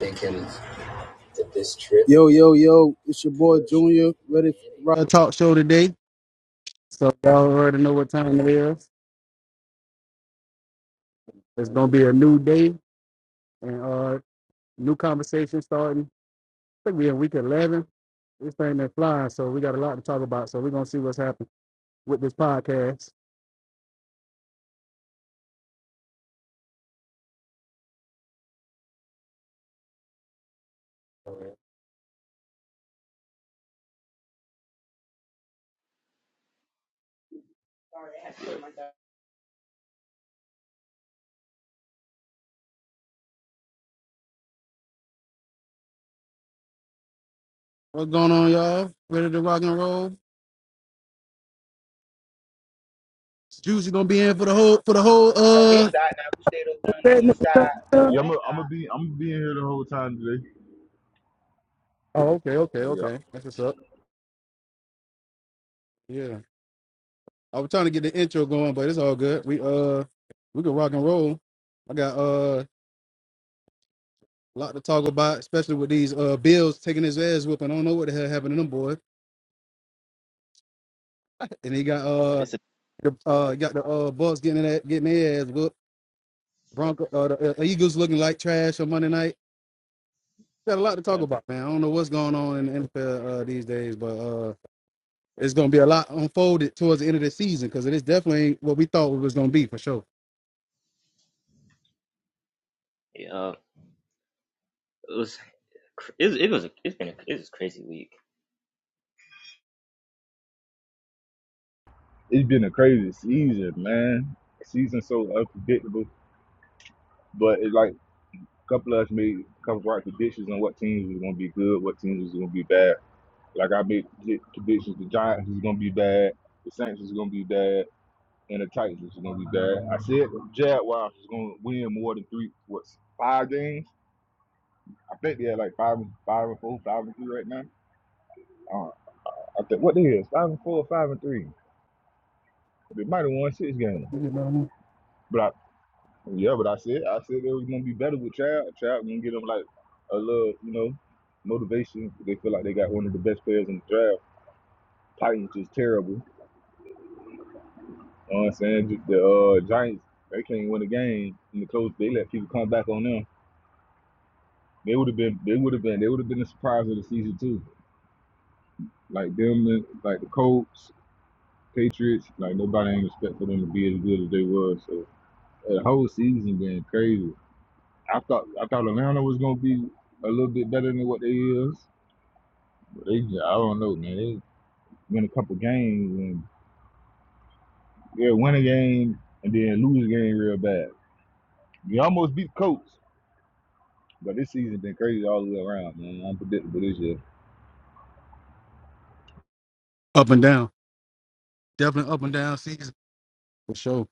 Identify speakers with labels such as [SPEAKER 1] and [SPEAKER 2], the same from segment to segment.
[SPEAKER 1] thinking that this trip Yo, yo, yo, it's your boy Junior, ready for our talk show today. So y'all already know what time it is. It's gonna be a new day and uh new conversation starting. I think we're in week eleven. This thing been flying, so we got a lot to talk about. So we're gonna see what's happening with this podcast.
[SPEAKER 2] But
[SPEAKER 1] What's going on, y'all? Ready to rock and roll? Juicy gonna be in for the whole for the whole
[SPEAKER 3] on his
[SPEAKER 1] uh
[SPEAKER 3] side now. We stayed over on the
[SPEAKER 1] segment.
[SPEAKER 3] east side or the Yeah, I'm west gonna side. be I'm gonna be in here the whole time today.
[SPEAKER 1] Oh, okay, okay,
[SPEAKER 3] Uh, yeah,
[SPEAKER 1] okay. That's what's up. Yeah. I was trying to get the intro going, but it's all good. We uh we can rock and roll. I got uh a lot to talk about, especially with these uh Bills taking his ass whooping. I don't know what the hell happened to them boys. And he got uh
[SPEAKER 2] it's a
[SPEAKER 1] the uh he got the uh Bucks getting that getting their ass whooped. Bronco uh, the uh, Eagles looking like trash on Monday night. Got a lot to talk about, man. I don't know what's going on in the NFL uh, these days, but uh it's gonna be a lot unfolded towards the end of the season because it is definitely ain't what we thought it was gonna be for sure.
[SPEAKER 2] Yeah, it was. cr- It was. It was. It's been. A, it was a crazy week.
[SPEAKER 3] it's been a crazy season, man. Season so unpredictable, but it's like a couple of us made a couple of right predictions on what teams was gonna be good, what teams was gonna be bad. Like I made predi- predictions: the Giants was gonna be bad, the Saints was gonna be bad, and the Titans was gonna be bad. I said the Jaguars was gonna win more than three, what five games? I think they had like five, five and four, five and three right now. Uh, I think what they is five and four, five and three. They might have won six games,
[SPEAKER 1] You know what I mean?
[SPEAKER 3] but I yeah, but I said I said they was gonna be better with Child. Child gonna get them like a little, you know, motivation. They feel like they got one of the best players in the draft. Titans just terrible. You know what I'm saying? The uh, Giants they can't win a game in the close. They let people come back on them. They would have been they would have been they would have been the surprise of the season too. Like them, and- like the Colts, Patriots. Like nobody ain't expect for them to be as good as they was. So the whole season been crazy. I thought I thought Atlanta was gonna be a little bit better than what they is. But they just, I don't know, man. They win a couple games and yeah, win a game and then lose a game real bad. We almost beat Colts, but this season been crazy all the way around, man. Unpredictable this year.
[SPEAKER 1] Up and down, definitely up and down season for sure.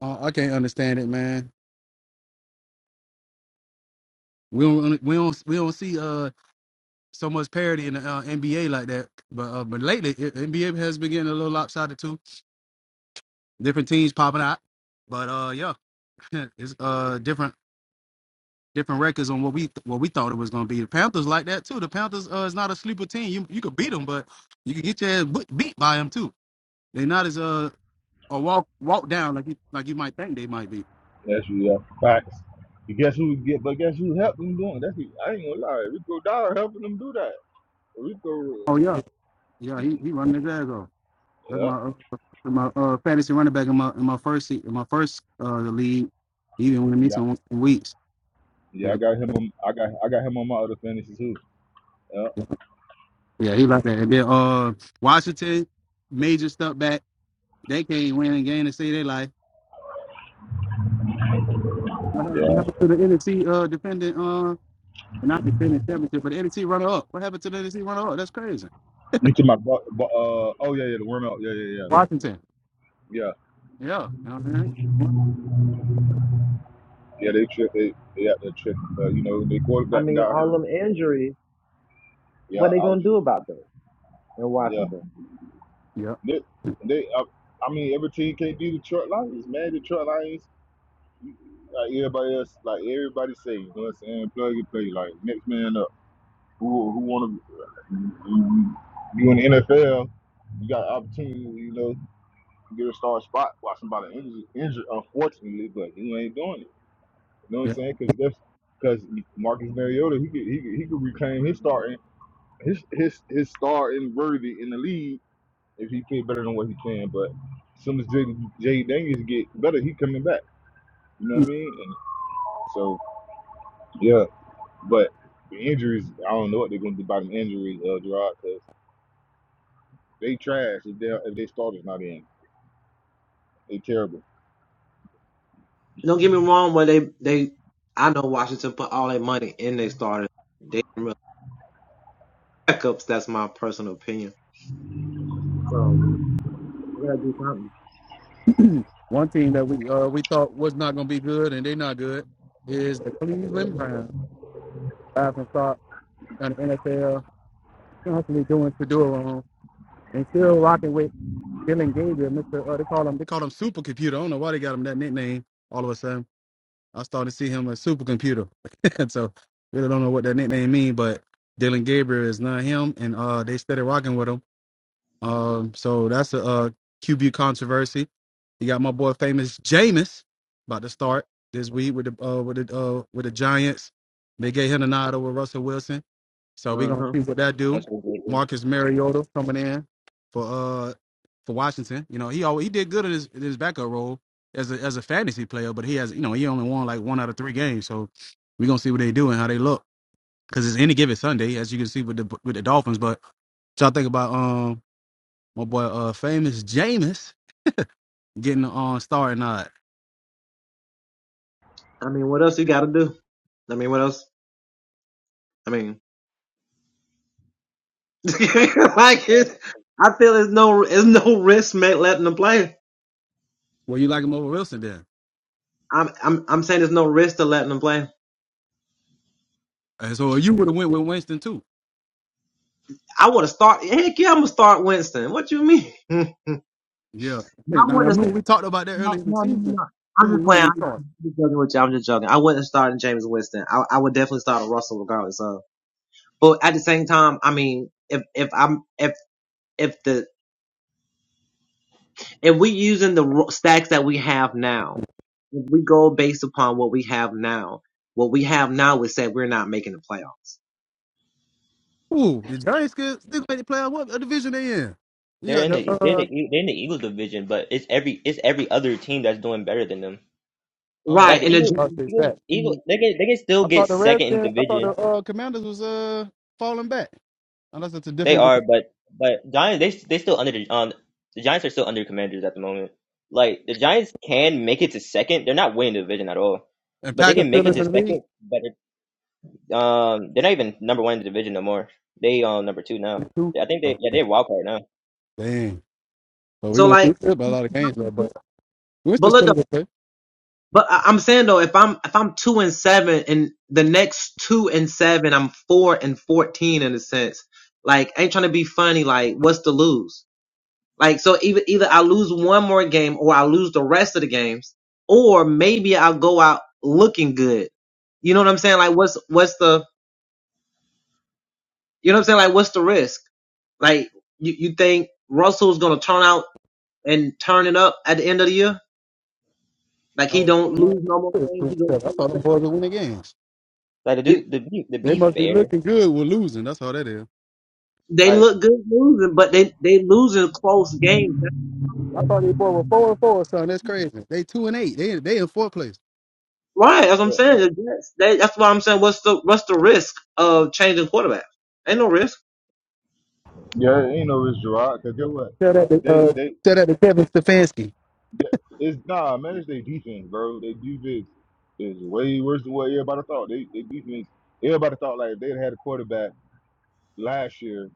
[SPEAKER 1] Uh, I can't understand it, man. We don't really, we don't we don't see uh so much parity in the uh, NBA like that. But uh, but lately it, NBA has been getting a little lopsided too. Different teams popping out. But uh yeah, it's uh different different records on what we what we thought it was gonna be. The Panthers like that too. The Panthers uh is not a sleeper team. You you could beat them, but you could get your ass bu- beat by them too. They're not as uh a walk walk down like you like you might think they might be.
[SPEAKER 3] That's real facts. You guess who get but guess who helped them doing? That's I ain't gonna lie. Rico Dollar helping them do that. Rico
[SPEAKER 1] Oh yeah, yeah, he he running his ass off. That's
[SPEAKER 3] Yeah.
[SPEAKER 1] my uh, my uh, fantasy running back in my in my first se- in my first uh league. He even went me
[SPEAKER 3] Yeah.
[SPEAKER 1] some weeks.
[SPEAKER 3] Yeah,
[SPEAKER 1] But
[SPEAKER 3] I got him on I got I got him on my other fantasy too. Yeah.
[SPEAKER 1] Yeah, he like that. And then uh Washington, major step back. They can't win a game to save their life. What hap-
[SPEAKER 3] yeah.
[SPEAKER 1] what happened to the NFC uh defending uh not defending championship, but the NFC runner up? What happened to the NFC runner up? That's crazy.
[SPEAKER 3] You talking my, bu- bu- uh oh yeah yeah the worm out yeah yeah yeah
[SPEAKER 1] Washington.
[SPEAKER 3] yeah
[SPEAKER 1] Yeah. You know what I'm
[SPEAKER 3] yeah they tripped they they got that trip uh, you know they
[SPEAKER 4] I
[SPEAKER 3] quarterback that
[SPEAKER 4] mean,
[SPEAKER 3] got
[SPEAKER 4] all
[SPEAKER 3] hurt
[SPEAKER 4] them injuries,
[SPEAKER 3] yeah
[SPEAKER 4] what they gonna
[SPEAKER 3] allergies
[SPEAKER 4] do about those in
[SPEAKER 3] yeah
[SPEAKER 4] Washington?
[SPEAKER 1] saying?
[SPEAKER 3] they, they I, I mean every team can't do Detroit Lions man Detroit Lions like everybody else like everybody say you know what I'm saying plug and play like next man up who who want to you in the NFL you got opportunity you know to get a star spot while somebody injured, injured unfortunately but you ain't doing it. You know what
[SPEAKER 1] Yeah.
[SPEAKER 3] I'm saying? Because that's because Marcus Mariota he could he could, he could reclaim his starting his his his starting worthy in the league if he play better than what he can. But as soon as Jay, Jay Daniels get better, he coming back. You know what I mean? And so yeah, but the injuries I don't know what they're going to do about them injuries, uh, Gerard, because they trash if they if they starters not in. They terrible.
[SPEAKER 4] Don't get me wrong, but they they I know Washington put all their money in their starters. They didn't really backups. That's my personal opinion. So we gotta do something.
[SPEAKER 1] Yeah. One team that we uh we thought was not gonna be good and they not good is the Cleveland Browns. Five and start on the NFL constantly doing to do wrong and still rocking with Dylan Gabriel, Mr. Uh, they call him they call him Supercomputer. I don't know why they got him that nickname. All of a sudden, I started to see him as Supercomputer. and so really don't know what that nickname mean, but Dylan Gabriel is not him, and uh, they started rocking with him. Um, so that's a uh, QB controversy. You got my boy famous Jameis about to start this week with the uh, with the uh, with the Giants. They gave him a nod over Russell Wilson. So we're
[SPEAKER 4] Uh
[SPEAKER 1] gonna
[SPEAKER 4] huh.
[SPEAKER 1] see what that
[SPEAKER 2] I'm
[SPEAKER 1] do.
[SPEAKER 2] so grateful.
[SPEAKER 1] Marcus Mariota coming in for uh for Washington. You know, he always, he did good in his in his backup role as a as a fantasy player, but he has you know he only won like one out of three games. So we're gonna see what they do and how they look because it's any given Sunday, as you can see with the with the Dolphins. But what y'all think about um my boy uh famous Jameis getting the uh, star and not?
[SPEAKER 4] I mean, what else you gotta do? I mean, what else? I mean, like it,
[SPEAKER 2] Like,
[SPEAKER 4] I feel there's no there's no risk ma- letting them play.
[SPEAKER 1] Well, you like him over Wilson then,
[SPEAKER 4] I'm I'm I'm saying there's no risk to letting them play.
[SPEAKER 1] and so you would have went with Winston too.
[SPEAKER 4] I want to start. Heck yeah, I'm gonna start Winston. What you mean? I
[SPEAKER 1] Yeah, now I
[SPEAKER 4] want
[SPEAKER 1] mean we talked about that
[SPEAKER 4] No,
[SPEAKER 1] earlier in the
[SPEAKER 4] no, no, no.
[SPEAKER 1] season.
[SPEAKER 4] no.
[SPEAKER 1] Who
[SPEAKER 4] I'm
[SPEAKER 1] who
[SPEAKER 4] just
[SPEAKER 1] would
[SPEAKER 4] playing. I'm
[SPEAKER 1] they start?
[SPEAKER 4] just joking with you. I'm just joking. I wouldn't start in James Winston. I, I would definitely start a Russell regardless of. But at the same time, I mean, if if I'm if if the if we using the ro- stacks that we have now, if we go based upon what we have now, what we have now would say we're not making the playoffs,
[SPEAKER 1] Ooh, the Giants could still make the playoff. What a division they in? You
[SPEAKER 2] They're
[SPEAKER 1] got
[SPEAKER 2] in the.
[SPEAKER 1] the
[SPEAKER 2] They're in the.
[SPEAKER 1] uh
[SPEAKER 2] E- They're in the Eagles division, but it's every. It's every other team that's doing better than them.
[SPEAKER 1] oh,
[SPEAKER 2] Like
[SPEAKER 4] right?
[SPEAKER 1] okay.
[SPEAKER 2] the
[SPEAKER 4] And
[SPEAKER 2] Eagles.
[SPEAKER 1] Y'all say that.
[SPEAKER 2] Eagles. Eagles.
[SPEAKER 4] the
[SPEAKER 2] They can. They can still
[SPEAKER 1] I
[SPEAKER 2] get
[SPEAKER 1] thought the
[SPEAKER 2] second in the
[SPEAKER 1] Redskins. I thought the
[SPEAKER 2] division.
[SPEAKER 1] uh Commanders was uh falling back. Unless it's a
[SPEAKER 2] They
[SPEAKER 1] different
[SPEAKER 2] are, but but Giants. They they still under the. Um, the Giants are still under Commanders at the moment. Like the Giants can make it to second. They're not winning the division at all,
[SPEAKER 1] and
[SPEAKER 2] but they
[SPEAKER 1] Packers
[SPEAKER 2] can make
[SPEAKER 1] still
[SPEAKER 2] it
[SPEAKER 1] in
[SPEAKER 2] to
[SPEAKER 1] the lead
[SPEAKER 2] second. But Um, they're not even number one in the division no more. They um number two now.
[SPEAKER 1] too.
[SPEAKER 2] Yeah, I think they yeah
[SPEAKER 1] Okay.
[SPEAKER 2] they're wild card now.
[SPEAKER 1] Dang. But we're
[SPEAKER 4] so
[SPEAKER 1] gonna
[SPEAKER 4] like.
[SPEAKER 1] see about a lot of games though. But
[SPEAKER 4] but
[SPEAKER 1] Winston's
[SPEAKER 4] look.
[SPEAKER 1] still a good play.
[SPEAKER 4] But I, I'm saying though, if I'm if I'm two and seven, and the next two and seven, I'm four and fourteen in a sense. Like, I ain't trying to be funny. Like, what's to lose? Like, so either either I lose one more game, or I lose the rest of the games, or maybe I'll go out looking good. You know what I'm saying? Like, what's what's the you know what I'm saying? Like, what's the risk? Like, you you think Russell's gonna turn out and turn it up at the end of the year? Like, he
[SPEAKER 1] Oh,
[SPEAKER 4] don't
[SPEAKER 1] you know,
[SPEAKER 4] lose no more
[SPEAKER 1] it's
[SPEAKER 4] games.
[SPEAKER 1] pretty
[SPEAKER 4] He goes
[SPEAKER 1] tough. I
[SPEAKER 4] two
[SPEAKER 1] thought them
[SPEAKER 4] and
[SPEAKER 1] boys would win the games.
[SPEAKER 2] Like the
[SPEAKER 4] seven.
[SPEAKER 2] dude, the be, the
[SPEAKER 1] They
[SPEAKER 2] be
[SPEAKER 1] must be
[SPEAKER 2] fair.
[SPEAKER 1] looking good with losing. That's all that is.
[SPEAKER 4] They
[SPEAKER 2] Like
[SPEAKER 4] look good losing, but they they losing close games. That's
[SPEAKER 1] I
[SPEAKER 4] what-
[SPEAKER 1] thought they boy were four and four, son. That's crazy. They two and eight. They they in fourth place.
[SPEAKER 4] Right, that's what I'm
[SPEAKER 2] yeah,
[SPEAKER 4] saying. Yes, they, that's why I'm saying what's the what's the risk of changing quarterbacks? Ain't no risk.
[SPEAKER 3] Yeah, it ain't no it's Gerard because guess what?
[SPEAKER 1] Tell that to
[SPEAKER 3] They
[SPEAKER 1] uh,
[SPEAKER 3] they.
[SPEAKER 1] tell that to Kevin Stefanski.
[SPEAKER 3] Th- It's nah,
[SPEAKER 2] yeah,
[SPEAKER 3] manage their defense, bro. Their defense is way worse than what everybody thought. They they defense everybody thought like if they'd had a quarterback last year,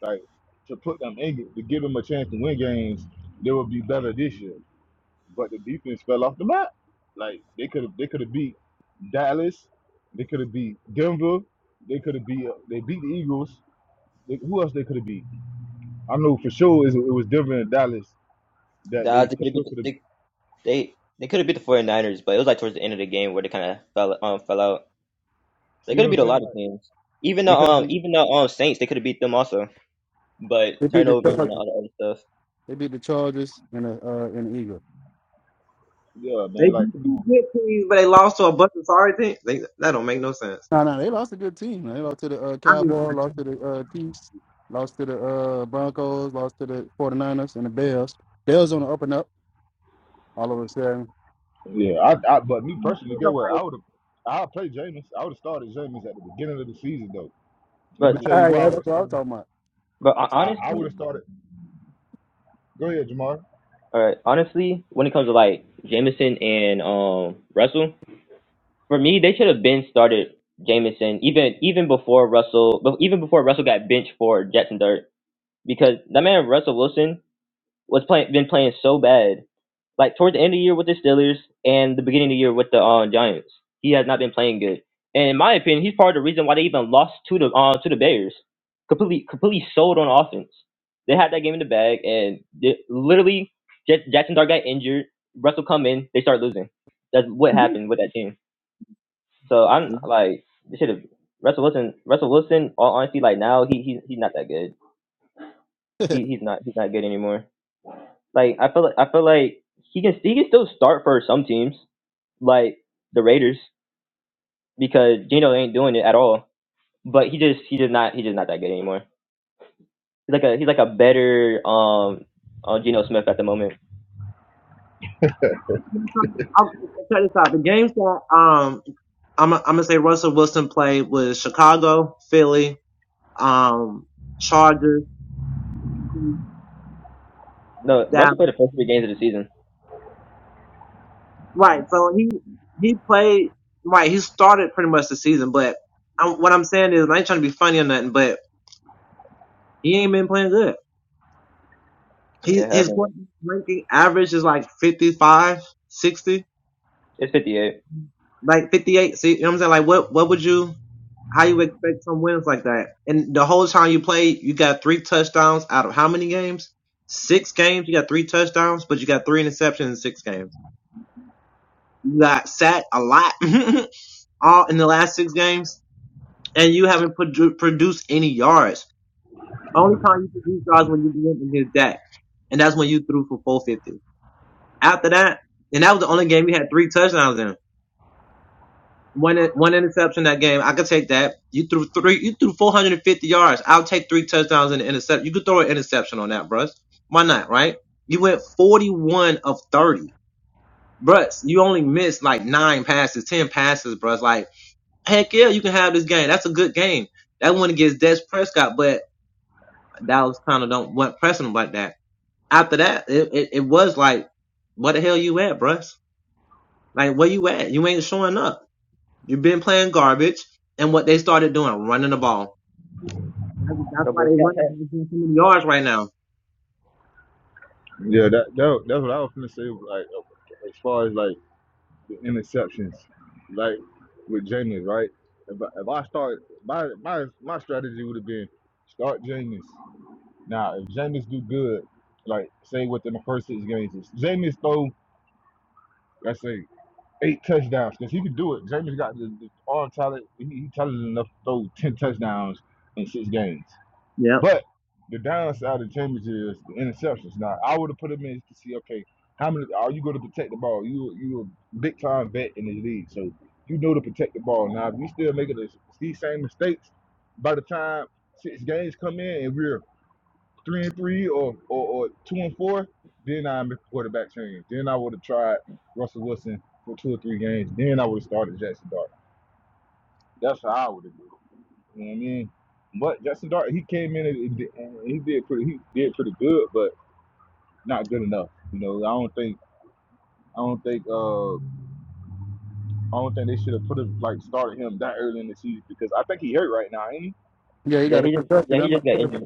[SPEAKER 3] like to put them in it, to give them a chance to win games, they would be better this year. But the defense fell off the map. Like they could have they could have beat Dallas, they could have beat Denver, they could have beat uh, they beat the Eagles. They, who else they could have beat? I know for sure is it was Denver and Dallas that
[SPEAKER 2] Dodgers,
[SPEAKER 3] they
[SPEAKER 2] they
[SPEAKER 3] for
[SPEAKER 2] could have
[SPEAKER 3] sure
[SPEAKER 2] beat the,
[SPEAKER 3] could have.
[SPEAKER 2] they they they could have beat the 49ers, but it was like towards the end of the game where they kind of fell um fell out. They
[SPEAKER 3] See
[SPEAKER 2] could
[SPEAKER 3] what
[SPEAKER 2] have
[SPEAKER 3] I'm
[SPEAKER 2] beat a
[SPEAKER 3] saying?
[SPEAKER 2] lot of
[SPEAKER 3] Like
[SPEAKER 2] teams. Even the
[SPEAKER 3] they could have
[SPEAKER 2] um
[SPEAKER 3] beat.
[SPEAKER 2] even the um Saints, they could have beat them also. But
[SPEAKER 1] They beat the
[SPEAKER 2] turnovers and
[SPEAKER 1] Chargers.
[SPEAKER 2] all the other stuff.
[SPEAKER 1] They beat the Chargers and the uh, and the Eagles.
[SPEAKER 3] Yeah,
[SPEAKER 4] They
[SPEAKER 3] man. Like,
[SPEAKER 4] beat
[SPEAKER 3] come
[SPEAKER 4] two
[SPEAKER 3] on.
[SPEAKER 4] good teams, but they lost to a bunch of sorry teams. They, that don't make no sense.
[SPEAKER 1] No, no, they lost a good team. man. They lost to the uh,
[SPEAKER 4] I mean,
[SPEAKER 1] Cowboys, lost to the uh, Chiefs, lost to the uh, Broncos, lost to the 49ers and the Bears. Bears on the up and up all of a sudden.
[SPEAKER 3] Yeah, I, I. But me personally,
[SPEAKER 4] you
[SPEAKER 3] get
[SPEAKER 4] know,
[SPEAKER 3] what? I would have. I would play Jameis. I would have started Jameis at the beginning of the season, though. Let
[SPEAKER 2] But
[SPEAKER 3] me tell
[SPEAKER 1] All
[SPEAKER 3] you
[SPEAKER 1] right,
[SPEAKER 3] why I
[SPEAKER 1] yeah, that's
[SPEAKER 3] would have
[SPEAKER 1] what I'm
[SPEAKER 3] started.
[SPEAKER 1] talking about.
[SPEAKER 2] but hon-
[SPEAKER 3] I,
[SPEAKER 1] So,
[SPEAKER 3] I would
[SPEAKER 2] honestly,
[SPEAKER 3] have started. Go ahead, Jamar.
[SPEAKER 2] all right, honestly, when it comes to like Jameson and um Russell. For me, they should have been started Jamison even even before Russell bef- even before Russell got benched for Jackson Dirt because that man Russell Wilson was playing been playing so bad like towards the end of the year with the Steelers and the beginning of the year with the uh, Giants. He has not been playing good, and in my opinion, he's part of the reason why they even lost to the uh, to the Bears. Completely completely sold on offense. They had that game in the bag, and they, literally J- Jackson Dart got injured. Russell come in, they start losing. That's what
[SPEAKER 4] mhm.
[SPEAKER 2] happened with that team. So I'm like, this should have Russell Wilson. Russell Wilson, all honesty, like now he he he's not that good. He he's not he's not good anymore. Like I feel like I feel like he can he can still start for some teams like the Raiders because Geno ain't doing it at all. But he just he just not he just not that good anymore. He's like a he's like a better um uh, Geno Smith at the moment.
[SPEAKER 4] mhm. I'll check this out. The games that um I'm I'm gonna say Russell Wilson played with Chicago, Philly, um, Chargers,
[SPEAKER 2] No, Russell played the first
[SPEAKER 4] Dallas.
[SPEAKER 2] three games of the season.
[SPEAKER 4] Right. So he he played right. He started pretty much the season, but I'm, what I'm saying is I ain't trying to be funny or nothing, but he ain't been playing good.
[SPEAKER 2] Yeah,
[SPEAKER 4] He his
[SPEAKER 2] haven't.
[SPEAKER 4] quarterback ranking average is like 55, 60,
[SPEAKER 2] It's fifty eight.
[SPEAKER 4] like 58. See, you know what I'm saying? Like what what would you how you expect some wins like that? And the whole time you played, you got three touchdowns out of how many games? Six games. You got three touchdowns, but you got three interceptions in six games. You got sacked a lot all in the last six games and you haven't produ- produced any yards. Only time you produce yards when you went against Dak, and that's when you threw for 450. After that, and that was the only game you had three touchdowns in. One in- one interception that game, I could take that. You threw three, you threw 450 yards. I'll take three touchdowns and an interception. You could throw an interception on that, bruh. Why not, right? You went 41 of 30. Bruh, you only missed like nine passes, 10 passes, bruh. Like, heck yeah, you can have this game. That's a good game. That one against Des Prescott, but that was kind of don't what pressing him like that. After that, it, it, it was like, what the hell you at, bruh? Like where you at? You ain't showing up. You've been playing garbage. And what they started doing, running the ball. That's, that's
[SPEAKER 2] No
[SPEAKER 4] why
[SPEAKER 2] boy,
[SPEAKER 4] they
[SPEAKER 2] Scott
[SPEAKER 4] running
[SPEAKER 2] Pat.
[SPEAKER 4] so many yards right now.
[SPEAKER 3] Yeah, that, that that's what I was gonna say. Like uh, as far as like the interceptions, like with Jameis, right? If I, if I start my my my strategy would have been start Jameis. Now if Jameis do good, like say within the first six games, if Jameis throw, let's say eight touchdowns because he could do it. Jameis got the, the arm talent. He, he talented enough to throw ten touchdowns in six games.
[SPEAKER 4] Yep.
[SPEAKER 3] But the downside of Jameis is the interceptions. Now I would have put him in to see okay how many are you going to protect the ball? You you a big time vet in the league, so you know to protect the ball. Now if we still making these same mistakes by the time six games come in and we're three and three or, or, or two and four, then I make a quarterback change. Then I would have tried Russell Wilson for two or three games. Then I would have started Jackson Dart. That's how I would have done. it. You know what I mean? But Jackson Dart, he came in and, and he did pretty. He did pretty good, but not good enough. You know, I don't think. I don't think. Uh, I don't think they should have put him like started him that early in the season because I think he hurt right now. ain't he?
[SPEAKER 1] yeah, he
[SPEAKER 2] Yeah,
[SPEAKER 1] got a
[SPEAKER 2] he just yeah
[SPEAKER 1] concussion.
[SPEAKER 2] he
[SPEAKER 1] I'm not
[SPEAKER 2] just got
[SPEAKER 1] sure
[SPEAKER 2] injured.
[SPEAKER 1] about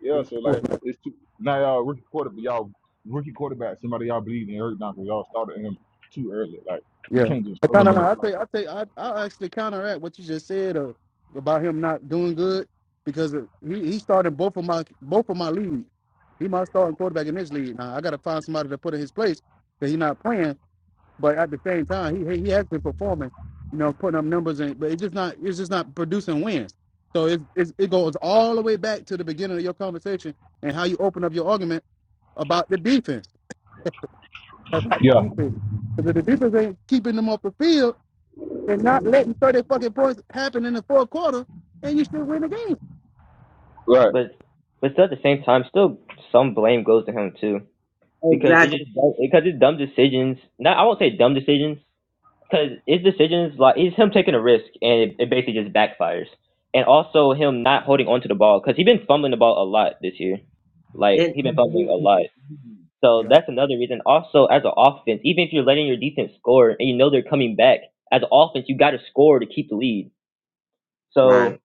[SPEAKER 3] Yeah, so
[SPEAKER 1] the
[SPEAKER 3] like it's two now y'all rookie quarterback y'all rookie quarterback, somebody y'all believe in Eric Knox, y'all started him too early. Like you
[SPEAKER 1] Yeah.
[SPEAKER 3] can't just
[SPEAKER 1] I
[SPEAKER 3] throw
[SPEAKER 1] kind
[SPEAKER 3] them
[SPEAKER 1] of
[SPEAKER 3] in the
[SPEAKER 1] I
[SPEAKER 3] flat.
[SPEAKER 1] think I think I I actually counteract what you just said uh, about him not doing good because uh, he, he started both of my both of my league. He my starting quarterback in this league. Now I got to find somebody to put in his place because he's not playing. But at the same time, he he he has been performing, you know, putting up numbers in. but it's just not it's just not producing wins. So it it, it goes all the way back to the beginning of your conversation and how you open up your argument about the defense about the
[SPEAKER 3] Yeah,
[SPEAKER 1] defense because if the defense ain't keeping them off the field and not letting 30 fucking points happen in the fourth quarter, and you still win the game.
[SPEAKER 3] right.
[SPEAKER 2] But but still at the same time, still some blame goes to him too because it
[SPEAKER 4] Exactly.
[SPEAKER 2] just because it's dumb decisions. Not I won't say dumb decisions because his decisions like it's him taking a risk and it, it basically just backfires. And also him not holding onto the ball because he has been fumbling the ball a lot this year. Like
[SPEAKER 4] And
[SPEAKER 2] he has been fumbling a lot. So
[SPEAKER 1] Yep.
[SPEAKER 2] that's another reason. Also, as an offense, even if you're letting your defense score and you know they're coming back, as an offense, you got to score to keep the lead. So
[SPEAKER 4] right.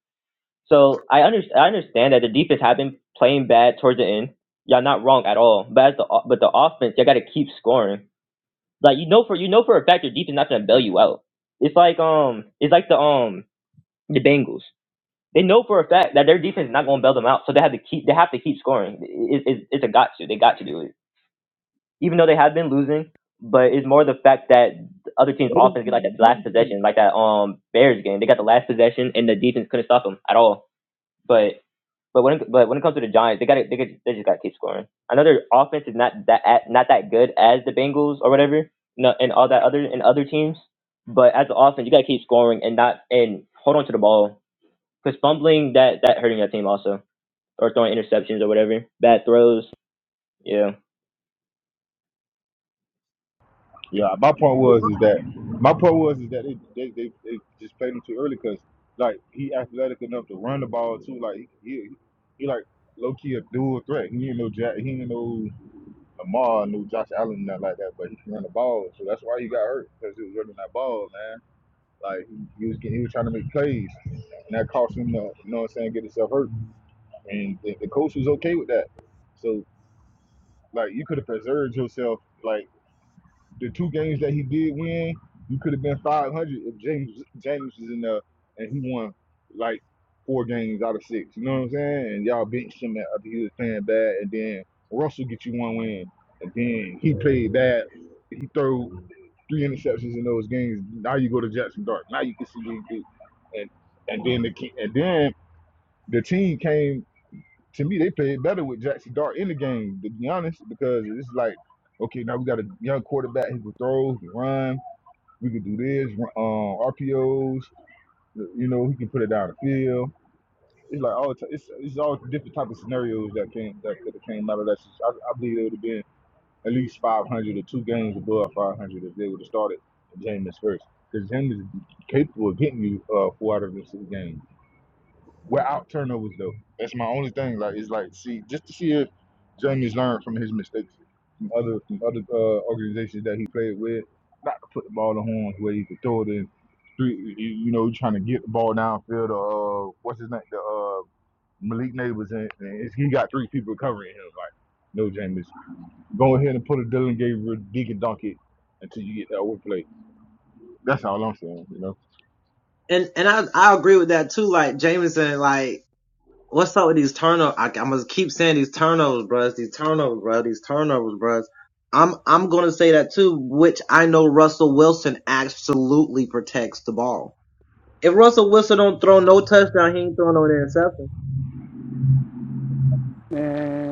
[SPEAKER 2] so I, under, I understand that the defense have been playing bad towards the end. Y'all not wrong at all. But as the o- but the offense, y'all got to keep scoring. Like you know for you know for a fact your defense not gonna bail you out. It's like um it's like the um the Bengals. They know for a fact that their defense is not gonna bail them out, so they have to keep they have to keep scoring. It, it, it's a got to. They got to do it, even though they have been losing. But it's more the fact that the other team's
[SPEAKER 4] They didn't
[SPEAKER 2] offense get
[SPEAKER 4] do
[SPEAKER 2] like that last
[SPEAKER 4] anything.
[SPEAKER 2] possession, like that um Bears game. They got the last possession, and the defense couldn't stop them at all. But but when it, but when it comes to the Giants, they got they, got they just got to keep scoring. I know their offense is not that not that good as the Bengals or whatever, no, and all that other and other teams. But as an offense, you got to keep scoring and not and hold on to the ball because fumbling that that hurting that team also or throwing interceptions or whatever bad throws. Yeah,
[SPEAKER 3] Yeah, my point was is that my point was is that they they, they, they just played him too early because like he athletic enough to run the ball too. Like he he, he like low key a dual threat. He ain't no Jack, he ain't no Lamar, no Josh Allen, nothing like that. But he can run the ball, so that's why he got hurt because he was running that ball, man. Like he was getting, he was trying to make plays, and that cost him, the, you know what I'm saying, get himself hurt. And the, the coach was okay with that. So like you could have preserved yourself, like the two games that he did win, you could have been 500 if James James was in there and he won like four games out of six. You know what I'm saying? And y'all benched him after he was playing bad, and then Russell get you one win, and then he played bad. He threw three interceptions in those games. Now you go to Jackson Dart. Now you can see what he do. And and then the ki- and then the team came to me, they played better with Jackson Dart in the game, to be honest, because it's like, okay, now we got a young quarterback. He can throw, he can run. We can do this, run- um, RPOs. You know, he can put it down the field. It's like all t- it's it's all different type of scenarios that came that could have came out of that. I, I believe it would have been at least 500 or two games above 500 if they would have started Jameis first, because Jameis is capable of getting you uh, four out of the six games. We're out turnovers though. That's my only thing. Like it's like see just to see if Jamie's learned from his mistakes from other from other uh, organizations that he played with, not to put the ball in the horns where he could throw it in three. You you know, trying to get the ball downfield. Or, uh, what's his name? The uh, Malik Neighbors and, and it's- he got three people covering him. Like no, Jameis, go ahead and put a Dylan Gabriel Deacon Donkey until you get that overplay. That's all I'm saying. You know,
[SPEAKER 4] And and I I agree with that too. Like Jameson, like. What's up with these turnovers? I, I'm gonna keep saying these turnovers, bruh. These turnovers, bruh. These turnovers, bruh. I'm I'm gonna say that too, which I know Russell Wilson absolutely protects the ball. If Russell Wilson don't throw no touchdown, he ain't throwing no interception.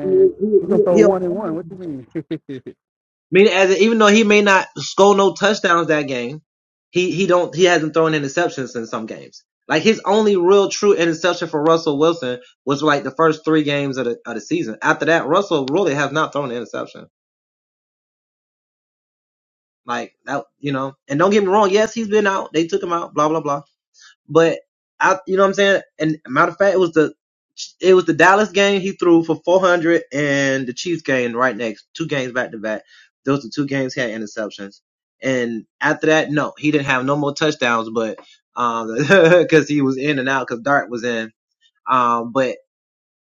[SPEAKER 4] He, he,
[SPEAKER 1] we're gonna
[SPEAKER 4] he,
[SPEAKER 1] throw
[SPEAKER 4] he'll
[SPEAKER 1] one and
[SPEAKER 4] fumble.
[SPEAKER 1] one. What you mean?
[SPEAKER 4] Meaning, as in, even though he may not score no touchdowns that game, he he don't he hasn't thrown interceptions in some games. Like his only real true interception for Russell Wilson was like the first three games of the of the season. After that, Russell really has not thrown an interception. Like that, you know. And don't get me wrong. Yes, he's been out. They took him out. Blah blah blah. But I, you know what I'm saying. And matter of fact, it was the it was the Dallas game he threw for 400, and the Chiefs game right next, two games back to back. Those are two games he had interceptions. And after that, no, he didn't have no more touchdowns, but um, because he was in and out, because Dart was in. Um, but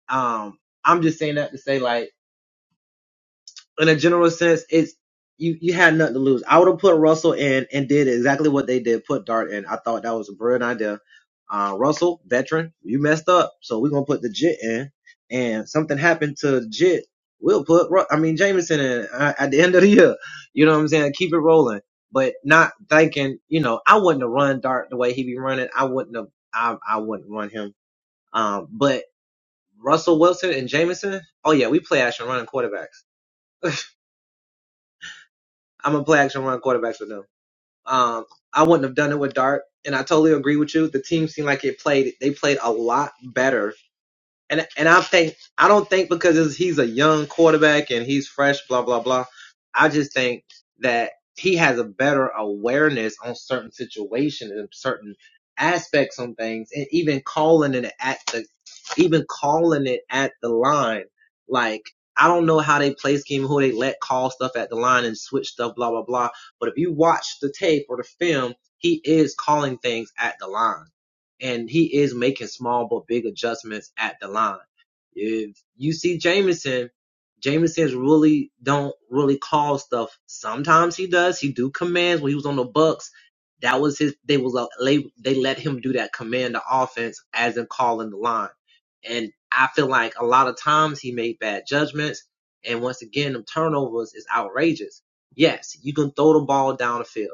[SPEAKER 4] um, I'm just saying that to say like in a general sense, it's you you had nothing to lose. I would have put Russell in and did exactly what they did, put Dart in. I thought that was a brilliant idea. Uh, Russell, veteran, you messed up, so we're gonna put the Jit in. And something happened to the Jit, we'll put Ru- I mean Jameson in uh, at the end of the year. You know what I'm saying? Keep it rolling, but not thinking. You know, I wouldn't have run Dart the way he be running. I wouldn't have. I I wouldn't run him. Um, but Russell Wilson and Jameson, oh yeah, we play action running quarterbacks. I'm gonna play action run quarterbacks with them. Um, I wouldn't have done it with Dart, and I totally agree with you. The team seemed like it played. They played a lot better and and I think I don't think because it's- he's a young quarterback and he's fresh, blah blah blah. I just think that he has a better awareness on certain situations and certain aspects on things, and even calling it at the even calling it at the line. Like I don't know how they play scheme, who they let call stuff at the line and switch stuff, blah blah blah. But if you watch the tape or the film, he is calling things at the line and he is making small but big adjustments at the line. If you see Jamison, Jameson's really don't really call stuff. Sometimes he does. He do commands when he was on the Bucks. That was his. They was a- they they let him do that command the offense as in calling the line. And I feel like a lot of times he made bad judgments. And once again, the turnovers is outrageous. Yes, you can throw the ball down the field.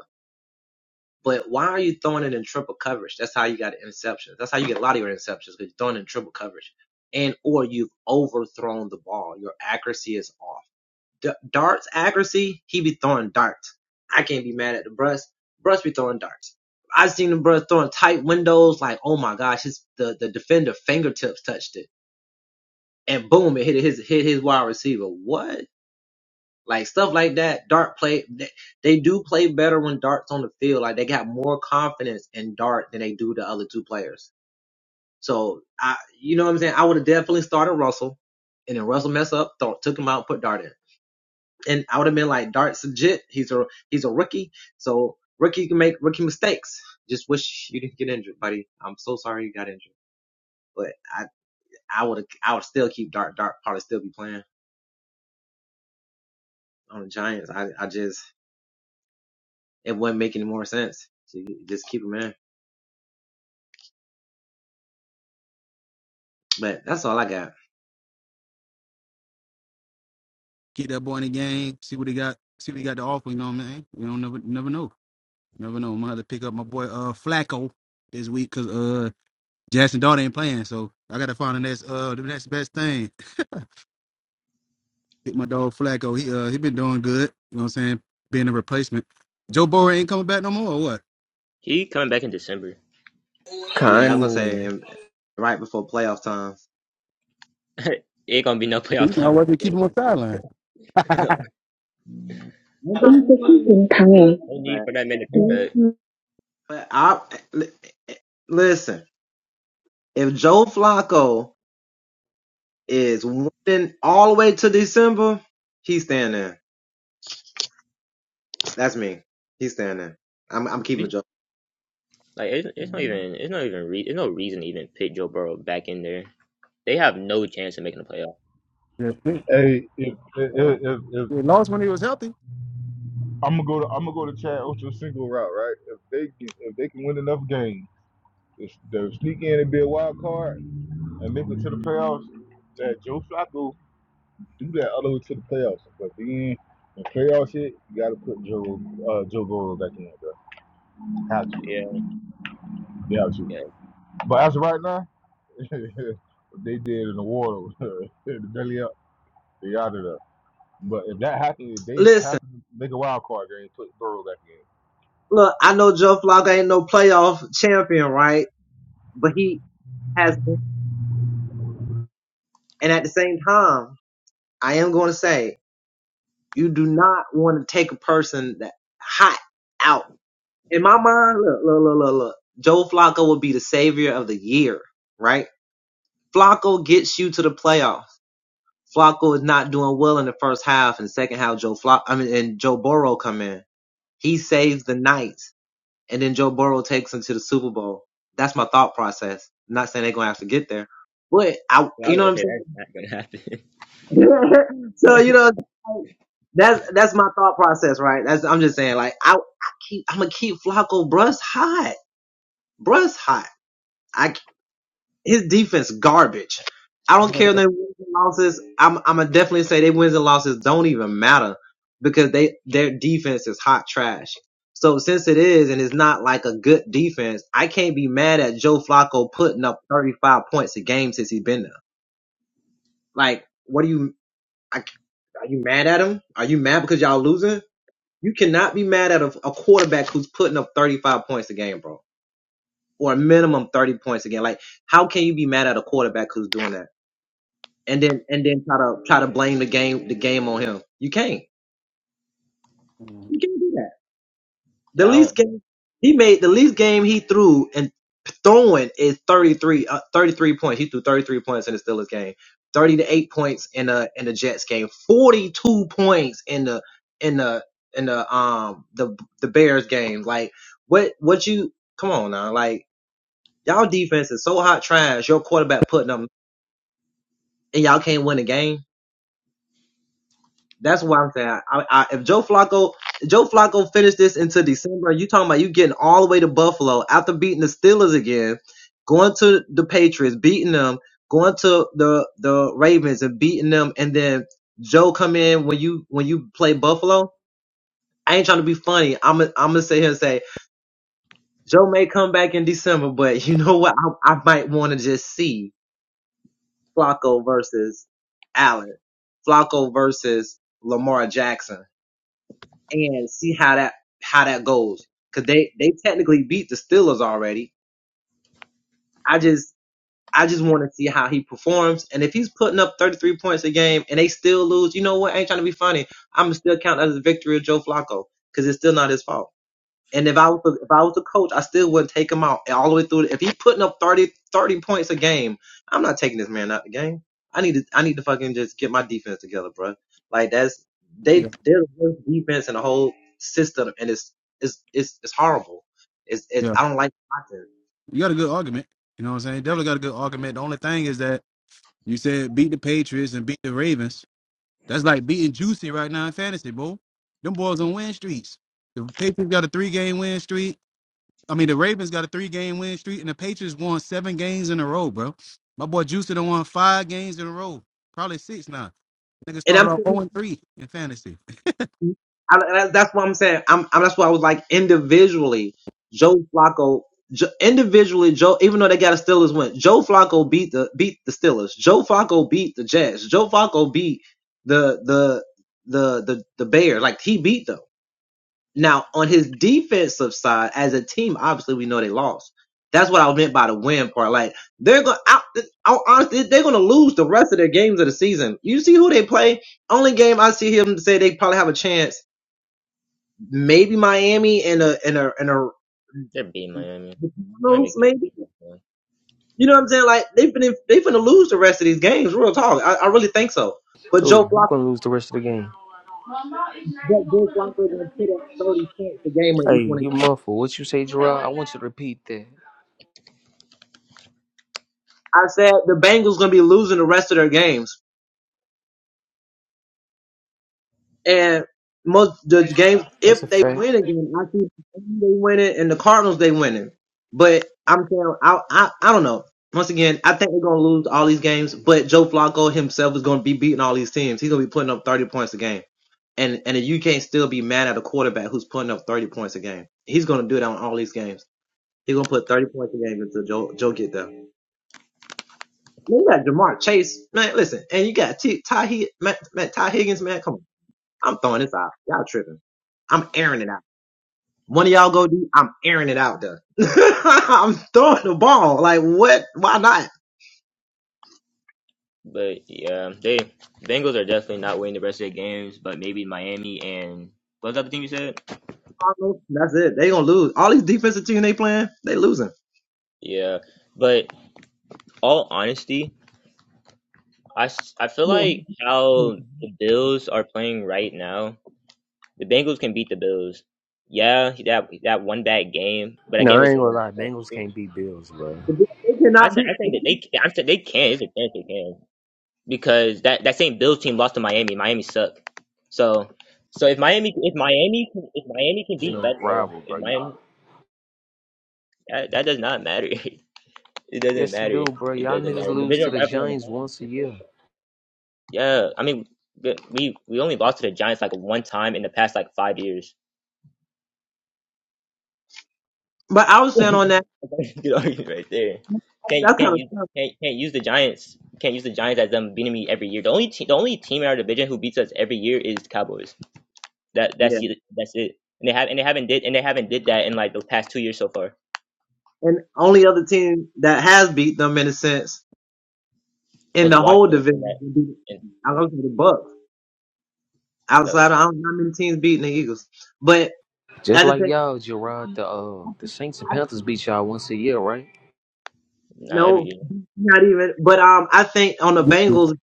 [SPEAKER 4] But why are you throwing it in triple coverage? That's how you got interceptions. That's how you get a lot of your interceptions because you're throwing it in triple coverage, and or you've overthrown the ball. Your accuracy is off. D- darts accuracy, he be throwing darts. I can't be mad at the Bruss. Bruss be throwing darts. I seen the Bruss throwing tight windows like, oh my gosh, his the the defender fingertips touched it, and boom, it hit his hit his wide receiver. What? Like stuff like that, Dart play they, they do play better when Dart's on the field. Like they got more confidence in Dart than they do the other two players. So I, you know what I'm saying? I would have definitely started Russell, and then Russell mess up, th- took him out, put Dart in, and I would have been like, Dart's legit. He's a he's a rookie, so rookie can make rookie mistakes. Just wish you didn't get injured, buddy. I'm so sorry you got injured, but I I would I would still keep Dart. Dart probably still be playing on the Giants. I I just it wouldn't make any more sense. So you just keep him in. But that's all I got.
[SPEAKER 1] Get that boy in the game, see what he got, see what he got to offer, you know what I mean? You don't never never know. Never know. I'm gonna have to pick up my boy uh Flacco this week because uh Jackson Dart ain't playing, so I gotta find the next uh the next best thing. Pick my dog Flacco. He uh he been doing good, you know what I'm saying? Being a replacement. Joe Burrow ain't coming back no more or what?
[SPEAKER 2] he coming back in December.
[SPEAKER 4] Yeah, I was gonna say
[SPEAKER 5] Kanye.
[SPEAKER 4] um, right before playoff time.
[SPEAKER 2] It Ain't gonna be no playoff
[SPEAKER 1] I
[SPEAKER 2] time for the
[SPEAKER 1] wasn't keeping him on
[SPEAKER 2] Bengals.
[SPEAKER 1] the sideline.
[SPEAKER 2] no need
[SPEAKER 4] But
[SPEAKER 2] for that man to come back.
[SPEAKER 4] I listen. If Joe Flacco is winning all the way to December, he's staying there. That's me. He's staying there. I'm I'm keeping
[SPEAKER 2] We-
[SPEAKER 4] Joe.
[SPEAKER 2] Like it's, it's not even it's not even re- it's no reason to even pit Joe Burrow back in there. They have no chance of making the playoff.
[SPEAKER 1] Yeah. They
[SPEAKER 3] hey,
[SPEAKER 2] No
[SPEAKER 3] if
[SPEAKER 2] chance at
[SPEAKER 3] if
[SPEAKER 2] all.
[SPEAKER 3] if,
[SPEAKER 1] they lost when he was healthy.
[SPEAKER 3] I'm gonna go to I'm gonna go to Chad Ocho's single route, right? If they can, if they can win enough games, just to sneak in and be a wild card and make it to the playoffs, that Joe Flacco do that all the way to the playoffs. But then the playoffs hit, you gotta put Joe uh, Joe Burrow back in, bro. Have to,
[SPEAKER 2] Yeah,
[SPEAKER 3] you have to.
[SPEAKER 2] yeah.
[SPEAKER 3] But as of right now, what they did in the water, the belly up, they out of there. But if that happens, if they
[SPEAKER 4] Listen,
[SPEAKER 3] happen to make a wild card game, put Burrow back in.
[SPEAKER 4] look, I know Joe Flacco ain't no playoff champion, right? But he has, been. and at the same time, I am going to say You do not want to take a person that hot out. In my mind, look, look, look, look, look. Joe Flacco would be the savior of the year, right? Flacco gets you to the playoffs. Flacco is not doing well in the first half and second half. Joe Flacco, I mean, and Joe Burrow come in. He saves the night, and then Joe Burrow takes him to the Super Bowl. That's my thought process. I'm not saying they're gonna have to get there, but I,
[SPEAKER 2] Well, I
[SPEAKER 4] you
[SPEAKER 2] was
[SPEAKER 4] know what
[SPEAKER 2] gonna
[SPEAKER 4] I'm
[SPEAKER 2] say
[SPEAKER 4] saying.
[SPEAKER 2] that's not gonna happen.
[SPEAKER 4] so you know that's that's my thought process, right? That's I'm just saying, like I, I keep I'm gonna keep Flacco. Bruss hot, Bruss hot. I his defense garbage. I don't care if they wins and losses. I'm I'm gonna definitely say they wins and losses don't even matter because they their defense is hot trash. So since it is and it's not like a good defense, I can't be mad at Joe Flacco putting up 35 points a game since he's been there. Like, what do you? Are you mad at him? Are you mad because y'all losing? You cannot be mad at a, a quarterback who's putting up 35 points a game, bro, or a minimum 30 points a game. Like, how can you be mad at a quarterback who's doing that? And then and then try to try to blame the game the game on him. You can't. You can't do that. The
[SPEAKER 2] yeah, I don't.
[SPEAKER 4] least game he made, the least game he threw and throwing is 33, uh, 33 points. He threw 33 points in the Steelers game, 30 to 8 points in the in the Jets game, 42 points in the in the in the um the the Bears game. Like what what you come on now? Like y'all defense is so hot trash. Your quarterback putting them and y'all can't win a game. That's why I'm saying. I, I, if Joe Flacco, Joe Flacco finished this into December, you talking about you getting all the way to Buffalo after beating the Steelers again, going to the Patriots, beating them, going to the the Ravens and beating them, and then Joe come in when you when you play Buffalo. I ain't trying to be funny. I'm i I'm gonna sit here and say Joe may come back in December, but you know what? I, I might want to just see Flacco versus Allen, Flacco versus Lamar Jackson. and see how that how that goes. Cause they they technically beat the Steelers already. I just I just want to see how he performs. And if he's putting up 33 points a game and they still lose, you know what? I ain't trying to be funny. I'm still counting that as a victory of Joe Flacco because it's still not his fault. And if I was a, if I was a coach, I still wouldn't take him out all the way through. If he's putting up 30 30 points a game, I'm not taking this man out the game. I need to I need to fucking just get my defense together, bro. Like that's
[SPEAKER 1] Yeah.
[SPEAKER 4] they they're the worst defense in the whole system, and it's it's it's it's horrible. It's
[SPEAKER 1] Yeah.
[SPEAKER 4] it's
[SPEAKER 1] Yeah.
[SPEAKER 4] I don't like watching.
[SPEAKER 1] You got a good argument. You know what I'm saying? Definitely got a good argument. The only thing is that you said beat the Patriots and beat the Ravens. That's like beating Juicy right now in fantasy, bro. Them boys on win streaks. The Patriots got a three game win streak. I mean, the Ravens got a three game win streak, and the Patriots won seven games in a row, bro. My boy Juicy done won five games in a row, probably six now. Nigga
[SPEAKER 4] And
[SPEAKER 1] started
[SPEAKER 4] I'm
[SPEAKER 1] off
[SPEAKER 4] sitting
[SPEAKER 1] 0 and 3 in fantasy.
[SPEAKER 4] I, that- that's what I'm saying. I'm, I'm that's why I was like individually, Joe Flacco. Jo, individually, Joe. Even though they got a Steelers win, Joe Flacco beat the beat the Steelers. Joe Flacco beat the Jets. Joe Flacco beat the the the the the Bears. Like he beat them. Now on his defensive side, as a team, obviously we know they lost. That's what I meant by the win part. Like they're going, I, I, honestly, they're going to lose the rest of their games of the season. You see who they play. Only game I see him say they probably have a chance maybe Miami and a and a and a
[SPEAKER 2] They're beating Miami.
[SPEAKER 4] the
[SPEAKER 2] I don't think
[SPEAKER 4] Cardinals,
[SPEAKER 2] they could
[SPEAKER 4] maybe.
[SPEAKER 2] beat Miami.
[SPEAKER 4] You know what I'm saying? Like they've been in, they've gonna lose the rest of these games. Real talk, I, I really think so. But
[SPEAKER 5] Who?
[SPEAKER 4] Joe
[SPEAKER 5] Who
[SPEAKER 4] Flacco,
[SPEAKER 5] gonna lose the rest of the game?
[SPEAKER 4] but Joe Flacco gonna put up 30 points a game on each
[SPEAKER 5] Hey,
[SPEAKER 4] one. of
[SPEAKER 5] you muffled. What you say, Gerard? I want you to repeat that.
[SPEAKER 4] I said the Bengals gonna be losing the rest of their games. And most the games, if
[SPEAKER 5] That's a
[SPEAKER 4] they
[SPEAKER 5] fact.
[SPEAKER 4] win again, I see they winning and the Cardinals they winning. But I'm saying I I, I don't know. Once again, I think they're gonna lose all these games, but Joe Flacco himself is gonna be beating all these teams. He's gonna be putting up thirty points a game. And and you can't still be mad at a quarterback who's putting up thirty points a game. He's gonna do that on all these games. He's gonna put thirty points a game until Joe Joe get there. Man, you got Jamar Chase, man. Listen, and you got T, Ty, Hig- man, man, Ty Higgins, man. Come on. I'm throwing this out. Y'all tripping. I'm airing it out. One of y'all go deep. I'm airing it out though. I'm throwing the ball. Like what? Why not?
[SPEAKER 2] But yeah, they Bengals are definitely not winning the rest of their games. But maybe Miami and what was the other team you said?
[SPEAKER 4] That's it. They gonna lose. All these defensive team they playing, they losing.
[SPEAKER 2] Yeah, but all honesty, I s- I feel
[SPEAKER 4] Yeah,
[SPEAKER 2] like
[SPEAKER 4] one hundred
[SPEAKER 2] how
[SPEAKER 4] percent.
[SPEAKER 2] the Bills are playing right now, the Bengals can beat the Bills. Yeah, that that one bad game, but that
[SPEAKER 5] No,
[SPEAKER 2] game
[SPEAKER 5] I ain't gonna lie. Bengals
[SPEAKER 2] was
[SPEAKER 5] can't beat Bills, bro.
[SPEAKER 4] But They they
[SPEAKER 2] I
[SPEAKER 4] cannot be.
[SPEAKER 2] think I think that they I think they can. It's a chance they can because that that same Bills team lost to Miami. Miami suck. So so if Miami if Miami can- if Miami can
[SPEAKER 5] There's
[SPEAKER 2] beat
[SPEAKER 5] no
[SPEAKER 2] Buffalo,
[SPEAKER 5] rival,
[SPEAKER 2] if
[SPEAKER 5] bro. You-
[SPEAKER 2] Miami that, that does not matter. It doesn't
[SPEAKER 5] Yes, you
[SPEAKER 2] matter.
[SPEAKER 5] do, bro.
[SPEAKER 2] It
[SPEAKER 5] Y'all
[SPEAKER 2] doesn't
[SPEAKER 5] niggas
[SPEAKER 2] matter.
[SPEAKER 5] lose
[SPEAKER 2] Division
[SPEAKER 5] to the
[SPEAKER 2] rival
[SPEAKER 5] Giants once a
[SPEAKER 2] or not.
[SPEAKER 5] year,
[SPEAKER 2] Yeah, I mean we we we only lost to the Giants like one time in the past like five years.
[SPEAKER 4] But I was saying on that,
[SPEAKER 2] Good argument right there. Can't you
[SPEAKER 4] that's
[SPEAKER 2] can't
[SPEAKER 4] kind of
[SPEAKER 2] use
[SPEAKER 4] tough.
[SPEAKER 2] can't, can't use the Giants can't use the Giants as them beating me every year. The only te- the only team in our division who beats us every year is the Cowboys. That that's
[SPEAKER 4] Yeah.
[SPEAKER 2] it. That's it. And they have and they haven't did and they haven't did that in like the past two years so far.
[SPEAKER 4] And only other team that has beat them in a sense in
[SPEAKER 2] Was
[SPEAKER 4] the whole
[SPEAKER 2] watching and
[SPEAKER 4] division
[SPEAKER 2] that
[SPEAKER 4] would be
[SPEAKER 2] and
[SPEAKER 4] I don't think the Bucks.
[SPEAKER 2] no
[SPEAKER 4] Outside of I don't know how many teams beating the Eagles. But
[SPEAKER 5] just
[SPEAKER 4] at the
[SPEAKER 5] like
[SPEAKER 4] same
[SPEAKER 5] y'all, Gerard. The uh, the Saints and Panthers beat y'all once a year, right?
[SPEAKER 2] not every
[SPEAKER 4] No,
[SPEAKER 2] year.
[SPEAKER 4] not even. But um, I think on the Bengals,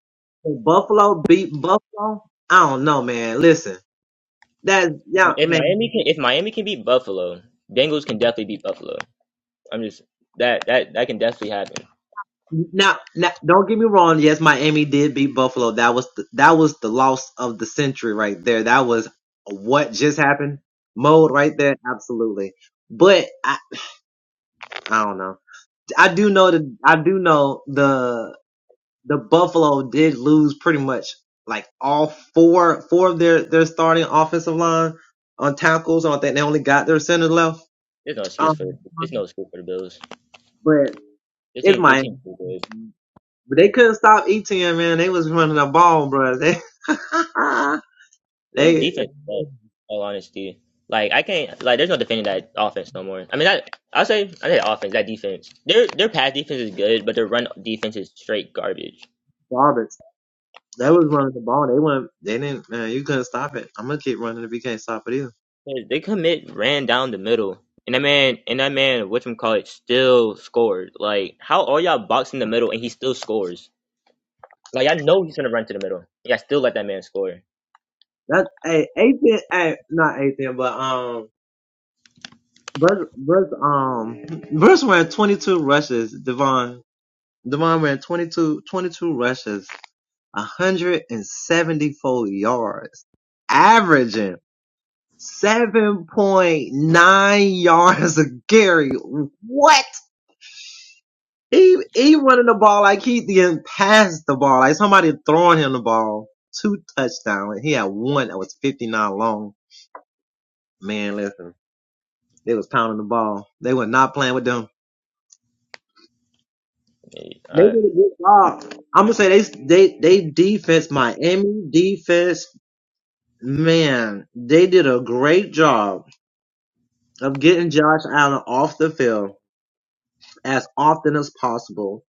[SPEAKER 4] Buffalo beat Buffalo. I don't know, man. Listen, that
[SPEAKER 2] If Mi-
[SPEAKER 4] yeah,
[SPEAKER 2] if
[SPEAKER 4] man.
[SPEAKER 2] Miami can if Miami can beat Buffalo, Bengals can definitely beat Buffalo. I'm just that that that can definitely happen.
[SPEAKER 4] Now, now, don't get me wrong. Yes, Miami did beat Buffalo. That was the, that was the loss of the century right there. That was what just happened mode right there. Absolutely. But I, I don't know. I do know that I do know the. the Buffalo did lose pretty much like all four four of their their starting offensive line on tackles. I don't think they only got their center left.
[SPEAKER 2] There's no excuse for
[SPEAKER 4] Um,
[SPEAKER 2] there's no excuse for the Bills.
[SPEAKER 4] but
[SPEAKER 2] Their
[SPEAKER 4] it's
[SPEAKER 2] team their team's
[SPEAKER 4] Miami.
[SPEAKER 2] too good.
[SPEAKER 4] But they couldn't stop ETN, man. They was running the ball, bro. They
[SPEAKER 2] It was
[SPEAKER 4] they
[SPEAKER 2] defense, suck, all honesty. Like I can't like there's no defending that offense no more. I mean that I'll say I say offense, that defense. Their their pass defense is good, but their run defense is straight garbage.
[SPEAKER 4] garbage. They was running the ball. They weren't. They didn't. Man, you couldn't stop it. I'm gonna keep running if you can't stop it either.
[SPEAKER 2] 'Cause They commit ran down the middle. And that man and that man, whatchamacallit, still scored. Like how all y'all box in the middle and he still scores. Like I know he's gonna run to the middle. Yeah, I still let that man score.
[SPEAKER 4] That hey, Ethan. Hey, not Ethan, but um. Verse, verse, um, verse ran 22 rushes. Devon, Devon ran twenty-two, twenty-two 22 rushes, 174 yards, averaging 7.9 yards a carry. What? He, he running the ball like he didn't pass the ball, like somebody throwing him the ball. Two touchdowns. He had one that was 59 long. Man, listen, they was pounding the ball. They were not playing with them. They
[SPEAKER 2] Uh,
[SPEAKER 4] did a good job. I'm gonna say they they they defense Miami defense. Man, they did a great job of getting Josh Allen off the field as often as possible.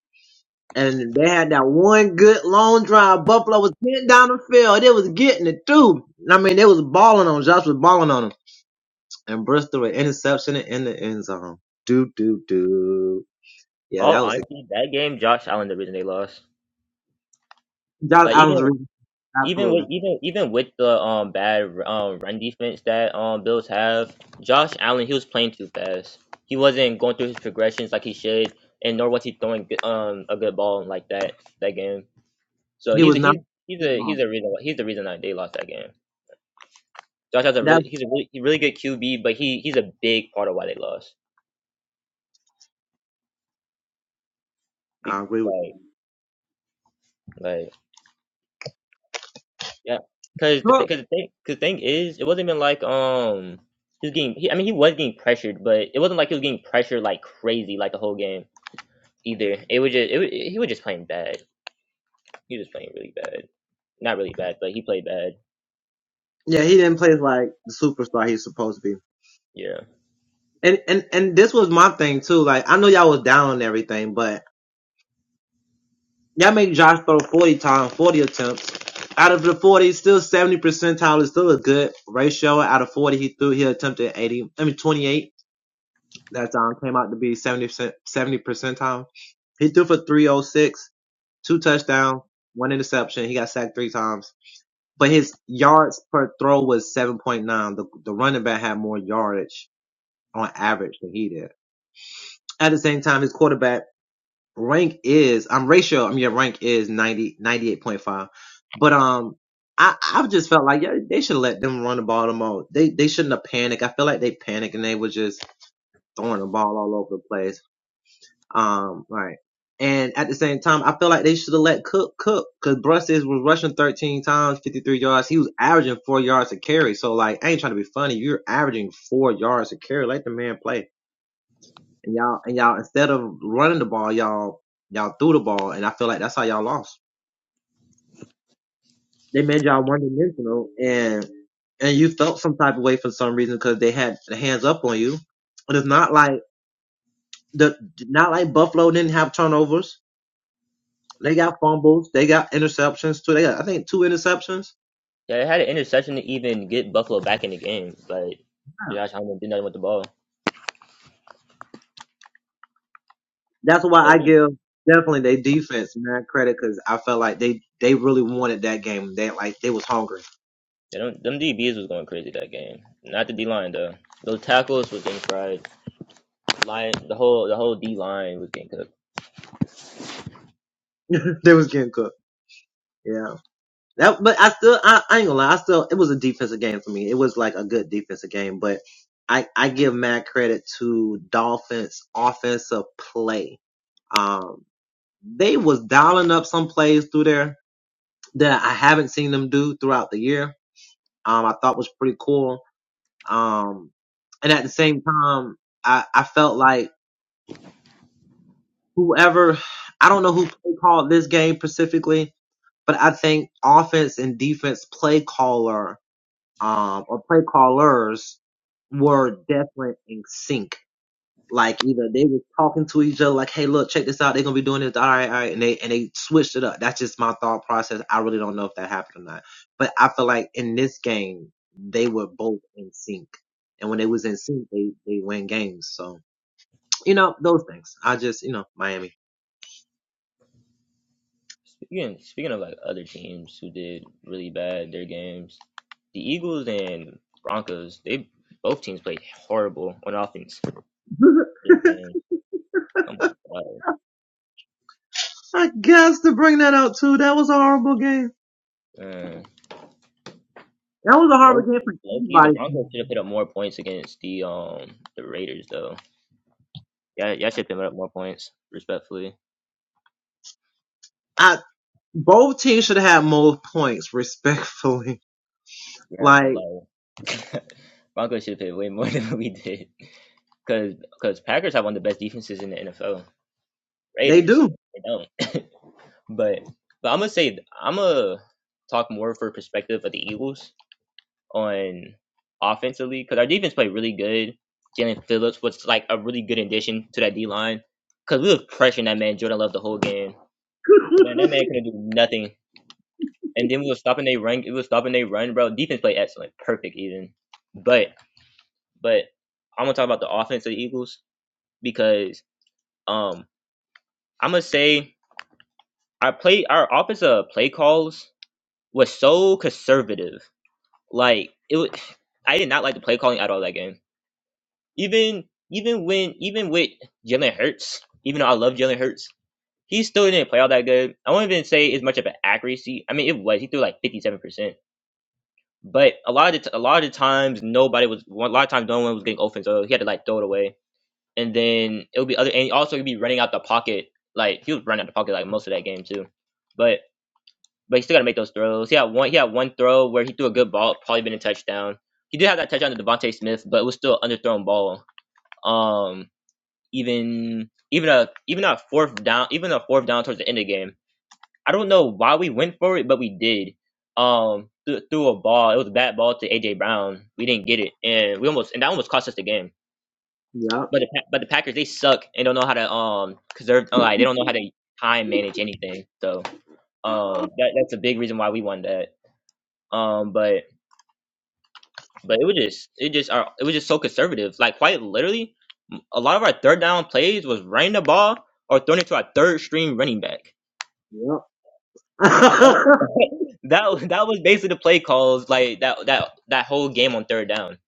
[SPEAKER 4] And they had that one good long drive. Buffalo was getting down the field. They was getting it too. I mean, they was balling on Josh was balling on him. And Bristol an interception in the end zone. Do do do. Yeah,
[SPEAKER 2] all
[SPEAKER 4] that was it.
[SPEAKER 2] honesty, that game Josh Allen the reason they lost.
[SPEAKER 4] Josh
[SPEAKER 2] Like
[SPEAKER 4] Allen's
[SPEAKER 2] even
[SPEAKER 4] reason.
[SPEAKER 2] Even with
[SPEAKER 4] Absolutely,
[SPEAKER 2] even even with the um bad um run defense that um Bills have, Josh Allen he was playing too fast. He wasn't going through his progressions like he should, and nor was he throwing good- um a good ball like that that game. So
[SPEAKER 4] he
[SPEAKER 2] he's
[SPEAKER 4] was not.
[SPEAKER 2] he's he's a he's a reason why he's the reason that they lost that game. Josh has a really
[SPEAKER 4] That's
[SPEAKER 2] he's a really, he really good QB, but he he's a big part of why they lost.
[SPEAKER 4] I
[SPEAKER 2] Big-
[SPEAKER 4] agree
[SPEAKER 2] Like like Yeah, because the
[SPEAKER 4] Well,
[SPEAKER 2] because the thing cause the thing is, it wasn't even like um he was getting. He, I mean, he was getting pressured, but it wasn't like he was getting pressured like crazy like the whole game either. It was just it, wa- he was just playing bad. He was playing really bad. Not really bad, but he played bad.
[SPEAKER 4] yeah, he didn't play like the superstar he's supposed to be.
[SPEAKER 2] Yeah,
[SPEAKER 4] And and and this was my thing too. Like I know y'all was down on everything, but y'all make Josh throw forty times, forty attempts. Out of the forty, still seventy percentile is still a good ratio. Out of forty he threw he attempted eighty I mean twenty eight. That um came out to be 70 percent 70 percentile. He threw for three oh six, two touchdowns, one interception. He got sacked three times. But his yards per throw was seven point nine. The the running back had more yardage on average than he did. At the same time, his quarterback rank is I'm ratio. I mean, your rank is ninety, ninety-eight point five. But um, I I've just felt like yeah, they should let them run the ball more. They they shouldn't have panicked. I feel like they panicked and they were just throwing the ball all over the place. Um, right. And at the same time, I feel like they should have let Cook cook because Brusses was rushing 13 times, 53 yards. He was averaging four yards a carry. So like, I ain't trying to be funny. You're averaging four yards a carry. Let the man play. And y'all and y'all instead of running the ball, y'all y'all threw the ball, and I feel like that's how y'all lost. They made y'all one dimensional, and and you felt some type of way for some reason because they had the hands up on you. But it's not like the not like Buffalo didn't have turnovers. They got fumbles. They got interceptions too. They got I think two interceptions.
[SPEAKER 2] yeah. They had an interception to even get Buffalo back in the game, but Josh Allen did nothing with the ball.
[SPEAKER 4] That's why
[SPEAKER 2] But
[SPEAKER 4] I
[SPEAKER 2] yeah,
[SPEAKER 4] give definitely they defense mad credit because I felt like they they really wanted that game. They like they was hungry.
[SPEAKER 2] they don't, them DBs was going crazy that game. Not the D line though. Those tackles was getting fried. Line the whole the whole D line was getting cooked.
[SPEAKER 4] they was getting cooked. Yeah. That, but I still, I, I ain't gonna lie. I still, it was a defensive game for me. It was like a good defensive game, but I, I give mad credit to Dolphins offensive play. Um, they was dialing up some plays through there that I haven't seen them do throughout the year. Um, I thought was pretty cool. Um, and at the same time, I, I felt like whoever, I don't know who called this game specifically, but I think offense and defense play caller um, or play callers were definitely in sync. Like either they were talking to each other, like, "Hey, look, check this out. They're gonna be doing this. All right, all right," and they and they switched it up. That's just my thought process. I really don't know if that happened or not, but I feel like in this game they were both in sync, and when they was in sync, they they win games. So you know those things. I just you know Miami.
[SPEAKER 2] Speaking speaking of like other teams who did really bad their games, the Eagles and Broncos, they both teams played horrible on offense. Those games. Oh my
[SPEAKER 4] I guess to bring that out too. That was a horrible game.
[SPEAKER 2] god, man!
[SPEAKER 4] That was a
[SPEAKER 2] Low,
[SPEAKER 4] horrible game for
[SPEAKER 2] low key, the
[SPEAKER 4] anybody.
[SPEAKER 2] Broncos should have put up more points against the um the Raiders though. Yeah, y'all should have put up more points, respectfully.
[SPEAKER 4] both teams should have more points, respectfully.
[SPEAKER 2] Yeah, but
[SPEAKER 4] Like
[SPEAKER 2] like Broncos should have played way more than we did, because Packers have one of the best defenses in the NFL.
[SPEAKER 4] they
[SPEAKER 2] Raiders,
[SPEAKER 4] do.
[SPEAKER 2] they don't. But but I'm gonna say I'm gonna talk more for perspective of the Eagles on offensively because our defense played really good. Jalen Phillips was like a really good addition to that D line because we was pressuring that man Jordan Love the whole game. Man, that man couldn't do nothing. And then we was stopping they run. It was stopping they run, bro. Defense played excellent, perfect even. But but I'm gonna talk about the offense of the Eagles because um I'm gonna say our play our offensive play calls was so conservative Like it, wa- I did not like the play calling at all that game. Even even when even with Jalen Hurts, even though I love Jalen Hurts, he still didn't play all that good. I won't even say as much of an accuracy. I mean, it was he threw like fifty seven percent, but a lot of the, t- a lot of the times nobody was a lot of times no one was getting open, so he had to like throw it away. And then it would be other and also he'd be running out the pocket like he was running out the pocket like most of that game too. but but he still got to make those throws. He had one. He had one throw where he threw a good ball, probably been a touchdown. He did have that touchdown to Devontae Smith, but it was still an underthrown ball. Um, even even a even a fourth down, even a fourth down towards the end of the game. I don't know why we went for it, but we did. Um, th- threw a ball. It was a bad ball to AJ Brown. We didn't get it, and we almost and that almost cost us the game.
[SPEAKER 4] yep.
[SPEAKER 2] But the Pa- but the Packers they suck and don't know how to um conserve like they don't know how to time manage anything. So um that, that's a big reason why we won that. Um, but but it was just it just our it was just so conservative. Like quite literally, a lot of our third down plays was running the ball or throwing it to our third string running back.
[SPEAKER 4] Yep.
[SPEAKER 2] That that, was- that was basically the play calls like that that that whole game on third down.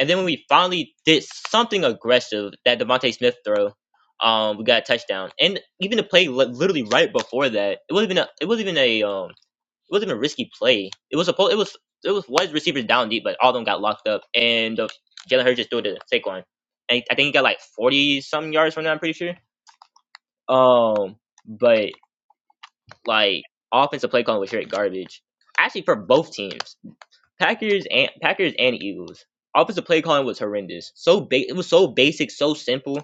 [SPEAKER 2] And then when we finally did something aggressive, that Devontae Smith throw, um, we got a touchdown. And even the play li- literally right before that, it wasn't even a, it wasn't even a um wasn't a risky play. It was a it was it was wide receivers down deep, but all of them got locked up, and uh, Jalen Hurts just threw it to Saquon. And I think he got like forty some yards from that. I'm pretty sure. Um, but like offensive play calling was straight garbage. Actually, for both teams, Packers and Packers and Eagles, offensive play calling was horrendous. So ba- it was so basic, so simple.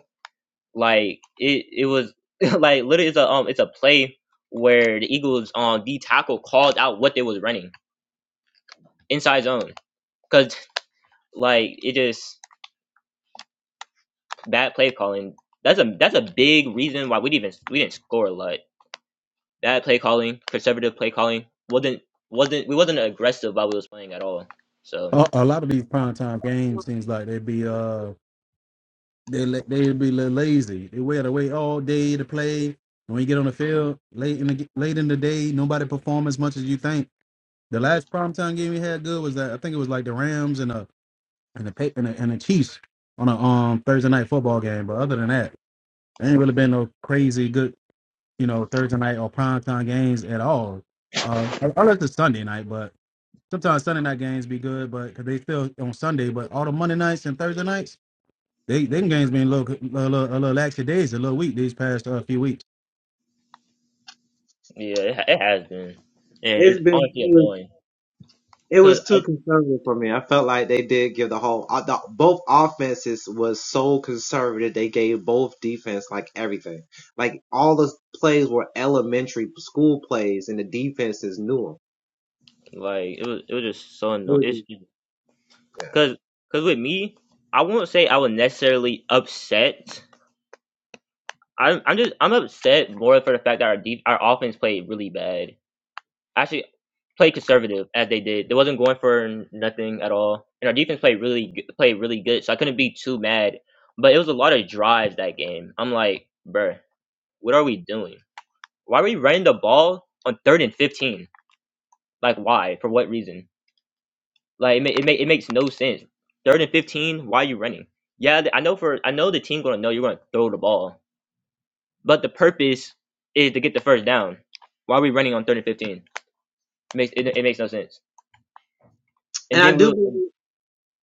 [SPEAKER 2] Like it, it was like literally it's a um it's a play where the Eagles um D tackle called out what they was running inside zone because like it just bad play calling. That's a that's a big reason why we didn't even we didn't score a lot. Bad play calling, conservative play calling wasn't wasn't we wasn't aggressive while we was playing at all. So
[SPEAKER 1] A, a lot of these prime time games seems like they be uh they la- they be la- lazy. They wait to wait all day to play. When you get on the field late in the g- late in the day, nobody perform as much as you think. The last prime time game we had good was that I think it was like the Rams and the and the Pa- and the, and the Chiefs on a um Thursday night football game. But other than that, there ain't really been no crazy good you know Thursday night or prime time games at all. Uh, unless it's Sunday night, but Sometimes Sunday night games be good, but cause they still on Sunday. But all the Monday nights and Thursday nights, they them games been a little a little, a little lax days, a little weak these past uh, few weeks.
[SPEAKER 2] yeah, it, ha- it has been, and
[SPEAKER 4] it's
[SPEAKER 2] it's
[SPEAKER 4] been it
[SPEAKER 2] honestly
[SPEAKER 4] was,
[SPEAKER 2] annoying
[SPEAKER 4] it
[SPEAKER 2] because
[SPEAKER 4] was too
[SPEAKER 2] I
[SPEAKER 4] conservative for me. I felt like they did give the whole uh, the, both offenses was so conservative. They gave both defense like everything. Like all the plays were elementary school plays, and the defenses knew
[SPEAKER 2] like it was it was just so annoying. It's
[SPEAKER 4] them.
[SPEAKER 2] because because with me, I won't say I was necessarily upset. I'm I'm just I'm upset more for the fact that our deep our offense played really bad actually played conservative as they did. They wasn't going for nothing at all, and our defense played really g- played really good. So I couldn't be too mad. But it was a lot of drives that game. I'm like, bruh, what are we doing? Why are we running the ball on third and fifteen? Like, why? For what reason? Like, it ma- it, ma- it makes no sense. Third and fifteen, why are you running? Yeah, th- I know for I know the team gonna know you're gonna throw the ball, but the purpose is to get the first down. Why are we running on third and fifteen? It makes it, it makes no sense. And
[SPEAKER 4] And I
[SPEAKER 2] then
[SPEAKER 4] do
[SPEAKER 2] we'll
[SPEAKER 4] believe.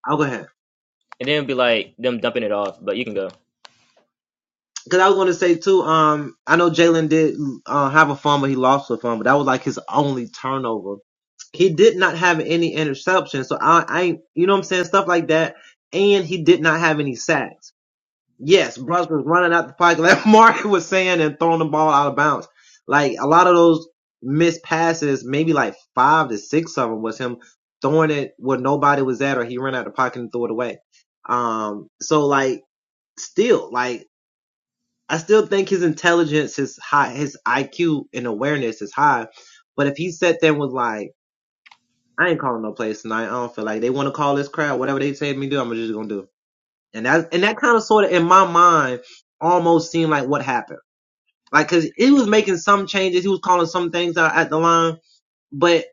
[SPEAKER 4] I'll go ahead.
[SPEAKER 2] And then it'd be like them dumping it off, but you can go.
[SPEAKER 4] Cause I was going to say too. Um, I know Jalen did uh, have a fumble. He lost a fumble. but That was like his only turnover. He did not have any interceptions. So I, I, you know what I'm saying, stuff like that. And he did not have any sacks. Yes, Bruss was running out the pocket, like Mark was saying, and throwing the ball out of bounds. Like a lot of those missed passes, maybe like five to six of them was him throwing it where nobody was at, or he ran out the pocket and threw it away. Um, so like still like. I still think his intelligence is high, his IQ and awareness is high. But if he sat there and was like, I ain't calling no plays tonight. I don't feel like they want to call this crowd. Whatever they say to me to do, I'm just gonna do. And that and that kind of sort of in my mind almost seemed like what happened. Like, cause he was making some changes, he was calling some things out at the line, but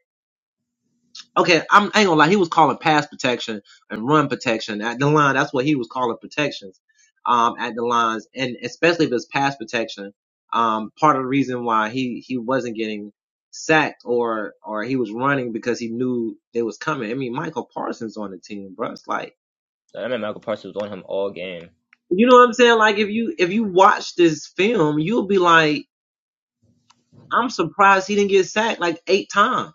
[SPEAKER 4] Okay, I'm I ain't gonna lie. He was calling pass protection and run protection at the line. That's what he was calling protections um, at the lines, and especially if it's pass protection. Um, part of the reason why he he wasn't getting sacked or or he was running because he knew they was coming. I mean, Michael Parsons on the team, bro. It's like
[SPEAKER 2] Like, I mean, Michael Parsons was on him all game.
[SPEAKER 4] you know what I'm saying. Like if you if you watch this film, you'll be like, I'm surprised he didn't get sacked like eight times.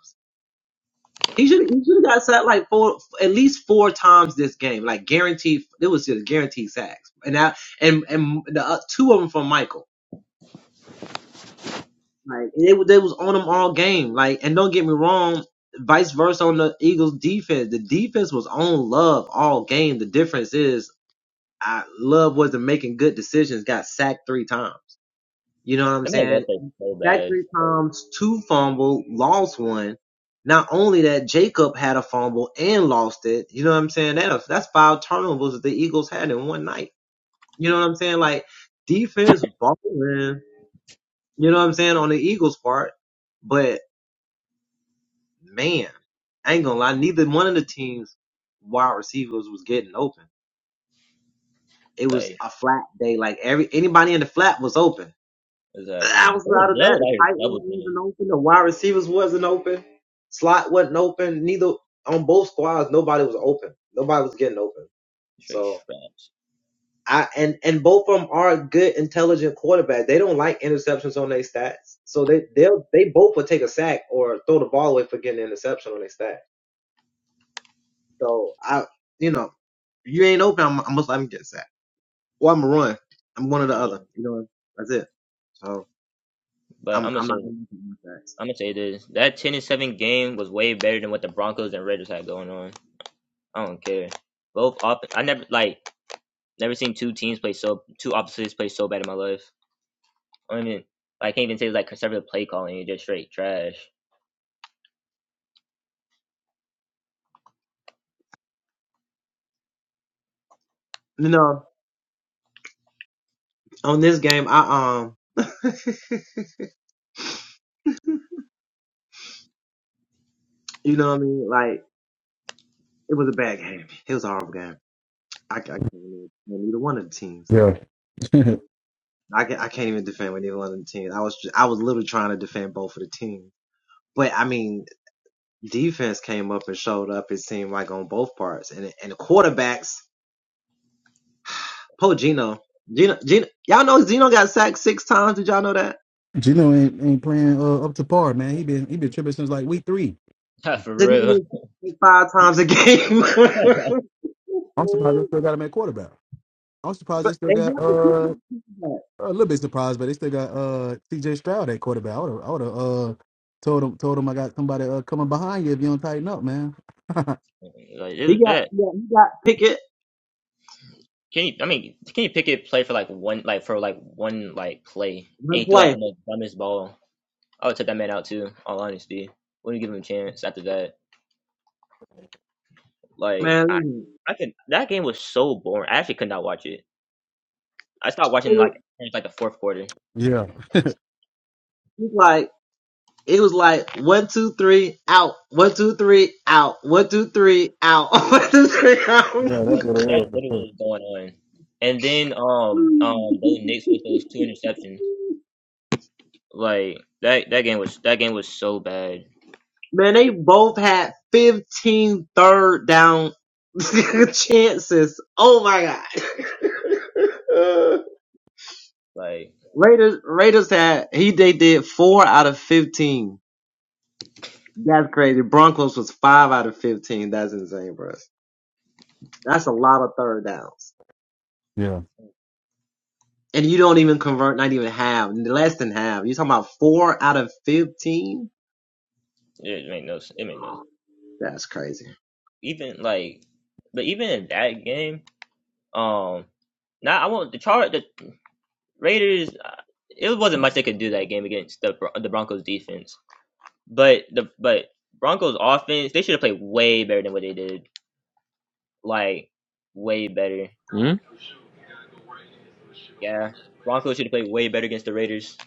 [SPEAKER 4] He should he should have got sacked like four at least four times this game, like guaranteed. It was just guaranteed sacks, and that and and the uh, two of them from Michael. Like they wa- they was on him all game. Like and don't get me wrong, vice versa on the Eagles defense. The defense was on Love all game. The difference is I Love wasn't making good decisions. Got sacked three times. You know what I'm
[SPEAKER 2] That man
[SPEAKER 4] saying?
[SPEAKER 2] left like so
[SPEAKER 4] sacked
[SPEAKER 2] bad.
[SPEAKER 4] three times, two fumble, lost one. Not only that, Jacob had a fumble and lost it. You know what I'm saying? That, that's five turnovers that the Eagles had in one night. You know what I'm saying? Like defense balling. You know what I'm saying on the Eagles part, but man, I ain't gonna lie. Neither one of the teams wide receivers was getting open. It was
[SPEAKER 2] Like,
[SPEAKER 4] a flat day. Like every anybody in the flat was open.
[SPEAKER 2] exactly. Oh,
[SPEAKER 4] Outside of
[SPEAKER 2] Dell
[SPEAKER 4] that,
[SPEAKER 2] was
[SPEAKER 4] the
[SPEAKER 2] out here
[SPEAKER 4] tight end
[SPEAKER 2] double teaming.
[SPEAKER 4] wasn't open, the wide receivers wasn't open, slot wasn't open. Neither on both squads, nobody was open. Nobody was getting open.
[SPEAKER 2] Straight
[SPEAKER 4] So
[SPEAKER 2] straps.
[SPEAKER 4] I and and both of them are good, intelligent quarterbacks. They don't like interceptions on their stats, so they they'll they both will take a sack or throw the ball away for getting an interception on their stat. So I, you know, if you ain't open, I'm, I'm I'm getting sacked or I'm a run. I'm one or the
[SPEAKER 2] Yeah.
[SPEAKER 4] other. You know, that's it. So
[SPEAKER 2] But I'm
[SPEAKER 4] I'm
[SPEAKER 2] gonna
[SPEAKER 4] I'm
[SPEAKER 2] say
[SPEAKER 4] not gonna make it
[SPEAKER 2] I'm gonna say this. That ten and seven game was way better than what the Broncos and Raiders had going on. I don't care. Both op- I never like never seen two teams play so two opposites play so bad in my life. I don't even I can't even say it's like conservative play calling, it's just straight trash.
[SPEAKER 4] You know. on this game, I um, you know what I mean? Like it was a bad game. It was a horrible game. I, I can't even defend either one of the teams.
[SPEAKER 1] Yeah.
[SPEAKER 4] I can, I can't even defend with either one of the teams. I was ju- I was literally trying to defend both of the teams. But I mean, defense came up and showed up. It seemed like on both parts, and and the quarterbacks. Po Gino, Gino, Gino, y'all know Gino got sacked six times. Did y'all know that?
[SPEAKER 1] Gino ain't, ain't playing uh, up to par, man. He been he been tripping since like week three.
[SPEAKER 2] for
[SPEAKER 4] Did he
[SPEAKER 2] real.
[SPEAKER 4] get sacked Five times a game. but
[SPEAKER 1] I'm surprised they still got him at quarterback. I'm surprised they still
[SPEAKER 4] they
[SPEAKER 1] got
[SPEAKER 4] have to keep
[SPEAKER 1] uh
[SPEAKER 4] him.
[SPEAKER 1] a little bit surprised, but they still got uh C.J. Stroud at quarterback. I would I would have uh told him told him I got somebody uh, coming behind you if you don't tighten up, man.
[SPEAKER 2] like it
[SPEAKER 4] He
[SPEAKER 2] was
[SPEAKER 4] got
[SPEAKER 2] that
[SPEAKER 4] he got, he got Pickett
[SPEAKER 2] Can you? I mean, can you pick it play for like one, like for like one, like play? And he
[SPEAKER 4] one
[SPEAKER 2] threw like
[SPEAKER 4] play,
[SPEAKER 2] the most dumbest ball. I would take that man out too. All honesty, wouldn't give him a chance after that. Like
[SPEAKER 4] man.
[SPEAKER 2] I,
[SPEAKER 4] listen.
[SPEAKER 2] I could. That game was so boring. I actually could not watch it. I stopped
[SPEAKER 4] It
[SPEAKER 2] watching
[SPEAKER 4] was,
[SPEAKER 2] like towards, like the fourth quarter.
[SPEAKER 1] Yeah.
[SPEAKER 4] it was like it was like one two three out, one two three out, one two three out, one two three out.
[SPEAKER 1] Yeah, that's
[SPEAKER 2] That's,
[SPEAKER 1] what it
[SPEAKER 2] lit-
[SPEAKER 1] was
[SPEAKER 2] that's
[SPEAKER 1] for sure.
[SPEAKER 2] literally what was going on. And then um um those Knicks with those two interceptions. Like that that game was that game was so bad.
[SPEAKER 4] man, they both had 15 third down chances. Oh my god.
[SPEAKER 2] Like
[SPEAKER 4] Raiders Raiders had he they did four out of 15. That's crazy. Broncos was five out of 15. That's insane, bro. That's a lot of third downs.
[SPEAKER 1] Yeah.
[SPEAKER 4] And you don't even convert, not even half, less than half. You're talking about four out of 15?
[SPEAKER 2] it made no s- it made no s-
[SPEAKER 4] That's crazy.
[SPEAKER 2] even like but even in that game. Um, now I want the chart the Raiders. uh, It wasn't much they could do that game against the Bron- the Broncos defense, but the but Broncos offense they should have played way better than what they did. Like way better.
[SPEAKER 5] Hmm.
[SPEAKER 2] Yeah, Broncos should have played way better against the Raiders.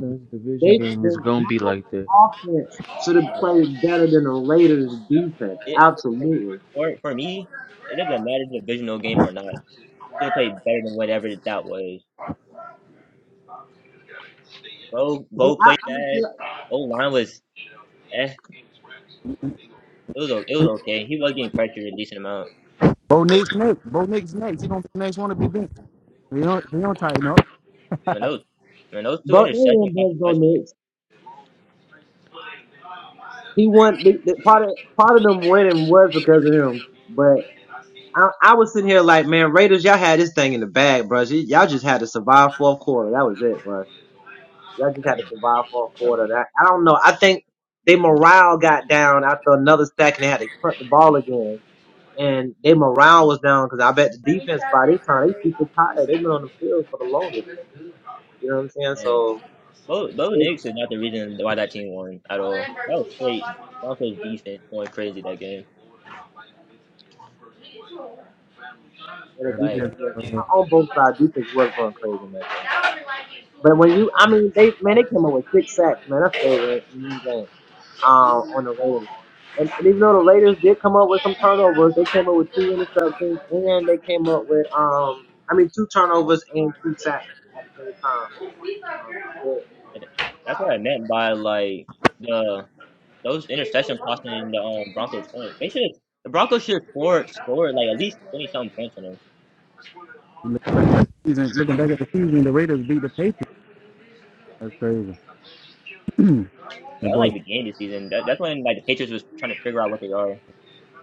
[SPEAKER 5] This division
[SPEAKER 4] They,
[SPEAKER 5] game
[SPEAKER 4] they
[SPEAKER 5] is gonna be
[SPEAKER 4] Broncos
[SPEAKER 5] like that.
[SPEAKER 4] offense should have
[SPEAKER 2] No,
[SPEAKER 4] played better than the Raiders
[SPEAKER 2] no.
[SPEAKER 4] defense.
[SPEAKER 2] It
[SPEAKER 4] Absolutely.
[SPEAKER 2] for for me, it doesn't matter if it's a divisional game or not. Should have played better than whatever that was. Bo
[SPEAKER 4] Yeah,
[SPEAKER 2] Bo
[SPEAKER 4] I,
[SPEAKER 2] played
[SPEAKER 4] I'm
[SPEAKER 2] bad.
[SPEAKER 4] sure,
[SPEAKER 2] O line was eh. It was o- it was okay. He was getting pressured a decent amount.
[SPEAKER 1] Bo Nick's next. Bo Nick's next. He gonna be the next one to be benched. They don't, they don't tighten up.
[SPEAKER 2] Man, those, man, those two
[SPEAKER 4] but they
[SPEAKER 2] interceptions
[SPEAKER 4] didn't
[SPEAKER 2] cost
[SPEAKER 4] both
[SPEAKER 2] a
[SPEAKER 4] go
[SPEAKER 2] touchdown.
[SPEAKER 4] next. He won, the, the, part of, part of them winning was because of him, but I, I was sitting here like, man, Raiders, y'all had this thing in the bag, bro. Y- Y'all just had to survive fourth quarter. That was it, bro. Y'all just had to
[SPEAKER 2] Oh,
[SPEAKER 4] survive for a
[SPEAKER 2] oh,
[SPEAKER 4] quarter. That I I don't know. I think they morale got down after another stack and they had to cut the ball again. And they morale was down because I bet the defense by this time they super tired. They've been on the field for the longest. You know what I'm saying?
[SPEAKER 2] man.
[SPEAKER 4] So
[SPEAKER 2] Bo, Bo
[SPEAKER 4] they
[SPEAKER 2] Nix is not the reason why that team won at all. That was straight Broncos defense going crazy that game.
[SPEAKER 4] and the
[SPEAKER 1] Yeah,
[SPEAKER 2] Like
[SPEAKER 1] the
[SPEAKER 4] defense went,
[SPEAKER 1] Ravens, uh,
[SPEAKER 4] on both sides. Defense was going crazy in that game. But when you, I mean, they man, they came up with six sacks, man. That's crazy right, in one game um, on the Raiders. And, and even though the Raiders did come up with some turnovers, they came up with two interceptions and they came up with, um, I mean, two turnovers and two sacks at the same time. Um, but,
[SPEAKER 2] that's what I meant by like the those interceptions costing the um, Broncos points. They should the Broncos should score score like at least twenty something points on them.
[SPEAKER 1] you look back season, looking back at the season, the Raiders beat the Patriots. That's crazy. the
[SPEAKER 2] That was
[SPEAKER 1] boys
[SPEAKER 2] like the game this season. That, that's when like the Patriots was trying to figure out what they are.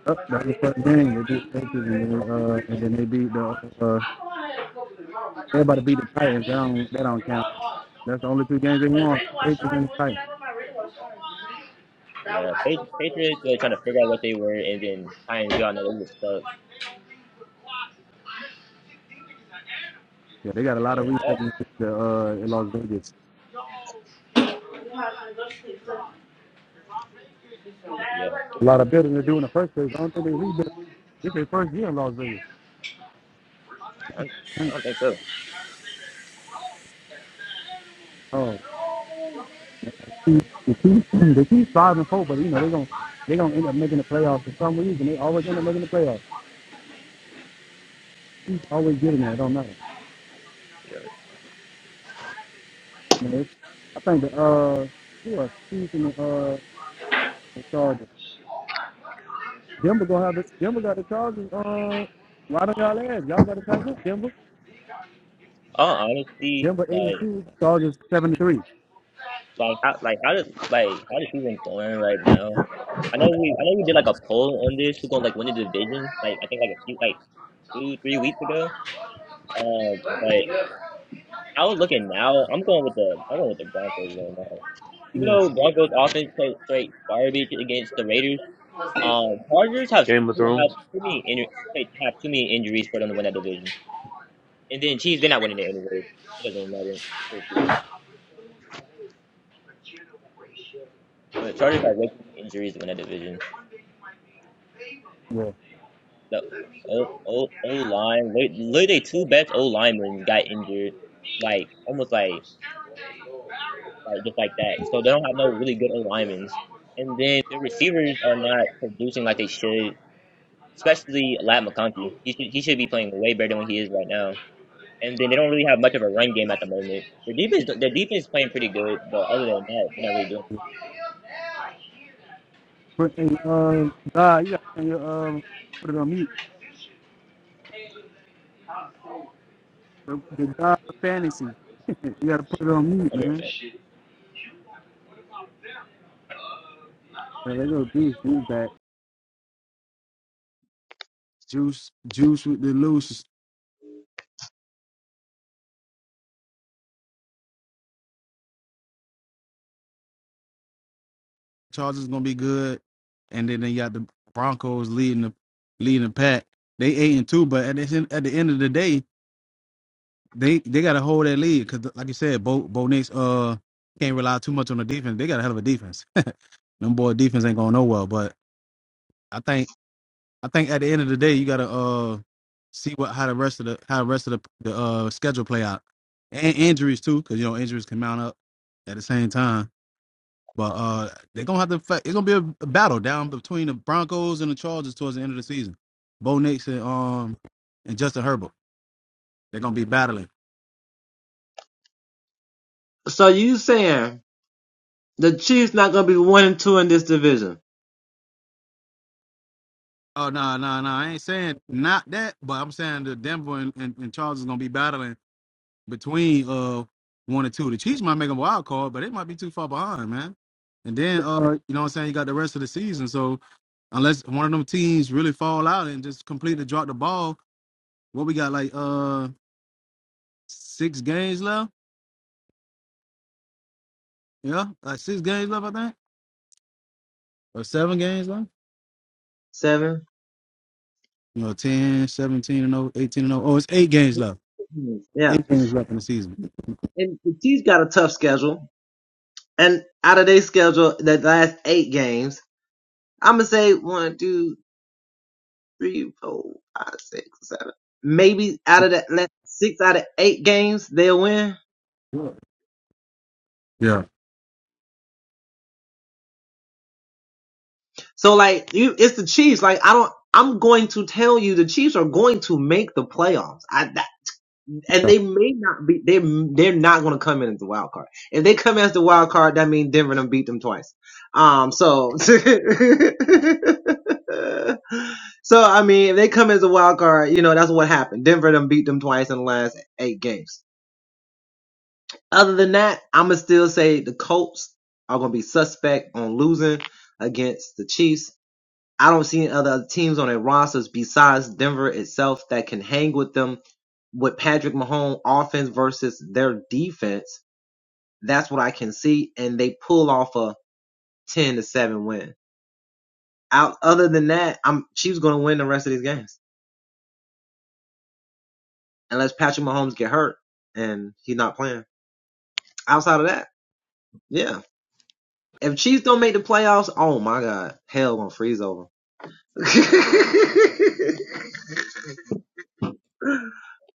[SPEAKER 1] up. That was the first game. They beat the Patriots, and then, uh, and then they beat the uh, everybody beat the Titans. That don't that don't count. That's the only two games they won. Patriots and the Titans.
[SPEAKER 2] Yeah, Patri- Patriots were trying to figure out what they were, and then times we all know they were stuck.
[SPEAKER 1] Yeah, they got a lot of
[SPEAKER 2] But uh,
[SPEAKER 1] resetting to, uh, in Las Vegas.
[SPEAKER 2] Yeah,
[SPEAKER 1] A lot of building to do in the first place. I don't think they rebuilt. It's their first year in Las Vegas.
[SPEAKER 2] I don't, I
[SPEAKER 1] Thank-
[SPEAKER 2] don't think so.
[SPEAKER 1] Oh Chiefs, the Chiefs, the Chiefs five and four, but you know they are gonna they are gonna end up making the playoffs for some reason. They always end up making the playoffs. Chiefs always getting there. I don't know. You know, they, I think the uh who are Chiefs and the uh the Chargers. Denver gonna have this. Denver got the Chargers. Uh, why don't y'all ask? Y'all better tighten up. Denver.
[SPEAKER 2] All honesty,
[SPEAKER 1] Denver eighty
[SPEAKER 2] like,
[SPEAKER 1] two. Chargers seventy three.
[SPEAKER 2] like how, like how does, like how does even going right now? I know we, I know we did like a poll on this who's gonna like win the division. Like I think like a few, like two, three weeks ago. Um, but I was looking now. I'm going with the, I'm going with the Broncos right now. Even
[SPEAKER 1] Yeah,
[SPEAKER 2] though Broncos offense played straight garbage against the Raiders, um, Chargers have
[SPEAKER 5] Game of
[SPEAKER 2] too, have
[SPEAKER 5] Thrones.
[SPEAKER 2] too many injuries, have too many injuries for them to win that division. And then Chiefs, they're not winning it anyway. It doesn't matter. But Chargers are way too many injuries in win division.
[SPEAKER 1] yeah.
[SPEAKER 2] The O O O line, li- literally their two best O linemen got injured, like almost like like just like that. So they don't have no really good O linemen, and then their receivers are not producing like they should. Especially Lat McConkey, he should he should be playing way better than what he is right now. And then they don't really have much of a run game at the moment. Their defense their defense is playing pretty good, but other than that, they're not really doing
[SPEAKER 1] But hey, uh, God, you gotta turn your um put it on mute. The, the God fantasy. you gotta put it on mute,
[SPEAKER 2] very
[SPEAKER 1] man.
[SPEAKER 2] good.
[SPEAKER 1] Yeah, they gonna do this back. Juice, Juice with the loose. Chargers is gonna be good, and then they got the Broncos leading the leading the pack. They eight and two, but at the end, at the end of the day, they they gotta hold that lead because, like you said, Bo Bo Nix uh can't rely too much on the defense. They got a hell of a defense. Them boy defense ain't going nowhere, but I think I think at the end of the day, you gotta uh see what how the rest of the how the rest of the, the uh schedule play out and injuries too, because you know injuries can mount up at the same time. But uh, they're gonna have to fight. It's gonna be a, a battle down between the Broncos and the Chargers towards the end of the season. Bo Nix and um and Justin Herbert. They're gonna be battling.
[SPEAKER 4] so you saying the Chiefs not gonna be one and two in this division?
[SPEAKER 1] Oh no no no! I ain't saying not that, but I'm saying the Denver and, and, and Chargers is gonna be battling between uh one and two. The Chiefs might make a wild card, but it might be too far behind, man. And then uh, you know what I'm saying? You got the rest of the season, so unless one of them teams really fall out and just completely drop the ball, what we got like uh six games left You know, like six games left, I think, or seven games left.
[SPEAKER 4] Seven.
[SPEAKER 1] You know, 10, 17, and oh, 18, and oh, Oh, it's eight games left.
[SPEAKER 4] Hmm, Yeah,
[SPEAKER 1] Eight games left in the season.
[SPEAKER 4] and the Chiefs got a tough schedule, and out of their schedule, the last eight games, I'm gonna say one, two. three. three, four, five, six, seven. Maybe out of that last six out of eight games, they'll win.
[SPEAKER 1] Yeah.
[SPEAKER 4] So like you, it's the Chiefs. Like I don't. I'm going to tell you, the Chiefs are going to make the playoffs. I, that, and they may not be. They they're not going to come in as the wild card. If they come as the wild card, that means Denver done beat them twice. Um. So. So I mean, if they come as a wild card, you know that's what happened. Denver done beat them twice in the last eight games. Other than that, I'ma still say the Colts are gonna be suspect on losing against the Chiefs. I don't see any other teams on their rosters besides Denver itself that can hang with them with Patrick Mahomes offense versus their defense. That's what I can see, and they pull off a ten to seven win. Out other than that, I'm Chiefs gonna win the rest of these games unless Patrick Mahomes get hurt and he's not playing. Outside of that, yeah. If Chiefs don't make the playoffs, oh my god, hell gonna freeze over.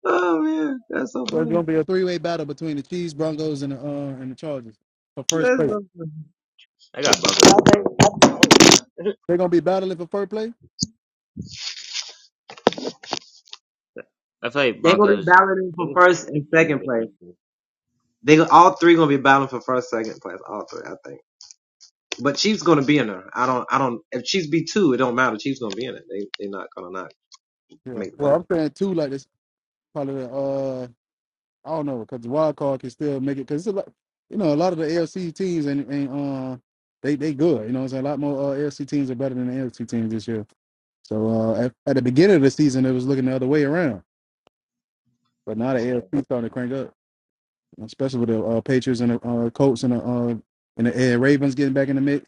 [SPEAKER 4] oh man, that's so
[SPEAKER 1] So it's
[SPEAKER 4] funny.
[SPEAKER 1] gonna be a three-way battle between the Chiefs, Broncos, and the uh, and the Chargers for first
[SPEAKER 4] That's
[SPEAKER 1] place.
[SPEAKER 4] so
[SPEAKER 2] I got Broncos winning.
[SPEAKER 4] funny.
[SPEAKER 2] it.
[SPEAKER 1] They're gonna be battling for first place.
[SPEAKER 2] I feel like
[SPEAKER 4] They're gonna be
[SPEAKER 2] Broncos.
[SPEAKER 4] battling
[SPEAKER 2] It
[SPEAKER 4] for
[SPEAKER 2] is
[SPEAKER 4] first and
[SPEAKER 2] big game
[SPEAKER 4] second place.
[SPEAKER 2] difference.
[SPEAKER 4] They go- all three gonna be battling for first, second place. All three, I think. But Chiefs gonna be in there. I don't. I don't. If Chiefs be two, it don't matter. Chiefs gonna be in it. They they're not gonna not
[SPEAKER 1] Yeah.
[SPEAKER 4] make the play.
[SPEAKER 1] Well, I'm saying two like this probably. Uh, I don't know because the wild card can still make it because it's a lot. You know, a lot of the AFC teams and and uh, they they good. You know, it's a lot more uh, AFC teams are better than the NFC teams this year. So uh, at, at the beginning of the season, it was looking the other way around. But now the AFC starting to crank up, especially with the uh, Patriots and the uh, Colts and the uh, and the and Ravens getting back in the mix,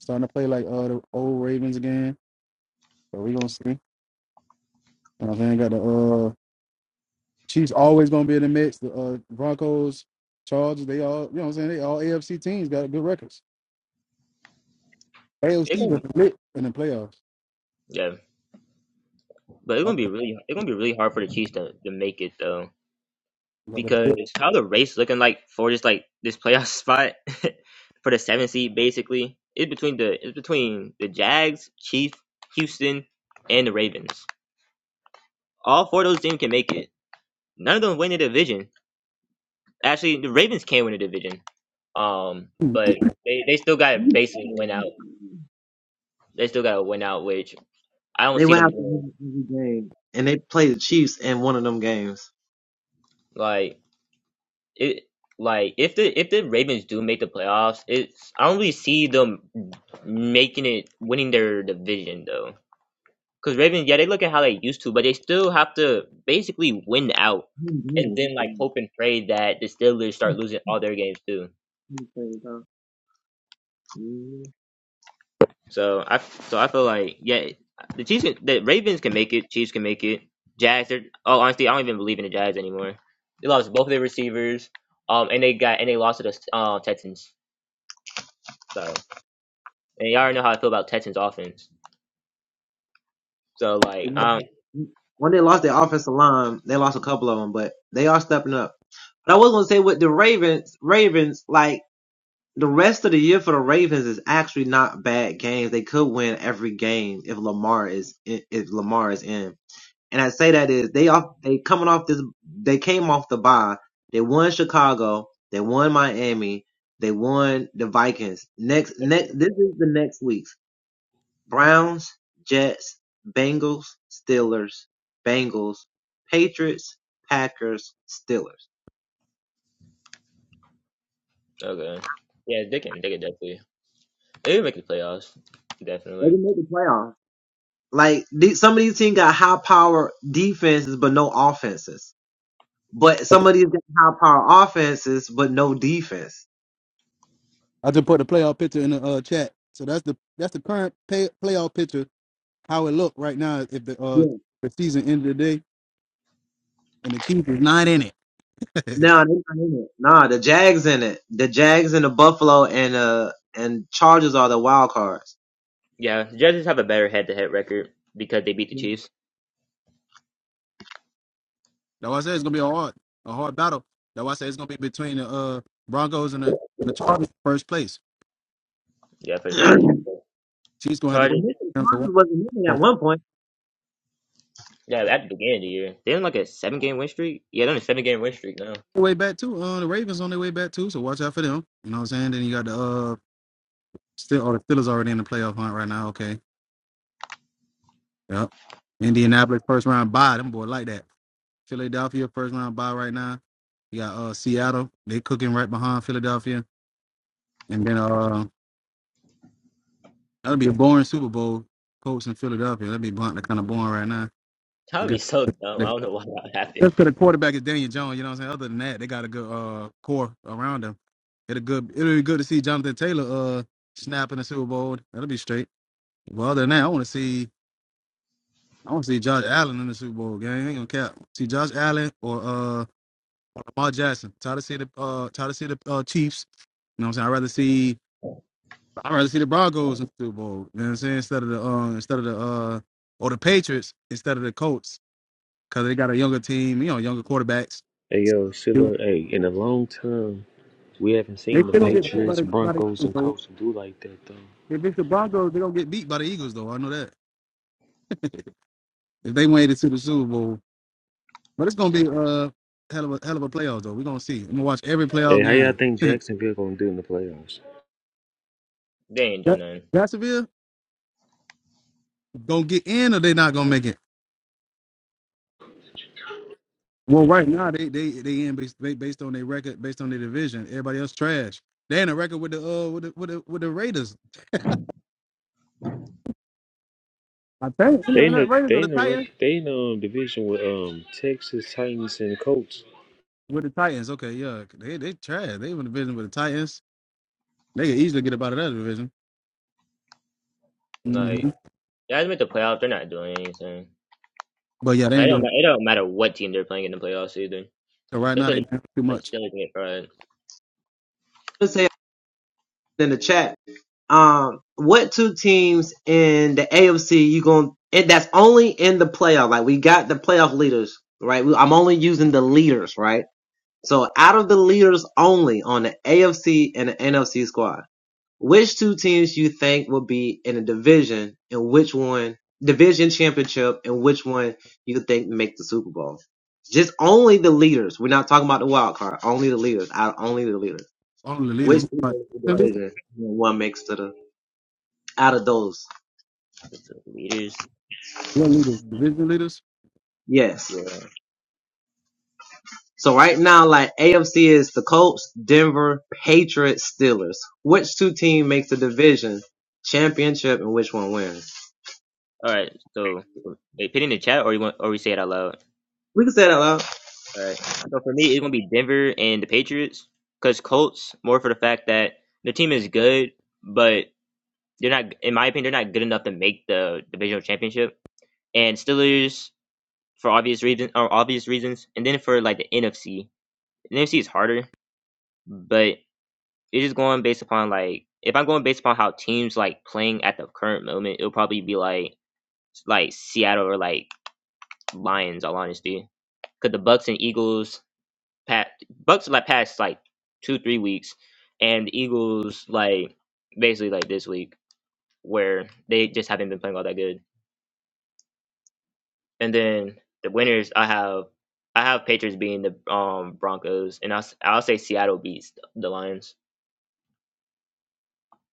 [SPEAKER 1] starting to play like uh, the old Ravens again. So we gonna see. You know what I'm saying? Got the uh, Chiefs always gonna be in the mix. The uh, Broncos, Chargers, they all you know what I'm saying. They all AFC teams got good records.
[SPEAKER 2] It's
[SPEAKER 1] AFC
[SPEAKER 2] gonna
[SPEAKER 1] was
[SPEAKER 2] be
[SPEAKER 1] lit in the playoffs.
[SPEAKER 2] yeah, but it's
[SPEAKER 1] I
[SPEAKER 2] gonna be really it's gonna be really hard for the Chiefs to, to make it though because how the race looking like for just like this playoff spot for the seventh seed basically it's between the it's between the Jags, Chiefs, Houston, and the Ravens. All four of those teams can make it. None of them win the division. Actually, the Ravens can win the division. Um, but they, they still got to basically win out. They still got to win out, which I don't
[SPEAKER 4] They
[SPEAKER 2] see
[SPEAKER 4] will
[SPEAKER 2] them
[SPEAKER 4] have to
[SPEAKER 2] doing.
[SPEAKER 4] win every game, and they play the Chiefs in one of them games.
[SPEAKER 2] Like. it like if the if the Ravens do make the playoffs, it's I don't really see them making it winning their division though. Because Ravens, yeah, they look at how they used to, but they still have to basically win out,
[SPEAKER 4] Hmm,
[SPEAKER 2] and
[SPEAKER 4] yeah.
[SPEAKER 2] then like hope and pray that the Steelers start losing all their games too.
[SPEAKER 4] Yeah, huh?
[SPEAKER 2] So I so I feel like yeah, the Chiefs, can- the Ravens can make it, Chiefs can make it, Jazz. They're oh honestly, I don't even believe in the Jazz anymore. They lost both their receivers, um, and they got and they lost to the uh, Texans. so. And y'all already know how I feel about Texans offense. So like um
[SPEAKER 4] when they lost their offensive line, they lost a couple of them, but they are stepping up. But I was gonna say with the Ravens, Ravens like the rest of the year for the Ravens is actually not bad games. They could win every game if Lamar is in, if Lamar is in. And I say that is they off they coming off this they came off the bye. They won Chicago. They won Miami. They won the Vikings. Next next this is the next week. Browns, Jets, Bengals, Steelers, Bengals, Patriots, Packers, Steelers.
[SPEAKER 2] okay. Yeah, they can they can definitely they can make the playoffs.
[SPEAKER 4] They
[SPEAKER 2] Definitely.
[SPEAKER 4] didn't make the playoffs. Like these, some of these teams got high power defenses but no offenses. But some of these got high power offenses but no defense.
[SPEAKER 1] I just put the playoff picture in the uh, chat. So that's the that's the current pay, playoff picture. How it look right now if the uh
[SPEAKER 4] Yeah.
[SPEAKER 1] the season ended today and the Chiefs is not in it. That's
[SPEAKER 4] No, they're not in it. Nah, the Jags in it. The Jags and the Buffalo and uh and Chargers are the wild cards.
[SPEAKER 2] Yeah, Judges have a better head to head record because they beat the
[SPEAKER 4] Yeah.
[SPEAKER 2] Chiefs.
[SPEAKER 1] why I said it's gonna be a hard, a hard battle. That's why I said it's gonna be between the uh, Broncos and the, the Chargers in first place.
[SPEAKER 2] Yeah, for the
[SPEAKER 4] well,
[SPEAKER 2] division. But
[SPEAKER 1] Chiefs gonna have to
[SPEAKER 2] Chargers
[SPEAKER 4] maybe the
[SPEAKER 1] have to watch
[SPEAKER 4] Chargers wasn't in it at one point.
[SPEAKER 2] yeah, at the beginning of the year. They didn't like a seven game win streak. Yeah, they're on a seven game win streak now.
[SPEAKER 1] their way back too. Uh, the Ravens on their way back too, so watch out for them. You know what I'm saying? Then you got the uh, still, oh, the Steelers already in the playoff hunt right now. Okay, yep. Indianapolis first round bye. Them boy like that. Philadelphia first round bye right now. You got uh Seattle. They cooking right behind Philadelphia. And then uh that'll be a boring Super Bowl. Colts and Philadelphia. That'd be blunt. They're kind of boring right now.
[SPEAKER 2] That
[SPEAKER 1] I
[SPEAKER 2] would be so dumb. I
[SPEAKER 1] guess
[SPEAKER 2] don't know why that happened.
[SPEAKER 1] Just 'cause the quarterback is Daniel Jones, you know what I'm saying? Other than that, they got a good uh core around them. It'll good it'll be good to see Jonathan Taylor uh snap in the Super Bowl. That'll be straight. Well other than that, I wanna see I wanna see Josh Allen in the Super Bowl game. Ain't gonna cap. See Josh Allen or uh Lamar Jackson. Tired to see the uh tired to see the uh Chiefs. You know what I'm saying? I'd rather see I'd rather see the Broncos in the Super Bowl. You know what I'm saying? Instead of the uh instead of the uh or the Patriots instead of the Colts. Cause they got a younger team, you know, younger quarterbacks
[SPEAKER 5] Hey yo, Silla. Hey, in a long time, we haven't
[SPEAKER 1] They
[SPEAKER 5] seen the
[SPEAKER 1] still don't get beat by
[SPEAKER 5] Patriots,
[SPEAKER 1] the by the
[SPEAKER 5] Broncos,
[SPEAKER 1] Eagles
[SPEAKER 5] and
[SPEAKER 1] though.
[SPEAKER 5] Colts do like that though.
[SPEAKER 1] If it's the Broncos, they don't get beat by the Eagles though. I know that. If they made it to the Super Bowl, but it's gonna be uh hell of a hell of a playoffs though. We're gonna see. I'm gonna watch every playoff
[SPEAKER 5] Hey, how y'all
[SPEAKER 1] game.
[SPEAKER 5] think Jacksonville gonna do in the playoffs?
[SPEAKER 2] They ain't
[SPEAKER 1] Ja-
[SPEAKER 2] doing nothing.
[SPEAKER 1] Jacksonville gonna get in or they not gonna make it. Well, right now they they they in based ba- based on their record, based on their division. Everybody else trash. They in a record with the uh with the with the, with the Raiders. I think you
[SPEAKER 5] They
[SPEAKER 1] know,
[SPEAKER 5] in
[SPEAKER 1] not
[SPEAKER 5] the
[SPEAKER 1] Raiders or
[SPEAKER 5] they
[SPEAKER 1] the
[SPEAKER 5] in the
[SPEAKER 1] Titans.
[SPEAKER 5] rec- they in the um, division with um Texas Titans and Colts.
[SPEAKER 1] With the Titans, okay, yeah, they they trash. They in the division with the Titans. They can easily get up out of that division. Mm-hmm.
[SPEAKER 2] Like guys make the playoffs, they're not doing anything.
[SPEAKER 1] But yeah, they
[SPEAKER 2] Like
[SPEAKER 1] ain't
[SPEAKER 2] it don't,
[SPEAKER 1] doing
[SPEAKER 2] ma-
[SPEAKER 1] it.
[SPEAKER 2] it don't matter what team they're playing in the playoffs either.
[SPEAKER 1] So right
[SPEAKER 2] They
[SPEAKER 1] now
[SPEAKER 2] play
[SPEAKER 1] they
[SPEAKER 2] the
[SPEAKER 1] doing too
[SPEAKER 2] like
[SPEAKER 1] much.
[SPEAKER 2] Steelers and get fried.
[SPEAKER 4] Let's say in the chat Um, what two teams in the AFC you going and that's only in the playoff. Like we got the playoff leaders, right? We- I'm only using the leaders, right? So out of the leaders only on the AFC and the NFC squad, which two teams you think will be in a division and which one division championship and which one you think make the Super Bowl? Just only the leaders. We're not talking about the wild card. Only the leaders. Out only the leaders.
[SPEAKER 1] All the
[SPEAKER 4] Which
[SPEAKER 1] leaders.
[SPEAKER 4] team
[SPEAKER 1] Like,
[SPEAKER 4] makes the
[SPEAKER 1] division
[SPEAKER 4] division and one makes to the out of those.
[SPEAKER 2] It's the Leaders.
[SPEAKER 1] leaders-
[SPEAKER 2] Mm,
[SPEAKER 1] Division leaders?
[SPEAKER 4] Yes.
[SPEAKER 2] Yeah.
[SPEAKER 4] So right now, like AFC is the Colts, Denver, Patriots, Steelers. Which two team makes the division championship and which one wins?
[SPEAKER 2] All right. So, for- wait, put it in the chat, or you want, or we say it out loud.
[SPEAKER 4] We can say that loud.
[SPEAKER 2] All right. So for me, it's gonna be Denver and the Patriots, cause Colts more for the fact that the team is good, but they're not, in my opinion, they're not good enough to make the divisional championship. And Steelers for obvious reasons, or obvious reasons, and then for like the NFC, the NFC is harder, but it's just going based upon like if I'm going based upon how teams like playing at the current moment, it'll probably be like like Seattle or like Lions, all honesty. Cause the Bucks and Eagles pat Bucks like past like two, three weeks and the Eagles like basically like this week where they just haven't been playing all that good. And then the winners I have I have Patriots being the um Broncos and I'll, s- I'll say Seattle beats the Lions.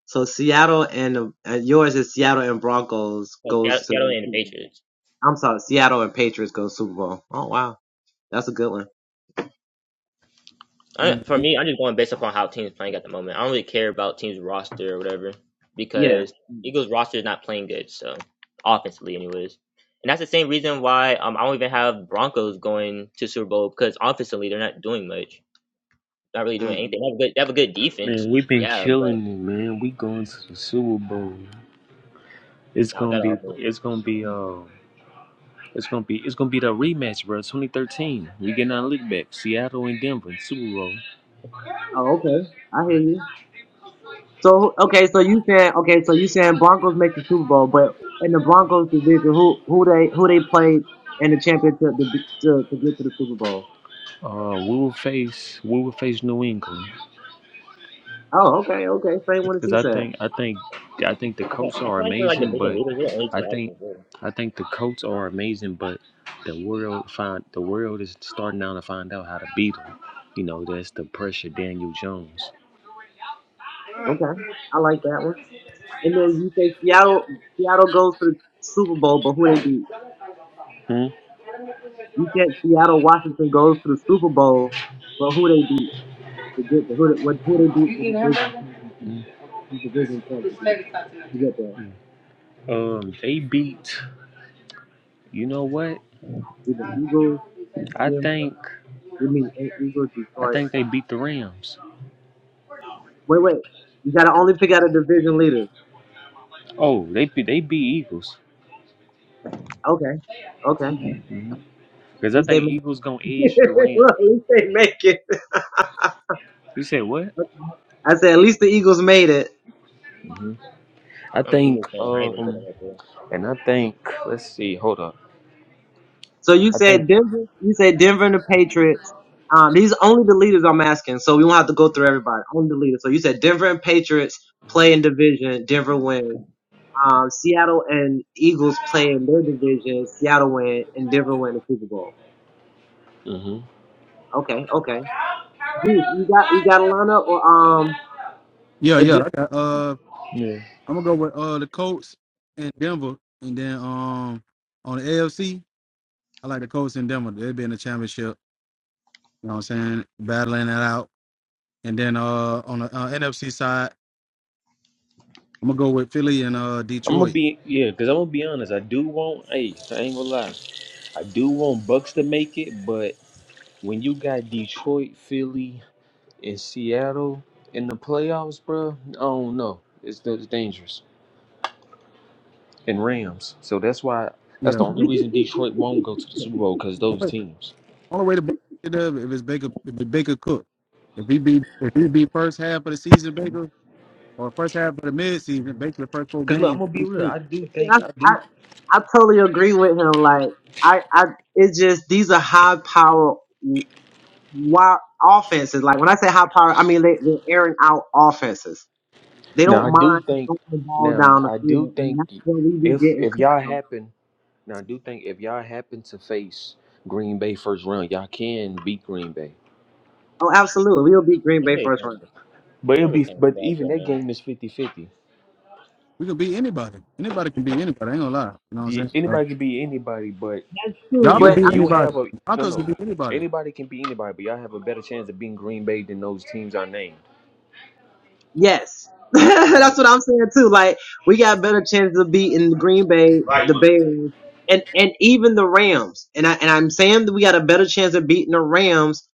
[SPEAKER 4] So Seattle and, the- and yours is Seattle and Broncos
[SPEAKER 2] Well, Seattle
[SPEAKER 4] goes to.
[SPEAKER 2] Seattle and the Patriots.
[SPEAKER 4] I'm sorry, Seattle and Patriots go Super Bowl. Oh wow, that's a good one.
[SPEAKER 2] I, for me, I'm just going based upon how teams playing at the moment. I don't really care about teams roster or whatever
[SPEAKER 4] Yeah.
[SPEAKER 2] because
[SPEAKER 4] mm
[SPEAKER 2] Eagles roster is not playing good. So offensively, anyways, and that's the same reason why um, I don't even have Broncos going to Super Bowl because offensively they're not doing much, not really doing
[SPEAKER 4] mm.
[SPEAKER 2] anything. They have a good, they have a good defense,
[SPEAKER 5] Man, we've been
[SPEAKER 2] yeah, but
[SPEAKER 5] killing it, man. We going to the Super Bowl. It's
[SPEAKER 2] not with
[SPEAKER 5] gonna
[SPEAKER 2] that
[SPEAKER 5] be
[SPEAKER 2] offense.
[SPEAKER 5] it's gonna be uh it's gonna be it's gonna be the rematch, bro. 2013. We getting our league back. Seattle and Denver Super Bowl.
[SPEAKER 4] Oh okay, I hear you. So okay, so you saying okay, so you saying Broncos make the Super Bowl, but in the Broncos division, who who they who they played in the championship to to, to get to the Super Bowl?
[SPEAKER 5] Uh, we will face we will face New England.
[SPEAKER 4] Oh, okay, okay, same one as
[SPEAKER 5] Because
[SPEAKER 4] he
[SPEAKER 5] I
[SPEAKER 4] said.
[SPEAKER 5] think I think I think the
[SPEAKER 2] I feel,
[SPEAKER 5] coats
[SPEAKER 2] I
[SPEAKER 5] are
[SPEAKER 2] feel like for like
[SPEAKER 5] amazing,
[SPEAKER 2] division
[SPEAKER 5] but
[SPEAKER 2] leaders, they're the only two
[SPEAKER 5] I think
[SPEAKER 2] options. Really.
[SPEAKER 5] I think the coats are amazing, but the world find the world is starting now to find out how to beat them. You know, that's the pressure. Daniel Jones.
[SPEAKER 4] Okay, I like that one. And then you say Seattle Seattle goes to the Super Bowl, but who they beat?
[SPEAKER 5] Hmm?
[SPEAKER 4] You said Seattle Washington goes to the Super Bowl, but who they beat to get the who they, what who they beat the division championship
[SPEAKER 5] Mm.
[SPEAKER 4] the division championship to get there?
[SPEAKER 5] Um, they beat. You know what?
[SPEAKER 4] Either Eagles,
[SPEAKER 5] I
[SPEAKER 4] yeah,
[SPEAKER 5] think
[SPEAKER 4] we mean Eagles
[SPEAKER 5] I
[SPEAKER 4] Detroit
[SPEAKER 5] think they beat the Rams.
[SPEAKER 4] Wait, wait. You gotta only pick out a division leader.
[SPEAKER 5] Oh, they be- they beat Eagles.
[SPEAKER 4] Okay. Okay. At
[SPEAKER 5] Because I
[SPEAKER 4] least they
[SPEAKER 5] think
[SPEAKER 4] make
[SPEAKER 5] Eagles gonna edge the Rams.
[SPEAKER 4] Look, at least they make it.
[SPEAKER 5] You said what?
[SPEAKER 4] I said at least the Eagles made it.
[SPEAKER 5] hmm I
[SPEAKER 2] I'm an
[SPEAKER 5] think.
[SPEAKER 2] Eagles fan. I even put them
[SPEAKER 5] Um,
[SPEAKER 2] up there.
[SPEAKER 5] and I think. Let's see. Hold up.
[SPEAKER 4] So you
[SPEAKER 5] I think.
[SPEAKER 4] said Denver you said Denver and the Patriots. Um these only the leaders I'm asking, so we won't have to go through everybody. Only the leaders. So you said Denver and Patriots play in division, Denver wins. Um Seattle and Eagles play in their division, Seattle win, and Denver win the Super Bowl.
[SPEAKER 5] hmm
[SPEAKER 4] Okay, okay. Dude, you got you got a lineup or um
[SPEAKER 1] Yeah,
[SPEAKER 4] a,
[SPEAKER 1] yeah.
[SPEAKER 4] ju-
[SPEAKER 1] I got uh
[SPEAKER 5] Yeah.
[SPEAKER 1] I'm gonna go with uh the Colts and Denver and then um on the AFC, I like the Colts and Denver. They've been in the championship, you know what I'm saying, battling that out. And then uh on the uh, NFC side, I'm gonna go with Philly and uh
[SPEAKER 5] I'm gonna
[SPEAKER 1] Detroit.
[SPEAKER 5] be yeah, cause I'm gonna be honest. I do want. Hey, I ain't gonna lie. I do want Bucks to make it, but when you got Detroit, Philly, and Seattle in the playoffs, bro, I don't know. It's, it's dangerous. And Rams. So that's why. That's
[SPEAKER 1] Yeah.
[SPEAKER 5] the only reason Detroit won't go to the Super Bowl, cause those teams.
[SPEAKER 1] Only way to blow it up if it's Baker if Baker Cook. If he be if he be first half of the season Baker or first half of the mid season, Baker the first four
[SPEAKER 5] Cause look, I'm
[SPEAKER 1] games,
[SPEAKER 5] gonna be
[SPEAKER 1] we
[SPEAKER 5] real.
[SPEAKER 1] straight.
[SPEAKER 5] I do think. I
[SPEAKER 4] I,
[SPEAKER 5] do.
[SPEAKER 4] I totally agree with him. Like I, I, it's just these are high power wide offenses. Like when I say high power, I mean they, they're airing out offenses. They
[SPEAKER 5] Now
[SPEAKER 4] don't
[SPEAKER 5] I do
[SPEAKER 4] mind
[SPEAKER 5] think.
[SPEAKER 4] throwing the ball
[SPEAKER 5] Now
[SPEAKER 4] down the
[SPEAKER 5] I do
[SPEAKER 4] field,
[SPEAKER 5] think.
[SPEAKER 4] and that's where we be
[SPEAKER 5] If
[SPEAKER 4] getting
[SPEAKER 5] if
[SPEAKER 4] cooked
[SPEAKER 5] y'all
[SPEAKER 4] on.
[SPEAKER 5] happen Now, I do think if y'all happen to face Green Bay first round, y'all can beat Green Bay.
[SPEAKER 4] Oh, absolutely, we'll beat Green
[SPEAKER 2] They're
[SPEAKER 4] Bay
[SPEAKER 2] really
[SPEAKER 4] first
[SPEAKER 2] kind
[SPEAKER 4] round
[SPEAKER 2] of,
[SPEAKER 5] But it'll
[SPEAKER 2] they're really
[SPEAKER 5] be,
[SPEAKER 2] kind of
[SPEAKER 5] but
[SPEAKER 2] trash
[SPEAKER 5] even
[SPEAKER 2] right
[SPEAKER 5] that
[SPEAKER 2] now.
[SPEAKER 5] game is fifty-fifty.
[SPEAKER 1] We can beat anybody. Anybody can beat anybody. I ain't gonna lie. You know what I'm
[SPEAKER 5] The-
[SPEAKER 1] saying? So,
[SPEAKER 5] Anybody can beat anybody, but
[SPEAKER 4] too.
[SPEAKER 1] y'all
[SPEAKER 4] But
[SPEAKER 1] could
[SPEAKER 5] you
[SPEAKER 4] I-
[SPEAKER 1] beat
[SPEAKER 5] you have
[SPEAKER 1] anybody.
[SPEAKER 5] a no
[SPEAKER 1] Broncos
[SPEAKER 5] no.
[SPEAKER 1] could beat anybody.
[SPEAKER 5] Anybody can beat anybody, but y'all have a better chance of beating Green Bay than those teams I named.
[SPEAKER 4] yes, that's
[SPEAKER 2] No,
[SPEAKER 4] what I'm saying too. Like we got better chances of beating Green Bay, the Bears, and and even the Rams. And I and I'm saying that we got a better chance of beating the Rams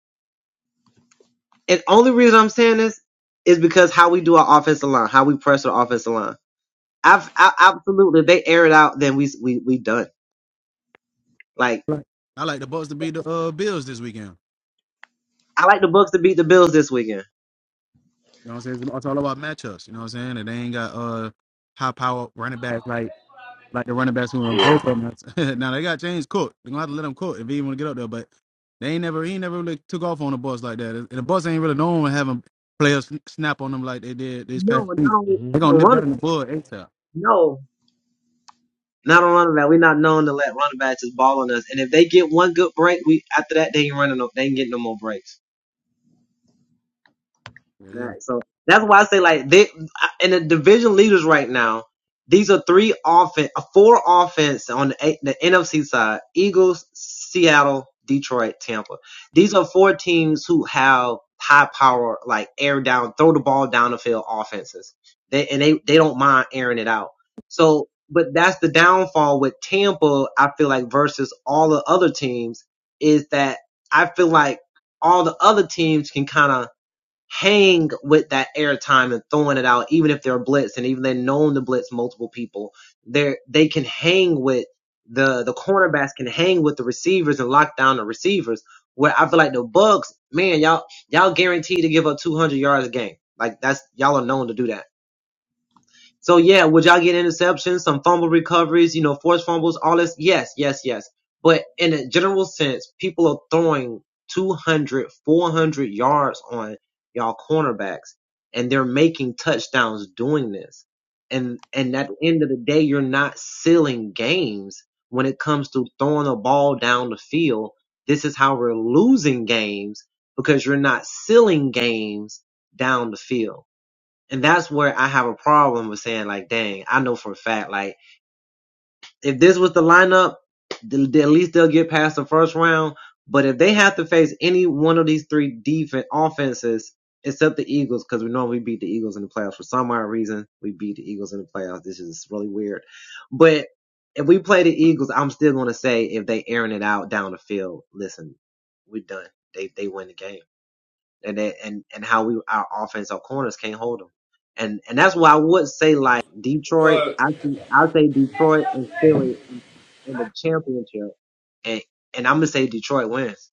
[SPEAKER 4] And only reason I'm saying this is because how we do our offensive line, how we press our offensive line. I've, I, absolutely, if they air it out, then we we we done. Like
[SPEAKER 1] Like, I like the Bucks to beat the uh, Bills this weekend.
[SPEAKER 4] I like the Bucks to beat the Bills this weekend.
[SPEAKER 1] You know what I'm saying? It's all about matchups. You know what I'm saying? And they ain't got uh high power running back like like the running backs who went broke
[SPEAKER 5] Yeah.
[SPEAKER 1] on us. now they got James Cook. They're gonna have to let him cook if he want to get up there. But they ain't never he ain't never really took off on the bus like that. And the bus ain't really known to having players snap on them like they did this
[SPEAKER 4] No,
[SPEAKER 1] past
[SPEAKER 4] not
[SPEAKER 1] week.
[SPEAKER 4] on,
[SPEAKER 5] hmm
[SPEAKER 1] They're
[SPEAKER 4] not
[SPEAKER 1] gonna
[SPEAKER 4] on
[SPEAKER 1] nip that
[SPEAKER 4] running.
[SPEAKER 1] in the bud ASAP.
[SPEAKER 4] No, not on running back. We're not known to let running backs just ball on us. And if they get one good break, we after that they ain't running no, they ain't getting no more breaks.
[SPEAKER 1] Yeah, yeah.
[SPEAKER 4] Right. So that's why I say like they and the division leaders right now. These are three offense, four offense on the, A- the NFC side: Eagles, Seattle, Detroit, Tampa. These are four teams who have high power, like air down, throw the ball down the field offenses. They and they they don't mind airing it out. So, but that's the downfall with Tampa. I feel like versus all the other teams is that I feel like all the other teams can kind of hang with that airtime and throwing it out, even if they're blitz and even they're known to blitz multiple people, they they can hang with the the cornerbacks can hang with the receivers and lock down the receivers. Where I feel like the Bucks, man, y'all y'all guaranteed to give up 200 yards a game. Like that's y'all are known to do that. So yeah, would y'all get interceptions, some fumble recoveries, you know, forced fumbles, all this? Yes, yes, yes. But in a general sense, people are throwing 200, 400 yards on y'all cornerbacks and they're making touchdowns doing this. And, and at the end of the day, you're not sealing games when it comes to throwing a ball down the field. This is how we're losing games because you're not sealing games down the field. And that's where I have a problem with saying like, dang, I know for a fact, like if this was the lineup, th- th- at least they'll get past the first round. But if they have to face any one of these three defense offenses, except the Eagles, because we normally beat the Eagles in the playoffs for some odd reason, we beat the Eagles in the playoffs. This is really weird. But if we play the Eagles, I'm still gonna say if they airing it out down the field, listen, we're done. They they win the game and it, and and how we our offense our corners can't hold them. And and that's why I would say like Detroit. I think I would say Detroit and Philly in, in the championship, and and I'm gonna say Detroit wins.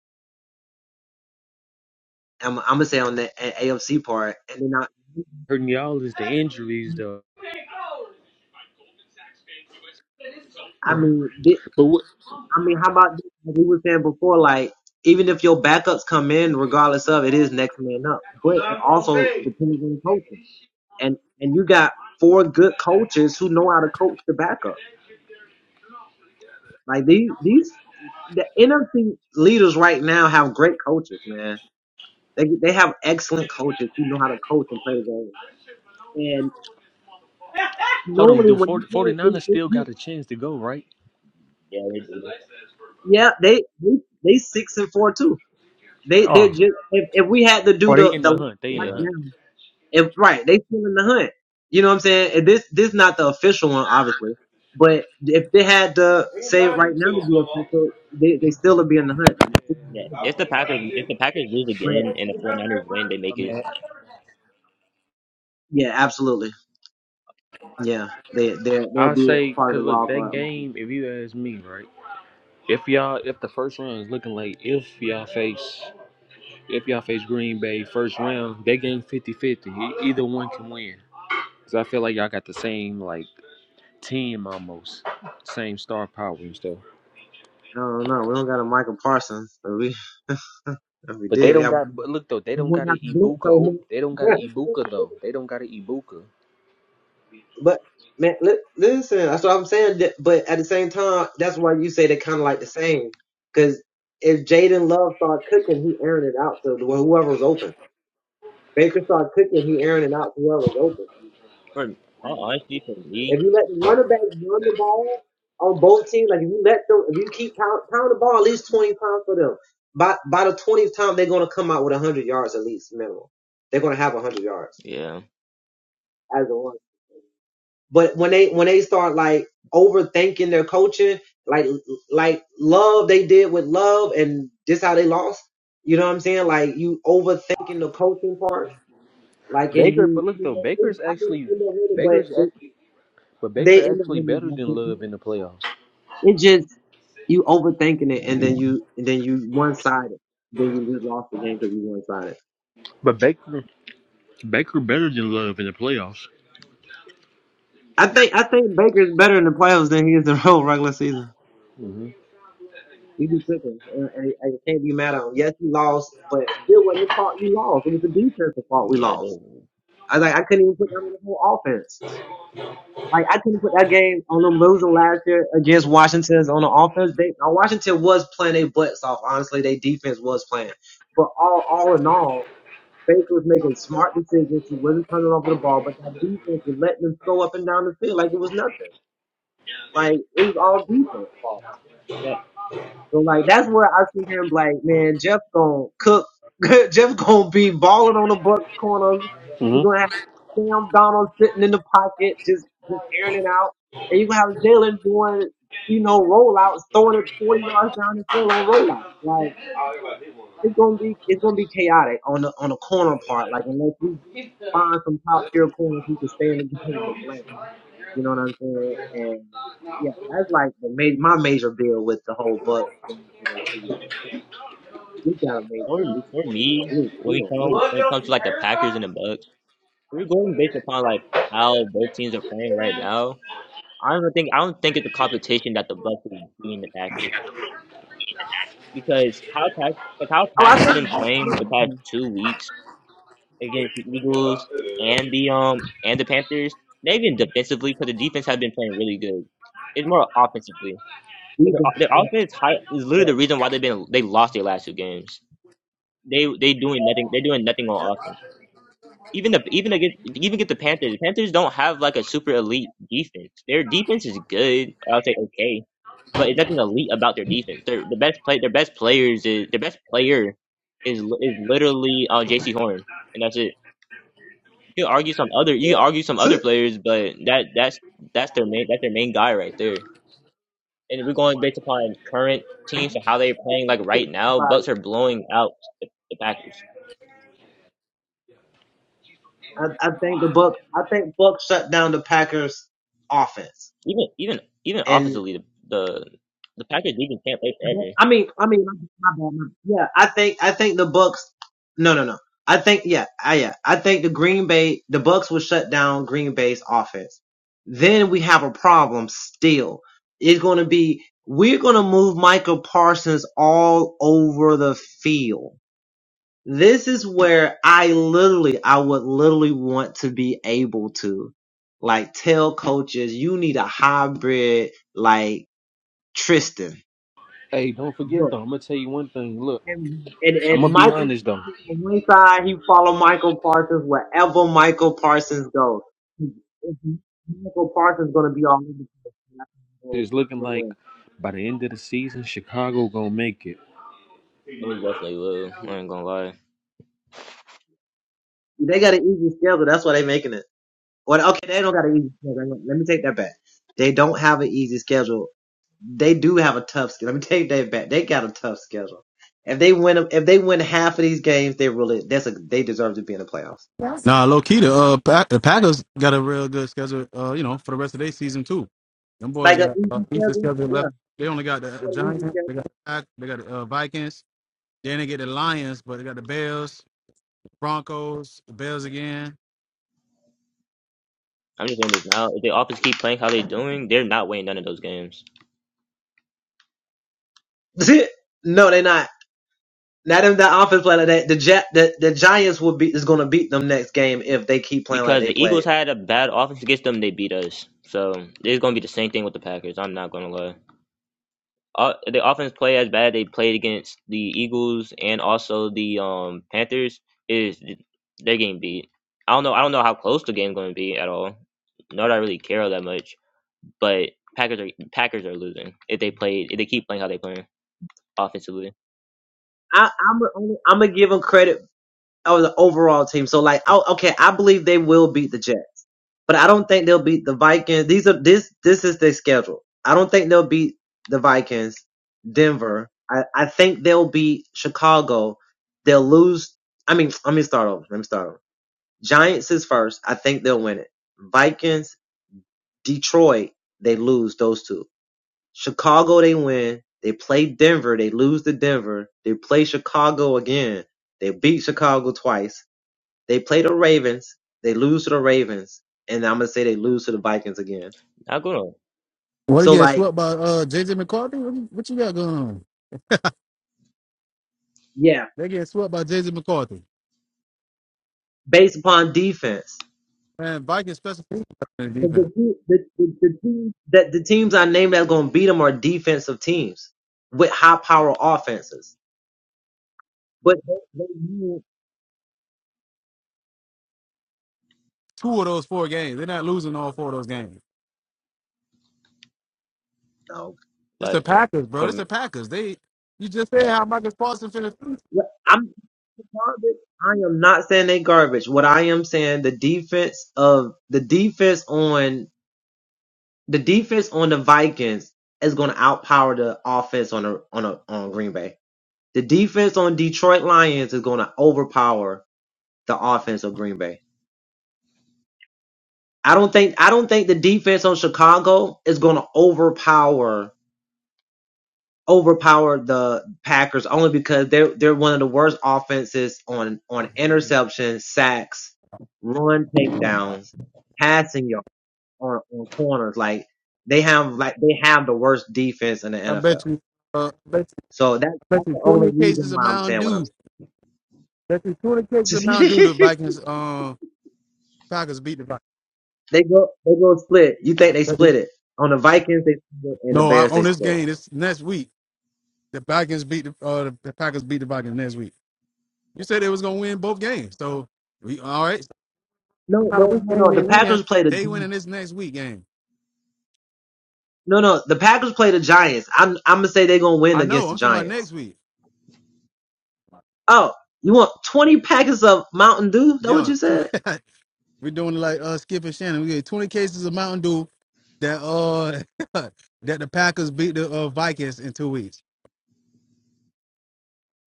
[SPEAKER 4] I'm, I'm gonna say on the A- AFC part, and then I,
[SPEAKER 5] Hurting y'all is the injuries, though.
[SPEAKER 4] I
[SPEAKER 5] hmm
[SPEAKER 4] mean, thi-
[SPEAKER 5] But what,
[SPEAKER 4] I mean, how about this? Like we were saying before, like even if your backups come in, regardless of it is next man up, but it also depends on coaching. And and you got four good coaches who know how to coach the backups. Like these, these the NFC leaders right now have great coaches, man. They they have excellent coaches who know how to coach and play the game. And
[SPEAKER 5] hold on,
[SPEAKER 4] normally
[SPEAKER 5] do
[SPEAKER 4] when
[SPEAKER 5] Forty
[SPEAKER 4] you
[SPEAKER 5] Forty
[SPEAKER 4] play, they,
[SPEAKER 5] 49
[SPEAKER 4] they,
[SPEAKER 5] still got
[SPEAKER 4] you-
[SPEAKER 5] a chance to go, right?
[SPEAKER 2] yeah, they do.
[SPEAKER 4] yeah, they, they they six and four too. They they
[SPEAKER 5] Oh,
[SPEAKER 4] just if, if we had to do
[SPEAKER 5] or they
[SPEAKER 4] the
[SPEAKER 5] in
[SPEAKER 4] the
[SPEAKER 5] the hunt. They
[SPEAKER 2] Yeah.
[SPEAKER 5] in
[SPEAKER 4] right
[SPEAKER 5] the hunt.
[SPEAKER 4] now, if right they still in the hunt. You know what I'm saying? And this this not the official one, obviously. But if they had to say it right now to be official, they they still would be in the hunt.
[SPEAKER 2] Yeah, if the Packers if the Packers lose
[SPEAKER 4] But
[SPEAKER 2] again and the 49ers win, they make it.
[SPEAKER 4] yeah, absolutely. Yeah, they they they'll
[SPEAKER 5] I
[SPEAKER 4] be
[SPEAKER 5] say,
[SPEAKER 4] part of the
[SPEAKER 5] because look,
[SPEAKER 4] wild
[SPEAKER 5] that
[SPEAKER 4] card.
[SPEAKER 5] game, if you ask me, right? If y'all, if the first round is looking like if y'all face, if y'all face Green Bay first round, they game fifty fifty. E- Either one can win. Cause I feel like y'all got the same like team almost, same star power and stuff.
[SPEAKER 4] I don't know. We don't got a Michael Parsons, but we if we
[SPEAKER 5] But they
[SPEAKER 4] did, we
[SPEAKER 5] don't
[SPEAKER 4] have
[SPEAKER 5] got. But look though, they
[SPEAKER 4] we
[SPEAKER 5] don't got
[SPEAKER 4] wouldn't have
[SPEAKER 5] an
[SPEAKER 4] to blitz
[SPEAKER 5] Ibuka.
[SPEAKER 4] so
[SPEAKER 5] Oh, they don't got an
[SPEAKER 4] much.
[SPEAKER 5] Ibuka though. They don't got an Ibuka.
[SPEAKER 4] but man, li- listen, that's what I'm saying. that- But at the same time, that's why you say they're kind of like the same. Because if Jaden Love started cooking, he airing it out to whoever's open. Baker started cooking, he airing it out to whoever's open.
[SPEAKER 2] For all honesty, for me,
[SPEAKER 4] If you let the running back run the ball on both teams, like if you let them, if you keep pound, pound the ball at least 20 times for them, by, by the 20th time, they're going to come out with 100 yards at least minimum. They're going to have 100 yards
[SPEAKER 2] yeah,
[SPEAKER 4] as a one. But when they, when they start like overthinking their coaching, like, like love they did with love and this how they lost. You know what I'm saying? Like you overthinking the coaching part. Like, and
[SPEAKER 5] Baker, but
[SPEAKER 4] you,
[SPEAKER 5] look
[SPEAKER 4] you
[SPEAKER 5] though,
[SPEAKER 4] know,
[SPEAKER 5] Baker's
[SPEAKER 4] they- I mean,
[SPEAKER 5] actually,
[SPEAKER 4] they end up winning,
[SPEAKER 5] Baker's
[SPEAKER 4] but
[SPEAKER 5] act, but
[SPEAKER 4] they, they
[SPEAKER 5] Baker
[SPEAKER 4] end up
[SPEAKER 5] actually better than
[SPEAKER 4] winning.
[SPEAKER 5] Love in the playoffs.
[SPEAKER 4] It just you overthinking it, and then you and then you one sided. Then you just lost the game because you one sided.
[SPEAKER 5] But Baker, Baker better than Love in the playoffs.
[SPEAKER 4] I think I think Baker's better in the playoffs than he is in the whole regular season.
[SPEAKER 5] Mhm.
[SPEAKER 4] He be cooking, and and I can't be mad at him. Yes, he lost, but it still wasn't his fault. We lost. It was the defensive fault we
[SPEAKER 2] yeah. They,
[SPEAKER 4] lost. I was like, I couldn't even put that on the whole offense. Like I couldn't put that game on them losing last year against Washington's on the offense. They now, Washington was playing their butts off. Honestly, their defense was playing, but all all in all. Baker was making smart decisions. He wasn't turning over the ball, but that defense was letting them go up and down the field like it was nothing. Like it was all defense fault.
[SPEAKER 2] but
[SPEAKER 4] So like that's where I see him like, man, Jeff gonna cook. Jeff gonna be balling on the Bucks corners.
[SPEAKER 5] hmm
[SPEAKER 4] You're gonna have Sam Donald sitting in the pocket, just just airing it out, and you're gonna have Jalen doing, you know, rollouts, throwing it 40 yards down the field on rollouts. Like, it's gonna be it's gonna be chaotic on the on the corner part. Like unless we find some top tier corners who can stay in the game and blame. You know what I'm saying? And yeah, that's like the ma- my major bill with the whole Bucks thing to the city game. Like, we gotta make
[SPEAKER 2] for
[SPEAKER 4] sure these
[SPEAKER 2] for
[SPEAKER 4] corners are
[SPEAKER 2] me,
[SPEAKER 4] we
[SPEAKER 2] when
[SPEAKER 4] we
[SPEAKER 2] it
[SPEAKER 4] gonna never.
[SPEAKER 2] come when it comes to like the Packers and the Bucks, we're going based upon like how both teams are playing right now. I don't think I don't think it's a competition that the Bucks will be in the Packers because how Pack like how
[SPEAKER 4] Oh, I
[SPEAKER 2] Packers
[SPEAKER 4] think
[SPEAKER 2] been
[SPEAKER 4] we
[SPEAKER 2] playing the past
[SPEAKER 4] can
[SPEAKER 2] two weeks. against the Eagles and the um and the Panthers. Not even defensively, because the defense has been playing really good. It's more offensively. Cause
[SPEAKER 4] We
[SPEAKER 2] their,
[SPEAKER 4] can.
[SPEAKER 2] their offense high, is literally
[SPEAKER 4] Yes.
[SPEAKER 2] the reason why they've been they lost their last two games. They they doing nothing. They're doing nothing
[SPEAKER 4] Yep.
[SPEAKER 2] on offense. Even the even against even get the Panthers. The Panthers don't have like a super elite defense. Their defense is good. I would say okay, but it's nothing elite about their defense. Their the best play their best players is their best player is is literally uh, J C Horn, and that's it. You can argue some other you can argue some other
[SPEAKER 4] Yep.
[SPEAKER 2] players, but that that's that's their main that's their main guy right there. And we're going based upon current
[SPEAKER 4] And
[SPEAKER 2] teams
[SPEAKER 4] you
[SPEAKER 2] and
[SPEAKER 4] can-
[SPEAKER 2] how they're playing like
[SPEAKER 4] you can
[SPEAKER 2] right
[SPEAKER 4] see
[SPEAKER 2] now,
[SPEAKER 4] by-
[SPEAKER 2] Bucks are blowing out the, the Packers.
[SPEAKER 4] I, I think the Bucks. I think Bucks shut down the Packers offense,
[SPEAKER 2] Even even even offensively the the, the Packers even can't play
[SPEAKER 4] But-
[SPEAKER 2] forever.
[SPEAKER 4] I mean, I mean, my bad, my- yeah. I think, I think the Bucks. No, no, no. I think, yeah, I, yeah. I think the Green Bay, the Bucks will shut down Green Bay's offense. Then we have a problem. Still, it's going to be. We're going to move Michael Parsons all over the field. This is where I literally, I would literally want to be able to, like, tell coaches, you need a hybrid, like Tristan.
[SPEAKER 5] Hey, don't forget though. I'm gonna tell you one thing. Look,
[SPEAKER 4] And, and
[SPEAKER 5] I'm
[SPEAKER 4] if
[SPEAKER 5] gonna be
[SPEAKER 4] Michael
[SPEAKER 5] honest though.
[SPEAKER 4] Parsons on one side, he follow Michael Parsons wherever Michael Parsons goes. If Michael Parsons gonna be all over the place. and that's gonna go
[SPEAKER 5] It's looking
[SPEAKER 4] either
[SPEAKER 5] like
[SPEAKER 4] way.
[SPEAKER 5] by the end of the season, Chicago gonna make it.
[SPEAKER 2] Most definitely will. I ain't gonna lie.
[SPEAKER 4] They got an easy schedule. That's why they making it. Well, okay, they don't got an easy schedule. Let me take that back. They don't have an easy schedule. They do have a tough schedule. Let me take that back. They got a tough schedule. If they win, 'em- if they win half of these games, they really that's a they deserve to be in the playoffs.
[SPEAKER 1] Nah, low key the uh Pack- the Packers got a real good schedule. Uh, you know, for the rest of their season too. Them boys
[SPEAKER 4] Like an
[SPEAKER 1] got uh,
[SPEAKER 4] easy
[SPEAKER 1] Easter
[SPEAKER 4] schedule,
[SPEAKER 1] schedule
[SPEAKER 4] yeah,
[SPEAKER 1] left. They only got the
[SPEAKER 4] they
[SPEAKER 1] uh,
[SPEAKER 4] got an
[SPEAKER 1] Giants.
[SPEAKER 4] easy schedule.
[SPEAKER 1] They got the Pack. They got the uh, Vikings. Then they get the Lions, but they got the Bears, Broncos, the Bears again.
[SPEAKER 2] I'm just saying this now. If the offense keep playing how they're doing, they're not winning none of those games.
[SPEAKER 4] no, they're not. Not in the offense play like that. The Gi- the, the Giants will be is going to beat them next game if they keep playing like
[SPEAKER 2] Because
[SPEAKER 4] they
[SPEAKER 2] the Eagles
[SPEAKER 4] played.
[SPEAKER 2] had a bad offense against them, they beat us. So it's gonna be the same thing with the Packers. I'm not gonna lie. Uh, they offense play as bad. They played against the Eagles and also the um Panthers. Is their game beat? I don't know. I don't know how close the game's going to be at all. Not that I really care that much. But Packers are Packers are losing if they play if they keep playing how they playing offensively.
[SPEAKER 4] I, I'm only, I'm gonna give them credit of the overall team. So like, oh, okay, I believe they will beat the Jets, but I don't think they'll beat the Vikings. These are this this is their schedule. I don't think they'll beat the Vikings, Denver. I, I think they'll beat Chicago. They'll lose. I mean, let me start over. Let me start over. Giants is first. I think they'll win it. Vikings Detroit, they lose those two. Chicago, they win. They play Denver, they lose to Denver. They play Chicago again. They beat Chicago twice. They play the Ravens, they lose to the Ravens. And I'm going to say they lose to the Vikings again.
[SPEAKER 2] Not going to.
[SPEAKER 1] What they
[SPEAKER 4] So,
[SPEAKER 1] getting
[SPEAKER 4] like,
[SPEAKER 1] swept by uh JJ McCarthy? What you, what you got going on?
[SPEAKER 4] yeah,
[SPEAKER 1] They getting swept by JJ McCarthy.
[SPEAKER 4] based upon defense.
[SPEAKER 1] Man, Vikings special teams and
[SPEAKER 4] But
[SPEAKER 1] defense.
[SPEAKER 4] The, te- the, the, the, team, that the teams I named that's going to beat them are defensive teams with high power offenses. But they, they,
[SPEAKER 1] Two of those four games. They're not losing all four of those games.
[SPEAKER 4] no.
[SPEAKER 1] It's the
[SPEAKER 2] But
[SPEAKER 1] Packers, bro.
[SPEAKER 2] for
[SPEAKER 1] It's
[SPEAKER 2] me,
[SPEAKER 1] the Packers. They you just said how Marcus Paulson finished.
[SPEAKER 4] garbage. I am not saying they garbage. What I am saying, the defense of the defense on the defense on the Vikings is going to outpower the offense on a, on a, on Green Bay. The defense on Detroit Lions is going to overpower the offense of Green Bay. I don't think I don't think the defense on Chicago is going to overpower overpowered the Packers only because they're they're one of the worst offenses on on interceptions, sacks, run takedowns, passing yards on, on corners. Like they have like they have the worst defense in the
[SPEAKER 1] I
[SPEAKER 4] NFL.
[SPEAKER 1] bet you, uh, I bet you,
[SPEAKER 4] So that
[SPEAKER 1] I bet
[SPEAKER 4] that's
[SPEAKER 1] you
[SPEAKER 4] the only
[SPEAKER 1] twenty
[SPEAKER 4] reason
[SPEAKER 1] cases of
[SPEAKER 4] why I'm
[SPEAKER 1] Mountain
[SPEAKER 4] saying what I'm
[SPEAKER 1] Dew. bet you twenty
[SPEAKER 4] saying.
[SPEAKER 1] cases of Mountain Dew. The Vikings, uh, Packers beat the
[SPEAKER 4] they go they go split. You think
[SPEAKER 1] Vikings.
[SPEAKER 4] they
[SPEAKER 1] Bet you-
[SPEAKER 4] split it. On the Vikings they split it, and the
[SPEAKER 1] No, I,
[SPEAKER 4] Bears they
[SPEAKER 1] on this
[SPEAKER 4] split.
[SPEAKER 1] game, this next week, the Vikings beat the, uh, the, the Packers beat the Vikings next week. You said they was gonna win both games, so we all right. No
[SPEAKER 4] No,
[SPEAKER 1] matter
[SPEAKER 4] no,
[SPEAKER 1] which
[SPEAKER 4] no,
[SPEAKER 1] game
[SPEAKER 4] no. The
[SPEAKER 1] they win,
[SPEAKER 4] Packers play the
[SPEAKER 1] they winning this next week game.
[SPEAKER 4] no no the Packers play the Giants. I'm I'm gonna say they're gonna win
[SPEAKER 1] I know.
[SPEAKER 4] against the
[SPEAKER 1] I'm talking about
[SPEAKER 4] Giants.
[SPEAKER 1] next week.
[SPEAKER 4] Oh, you want 20 packets of Mountain Dew? That what
[SPEAKER 1] Yeah,
[SPEAKER 4] you
[SPEAKER 1] tw-
[SPEAKER 4] said?
[SPEAKER 1] we're doing like uh, Skip and Shannon. We get twenty cases of Mountain Dew that uh that the Packers beat the uh, Vikings in two weeks.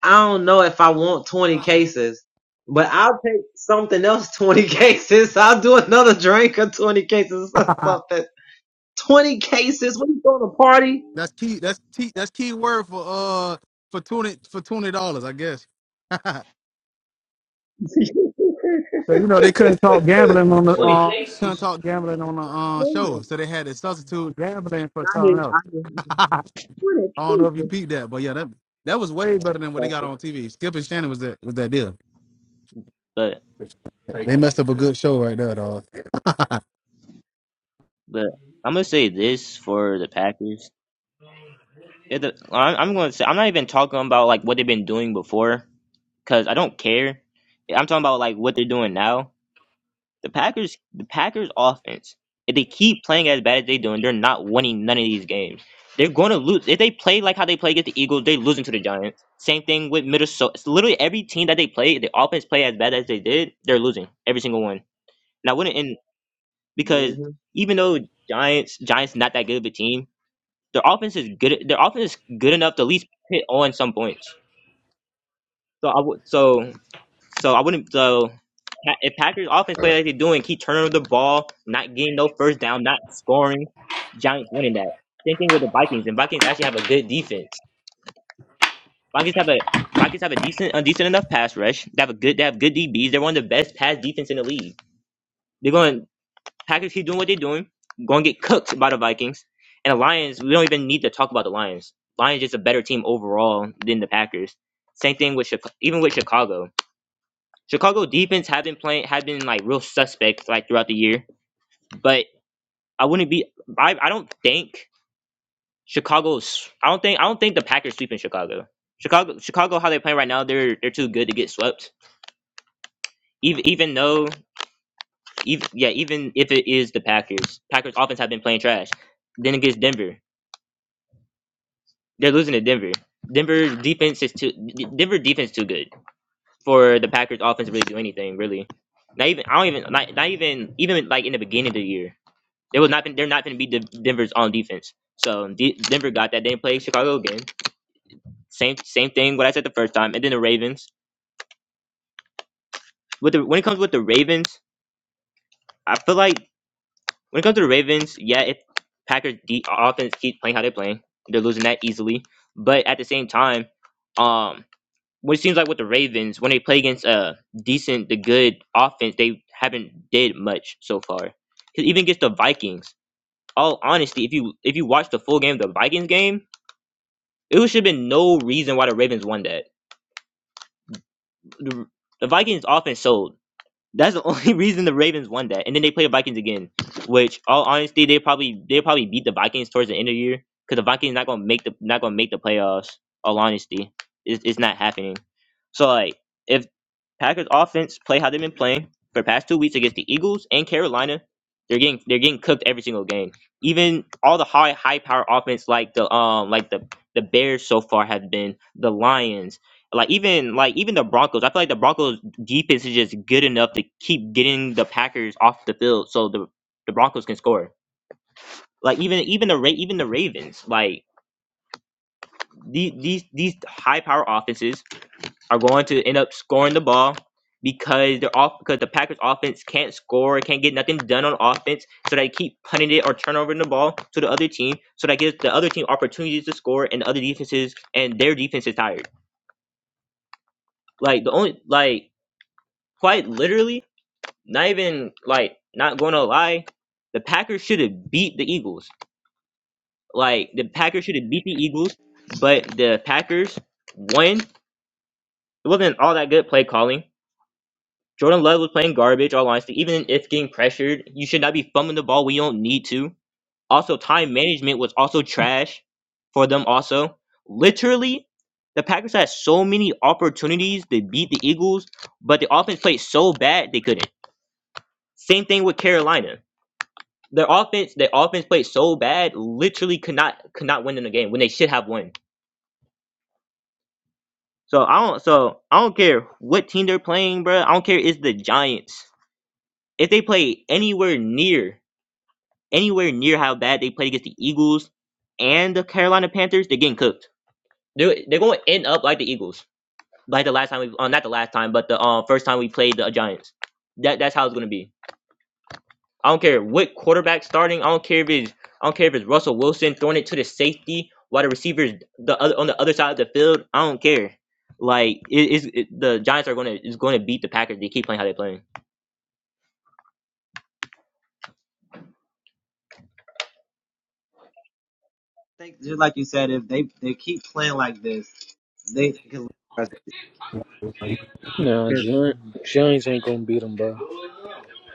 [SPEAKER 4] I don't know if I want 20 cases, but I'll take something else 20 cases. I'll do another drink of 20 cases or something. 20 cases? What you throwing a party?
[SPEAKER 1] That's key. That's key. That's key word for uh for twenty for twenty dollars, I guess. so you know they couldn't talk gambling on the
[SPEAKER 2] but
[SPEAKER 1] uh couldn't talk gambling on the uh show,
[SPEAKER 4] Man,
[SPEAKER 1] so they had to substitute gambling for
[SPEAKER 4] I hear,
[SPEAKER 1] something
[SPEAKER 4] I
[SPEAKER 1] else.
[SPEAKER 4] hear.
[SPEAKER 1] I
[SPEAKER 4] 20
[SPEAKER 1] don't know if you
[SPEAKER 4] cases.
[SPEAKER 1] peeped that, but yeah, that that was way better than what they got
[SPEAKER 4] Gotcha.
[SPEAKER 1] on TV. Skip and Shannon was that was that deal.
[SPEAKER 2] but
[SPEAKER 1] Like, They messed up a good show right there, dog.
[SPEAKER 2] but I'm gonna say this for the Packers. If the, I'm I'm gonna say I'm not even talking about like what they've been doing before because I don't care. I'm talking about like what they're doing now The Packers, the Packers offense, if they keep playing as bad as they're doing, they're not winning none of these games. They're going to lose. If they play like how they play against the Eagles, they're losing to the Giants. Same thing with Minnesota. It's literally every team that they play, if the offense play as bad as they did, they're losing every single one. And I wouldn't, and because
[SPEAKER 4] hmm
[SPEAKER 2] even though Giants, Giants not that good of a team, their offense is good. Their offense is good enough to at least hit on some points. So I would. So so I wouldn't. So Pa- if Packers offense play like they're doing, keep turning over the ball, not getting no first down, not scoring, Giants winning that. Same thing with the Vikings, and Vikings actually have a good defense. Vikings have a Vikings have a decent, a decent enough pass rush. They have a good, they have good DBs. They're one of the best pass defense in the league. They're going Packers keep doing what they're doing, going to get cooked by the Vikings and the Lions. We don't even need to talk about the Lions. Lions just a better team overall than the Packers. Same thing with Chicago, even with Chicago. Chicago defense had been playing had been like real suspect like throughout the year, but I wouldn't be I, I don't think Chicago's I don't think I don't think the Packers sweep in Chicago. Chicago Chicago how they're playing right now they're they're too good to get swept. Even even though even, yeah even if it is the Packers Packers offense have been playing trash. Then against Denver they're losing to Denver. Denver defense is too Denver defense too good for the Packers offense to really do anything really. Not even I don't even not, not even even like in the beginning of the year. They was not. They're not going to be De- Denver's on defense. So D- Denver got that. They didn't play Chicago again. Same same thing. What I said the first time, and then the Ravens. With the when it comes with the Ravens, I feel like when it comes to the Ravens, yeah, if Packers de- offense keeps playing how they're playing, they're losing that easily. But at the same time, um, what it seems like with the Ravens, when they play against a decent, the good offense, they haven't did much so far. 'Cause Even against the Vikings, all honesty, if you if you watch the full game, the Vikings game. It should have been no reason why the Ravens won that. The Vikings offense sold. That's the only reason the Ravens won that. And then they play the Vikings again, which all honesty, they probably they probably beat the Vikings towards the end of the year because the Vikings not gonna make the not gonna make the playoffs. All honesty, it's, it's not happening. So like, if Packers offense play how they've been playing for the past two weeks against the Eagles and Carolina, they're getting they're getting cooked every single game. Even all the high high power offense like the um like the the Bears so far have been the Lions like even like even the Broncos. I feel like the Broncos defense is just good enough to keep getting the Packers off the field so the the Broncos can score. Like even even the Ra- even the Ravens, like these these these high power offenses are going to end up scoring the ball because they're off because the Packers offense can't score, can't get nothing done on offense, so they keep punting it or turnovering the ball to the other team, so that gives the other team opportunities to score and the other defenses and their defense is tired. Like the only like quite literally not even like not going to lie, the Packers should have beat the Eagles. Like the Packers should have beat the Eagles, but the Packers won. It wasn't all that good play calling. Jordan Love was playing garbage. All honesty, even if getting pressured, you should not be fumbling the ball when you don't need to. Also, time management was also trash for them. Also, literally, the Packers had so many opportunities to beat the Eagles, but the offense played so bad they couldn't. Same thing with Carolina Their offense, their offense played so bad, literally could not could not win in the game when they should have won. So I don't, so I don't care what team they're playing, bro. I don't care. if It's the Giants. If they play anywhere near anywhere near how bad they played against the Eagles and the Carolina Panthers, they're getting cooked. They're they're going to end up like the Eagles, like the last time we, uh, not the last time, but the uh, first time we played the Giants. That that's how it's gonna be. I don't care what quarterback starting. I don't care if it's I don't care if it's Russell Wilson throwing it to the safety while the receivers the other on the other side of the field. I don't care. Like it is it, the Giants are gonna is going to beat the Packers. They keep playing how they playing.
[SPEAKER 4] I think just like you said, if they, they keep playing like this, they can.
[SPEAKER 5] Nah, Gi- Giants ain't gonna beat them, bro.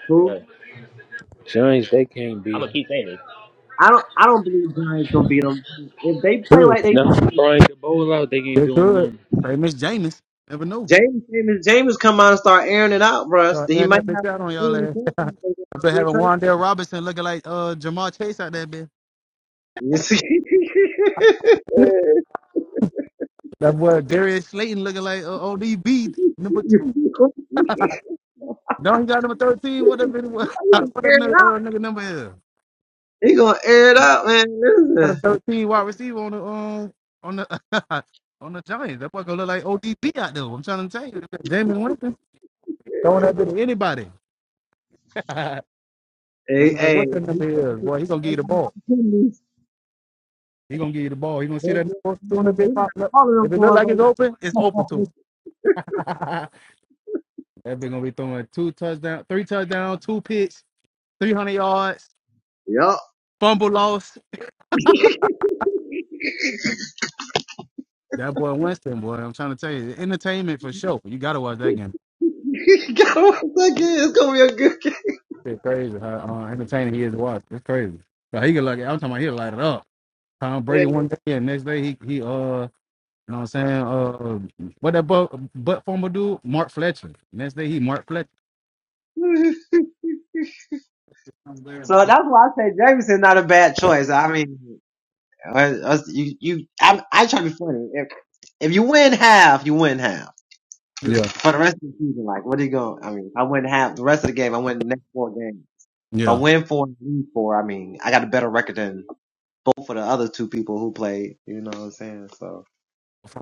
[SPEAKER 4] Who?
[SPEAKER 2] But
[SPEAKER 5] Giants, they can't
[SPEAKER 2] I'm
[SPEAKER 5] beat
[SPEAKER 2] gonna
[SPEAKER 5] them.
[SPEAKER 2] keep saying
[SPEAKER 4] I don't. I don't believe Giants gonna beat them. If they play like
[SPEAKER 1] Good.
[SPEAKER 4] they,
[SPEAKER 5] Now, Brian DeBoer out, they ain't
[SPEAKER 1] They
[SPEAKER 5] doing
[SPEAKER 1] could.
[SPEAKER 5] nothing.
[SPEAKER 1] Hey, Miss James. Never know.
[SPEAKER 4] James James James come out and start airing it out, bruh.
[SPEAKER 1] Start
[SPEAKER 4] So He
[SPEAKER 1] adding
[SPEAKER 4] might
[SPEAKER 1] that bitch
[SPEAKER 4] have
[SPEAKER 1] out on y'all
[SPEAKER 4] three
[SPEAKER 1] ass.
[SPEAKER 4] interceptions. they going
[SPEAKER 1] I've been
[SPEAKER 4] Three
[SPEAKER 1] having
[SPEAKER 4] touchdowns.
[SPEAKER 1] Wandale Robinson looking like uh Jamar Chase out there, bitch.
[SPEAKER 4] You see?
[SPEAKER 1] That boy, Darius Slayton looking like uh, ODB number two.
[SPEAKER 4] He gonna
[SPEAKER 1] No, he got number thirteen. Whatever it was.
[SPEAKER 4] air
[SPEAKER 1] Whatever
[SPEAKER 4] it out.
[SPEAKER 1] uh, nigga number is.
[SPEAKER 4] He gonna air it out, man.
[SPEAKER 1] got a
[SPEAKER 4] Listen,
[SPEAKER 1] 13 wide receiver on the um on the on the Giants. That boy gonna look like ODB out there. I'm trying to tell you, Jameis Winston throwing that bit to anybody, no
[SPEAKER 4] hey,
[SPEAKER 1] matter
[SPEAKER 4] hey.
[SPEAKER 1] what
[SPEAKER 4] he
[SPEAKER 1] that number
[SPEAKER 4] gonna
[SPEAKER 1] is.
[SPEAKER 4] get
[SPEAKER 1] Boy, he gonna give you the
[SPEAKER 4] everybody
[SPEAKER 1] ball.
[SPEAKER 4] opportunities.
[SPEAKER 1] He gonna give you the ball. He gonna see
[SPEAKER 4] They-
[SPEAKER 1] that number two
[SPEAKER 4] they-
[SPEAKER 1] and
[SPEAKER 4] they-
[SPEAKER 1] That bit
[SPEAKER 4] they-
[SPEAKER 1] pop up.
[SPEAKER 4] All of
[SPEAKER 1] If
[SPEAKER 4] them
[SPEAKER 1] it look
[SPEAKER 4] going
[SPEAKER 1] like it's open, it's
[SPEAKER 4] for.
[SPEAKER 1] open to him. that bit gonna be throwing two touchdown, three touchdown, two picks, 300 yards,
[SPEAKER 4] Yup.
[SPEAKER 1] fumble loss. That boy Winston, boy, I'm trying to tell you, entertainment for sure. You gotta watch that game.
[SPEAKER 4] Got one second. It's gonna be a good game.
[SPEAKER 1] Shit, crazy how uh, entertaining he is to watch. It's crazy. But he could like I'm talking about he'll light it up. Tom Brady one day and next day he he uh you know what I'm saying uh what that butt butt former dude Mark Fletcher. Next day he Mark Fletcher.
[SPEAKER 4] so that's why I say Jameson's not a bad choice. I mean, uh, uh, you, you, I, I try to be funny. If, if you win half, you win half
[SPEAKER 1] Yeah,
[SPEAKER 4] for the rest of the season. Like, what are you going? I mean, I win half the rest of the game. I win the next four games. If I
[SPEAKER 1] yeah.
[SPEAKER 4] win four and lose four, I mean, I got a better record than both of the other two people who played. You know what I'm saying? So,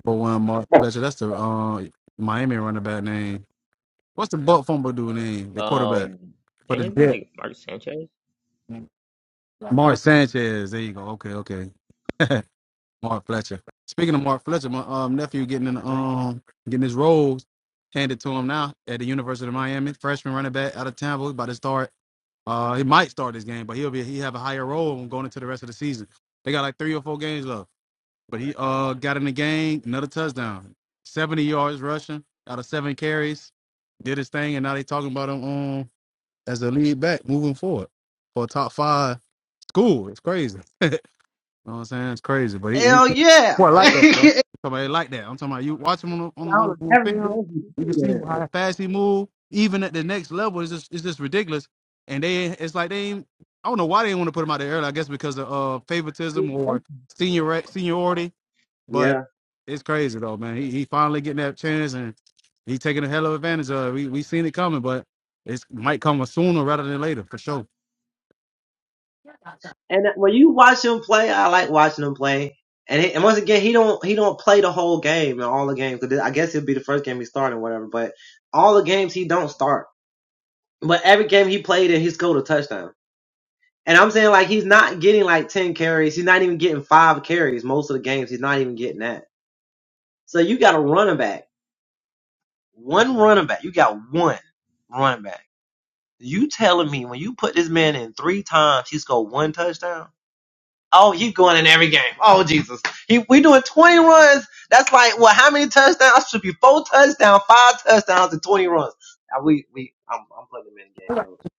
[SPEAKER 1] But one Mark Fletcher. That's the uh Miami running back name. What's the butt fumble dude name?
[SPEAKER 2] it.
[SPEAKER 1] The quarterback
[SPEAKER 2] Um,
[SPEAKER 1] for the
[SPEAKER 2] anything
[SPEAKER 1] Jets.
[SPEAKER 2] like Marcus Sanchez?
[SPEAKER 1] Mark Sanchez. There you go. Okay, okay. Mark Fletcher. Speaking of Mark Fletcher, my um, nephew getting in um getting his roles handed to him now at the University of Miami. Freshman running back out of Tampa, about to start. Uh, he might start this game, but he'll be he have a higher role going into the rest of the season. They got like three or four games left, but he uh got in the game, another touchdown, seventy yards rushing out of seven carries, did his thing, and now they talking about him um as a lead back moving forward for a top five school. It's crazy. You know what I'm saying? It's crazy, but he, he
[SPEAKER 4] hell yeah!
[SPEAKER 1] Boy, I like that, boy.
[SPEAKER 4] I
[SPEAKER 1] Somebody like that. I'm talking about you watch him on on,
[SPEAKER 4] was
[SPEAKER 1] on,
[SPEAKER 4] a
[SPEAKER 1] on
[SPEAKER 4] heavy
[SPEAKER 1] film.
[SPEAKER 4] Yankee
[SPEAKER 1] You can see how fast he move. Even at the next level, it's just it's just ridiculous. And they, it's like they, ain't, I don't know why they didn't want to put him out there early. I guess because of uh, favoritism or senior seniority.
[SPEAKER 4] Yeah.
[SPEAKER 1] But it's crazy though, man. He he finally getting that chance and he taking a hell of advantage of. it. We we seen it coming, but it might come sooner rather than later for sure.
[SPEAKER 4] And when you watch him play, I like watching him play. And, he, and once again, he don't he don't play the whole game and all the games. Cause I guess it'll be the first game he started or whatever. But all the games he don't start. But every game he played in, he scored a touchdown. And I'm saying like he's not getting like ten carries. He's not even getting five carries most of the games. He's not even getting that. So you got a running back, one running back. You got one running back. You telling me when you put this man in three times, he scored one touchdown? Oh, he's going in every game. Oh, Jesus. He, we doing 20 runs. That's like, well, how many touchdowns? I should be four touchdowns, five touchdowns, and 20 runs. Now, we, we, I'm, I'm putting him in the game,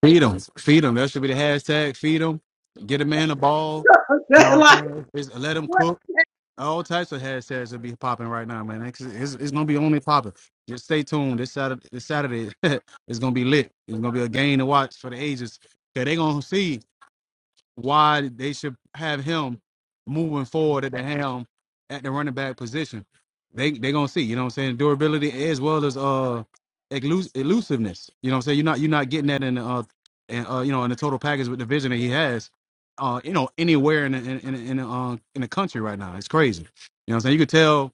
[SPEAKER 1] Feed them. Feed them. That should be the hashtag. Feed them. Get a man a ball. You
[SPEAKER 4] coach.
[SPEAKER 1] know what I'm
[SPEAKER 4] like,
[SPEAKER 1] saying? Just let them
[SPEAKER 4] what?
[SPEAKER 1] cook. All types of hashtags will be popping right now, man. It's, it's, it's going to be only popping. Just stay tuned. This Saturday, this Saturday it's going to be lit. It's going to be a game to watch for the ages. Because they going to see why they should have him moving forward at the helm at the running back position. They they gonna see, you know what I'm saying, durability as well as uh elus- elusiveness. You know what I'm saying? You're not you're not getting that in the uh and uh you know in the total package with the vision that he has, uh, you know, anywhere in the in in, in the, uh, in the country right now. It's crazy. You know what I'm saying? You could tell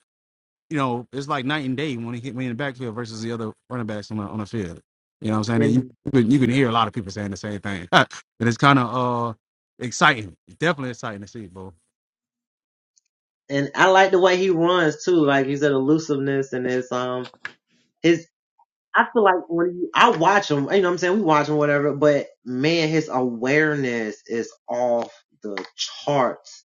[SPEAKER 1] you know, it's like night and day when he hit me in the backfield versus the other running backs on the on the field. You know what I'm saying? And you
[SPEAKER 4] And,
[SPEAKER 1] you can, you can hear a lot of people saying the same thing. and it's kind of uh exciting. It's definitely exciting to see, bro.
[SPEAKER 4] and I like the way he runs too. Like, he's an elusiveness and his, um, his, I feel like when you, I watch him, you know what I'm saying? We watch him, whatever, but man, his awareness is off the charts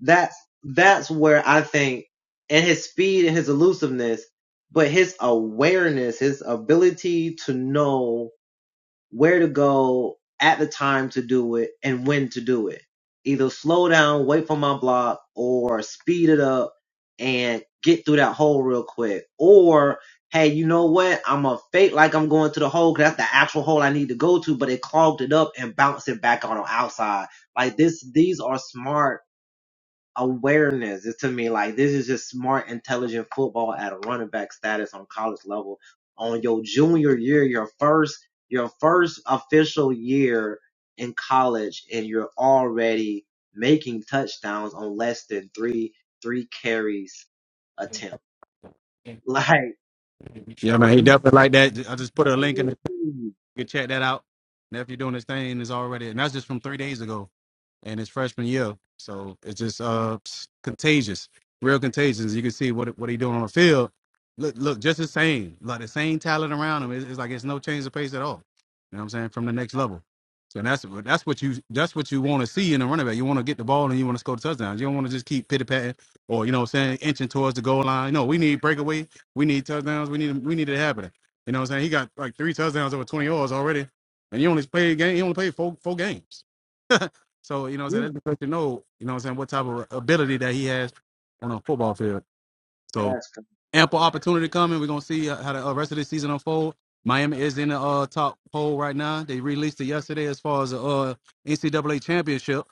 [SPEAKER 4] That's that's where I think, and his speed and his elusiveness, but his awareness, his ability to know where to go at the time to do it and when to do it. Either slow down, wait for my block, or speed it up and get through that hole real quick. Or hey, you know what? I'm a fake like I'm going to the hole because that's the actual hole I need to go to, but it clogged it up and bounced it back on the outside. Like this, these are smart awareness. It's to me like this is just smart, intelligent football at a running back status on college level. On your junior year, your first your first official year in college, and you're already making touchdowns on less than three three carries attempt. Like
[SPEAKER 1] Yeah, man. He
[SPEAKER 4] you,
[SPEAKER 1] definitely like that. I just put a link in. the You can check that out. Nephew doing his thing is already, and that's just from three days ago, and it's freshman year. So it's just uh s- contagious, real contagious. You can see what what he doing on the field. Look, look, just the same, like the same talent around him. It's, it's like it's no change of pace at all. You know what I'm saying? From the next level. So that's what that's what you that's what you want to see in a running back. You want to get the ball and you want to score touchdowns. You don't want to just keep pitty patting or you know what I'm saying inching towards the goal line. No, we need breakaway. We need touchdowns. We need we need it to happen. You know what I'm saying? He got like three touchdowns over 20 yards already. And he only played game, he only played four four games. So, you know what I'm saying? That's
[SPEAKER 4] you-
[SPEAKER 1] just let you know, you know what I'm saying, what type of ability that he has on a football field. So
[SPEAKER 4] that's crazy.
[SPEAKER 1] ample opportunity coming. We're gonna see uh, how the uh, rest of the season unfold. Miami is in the uh, top poll right now. They released it yesterday as far as the uh, NCAA championship.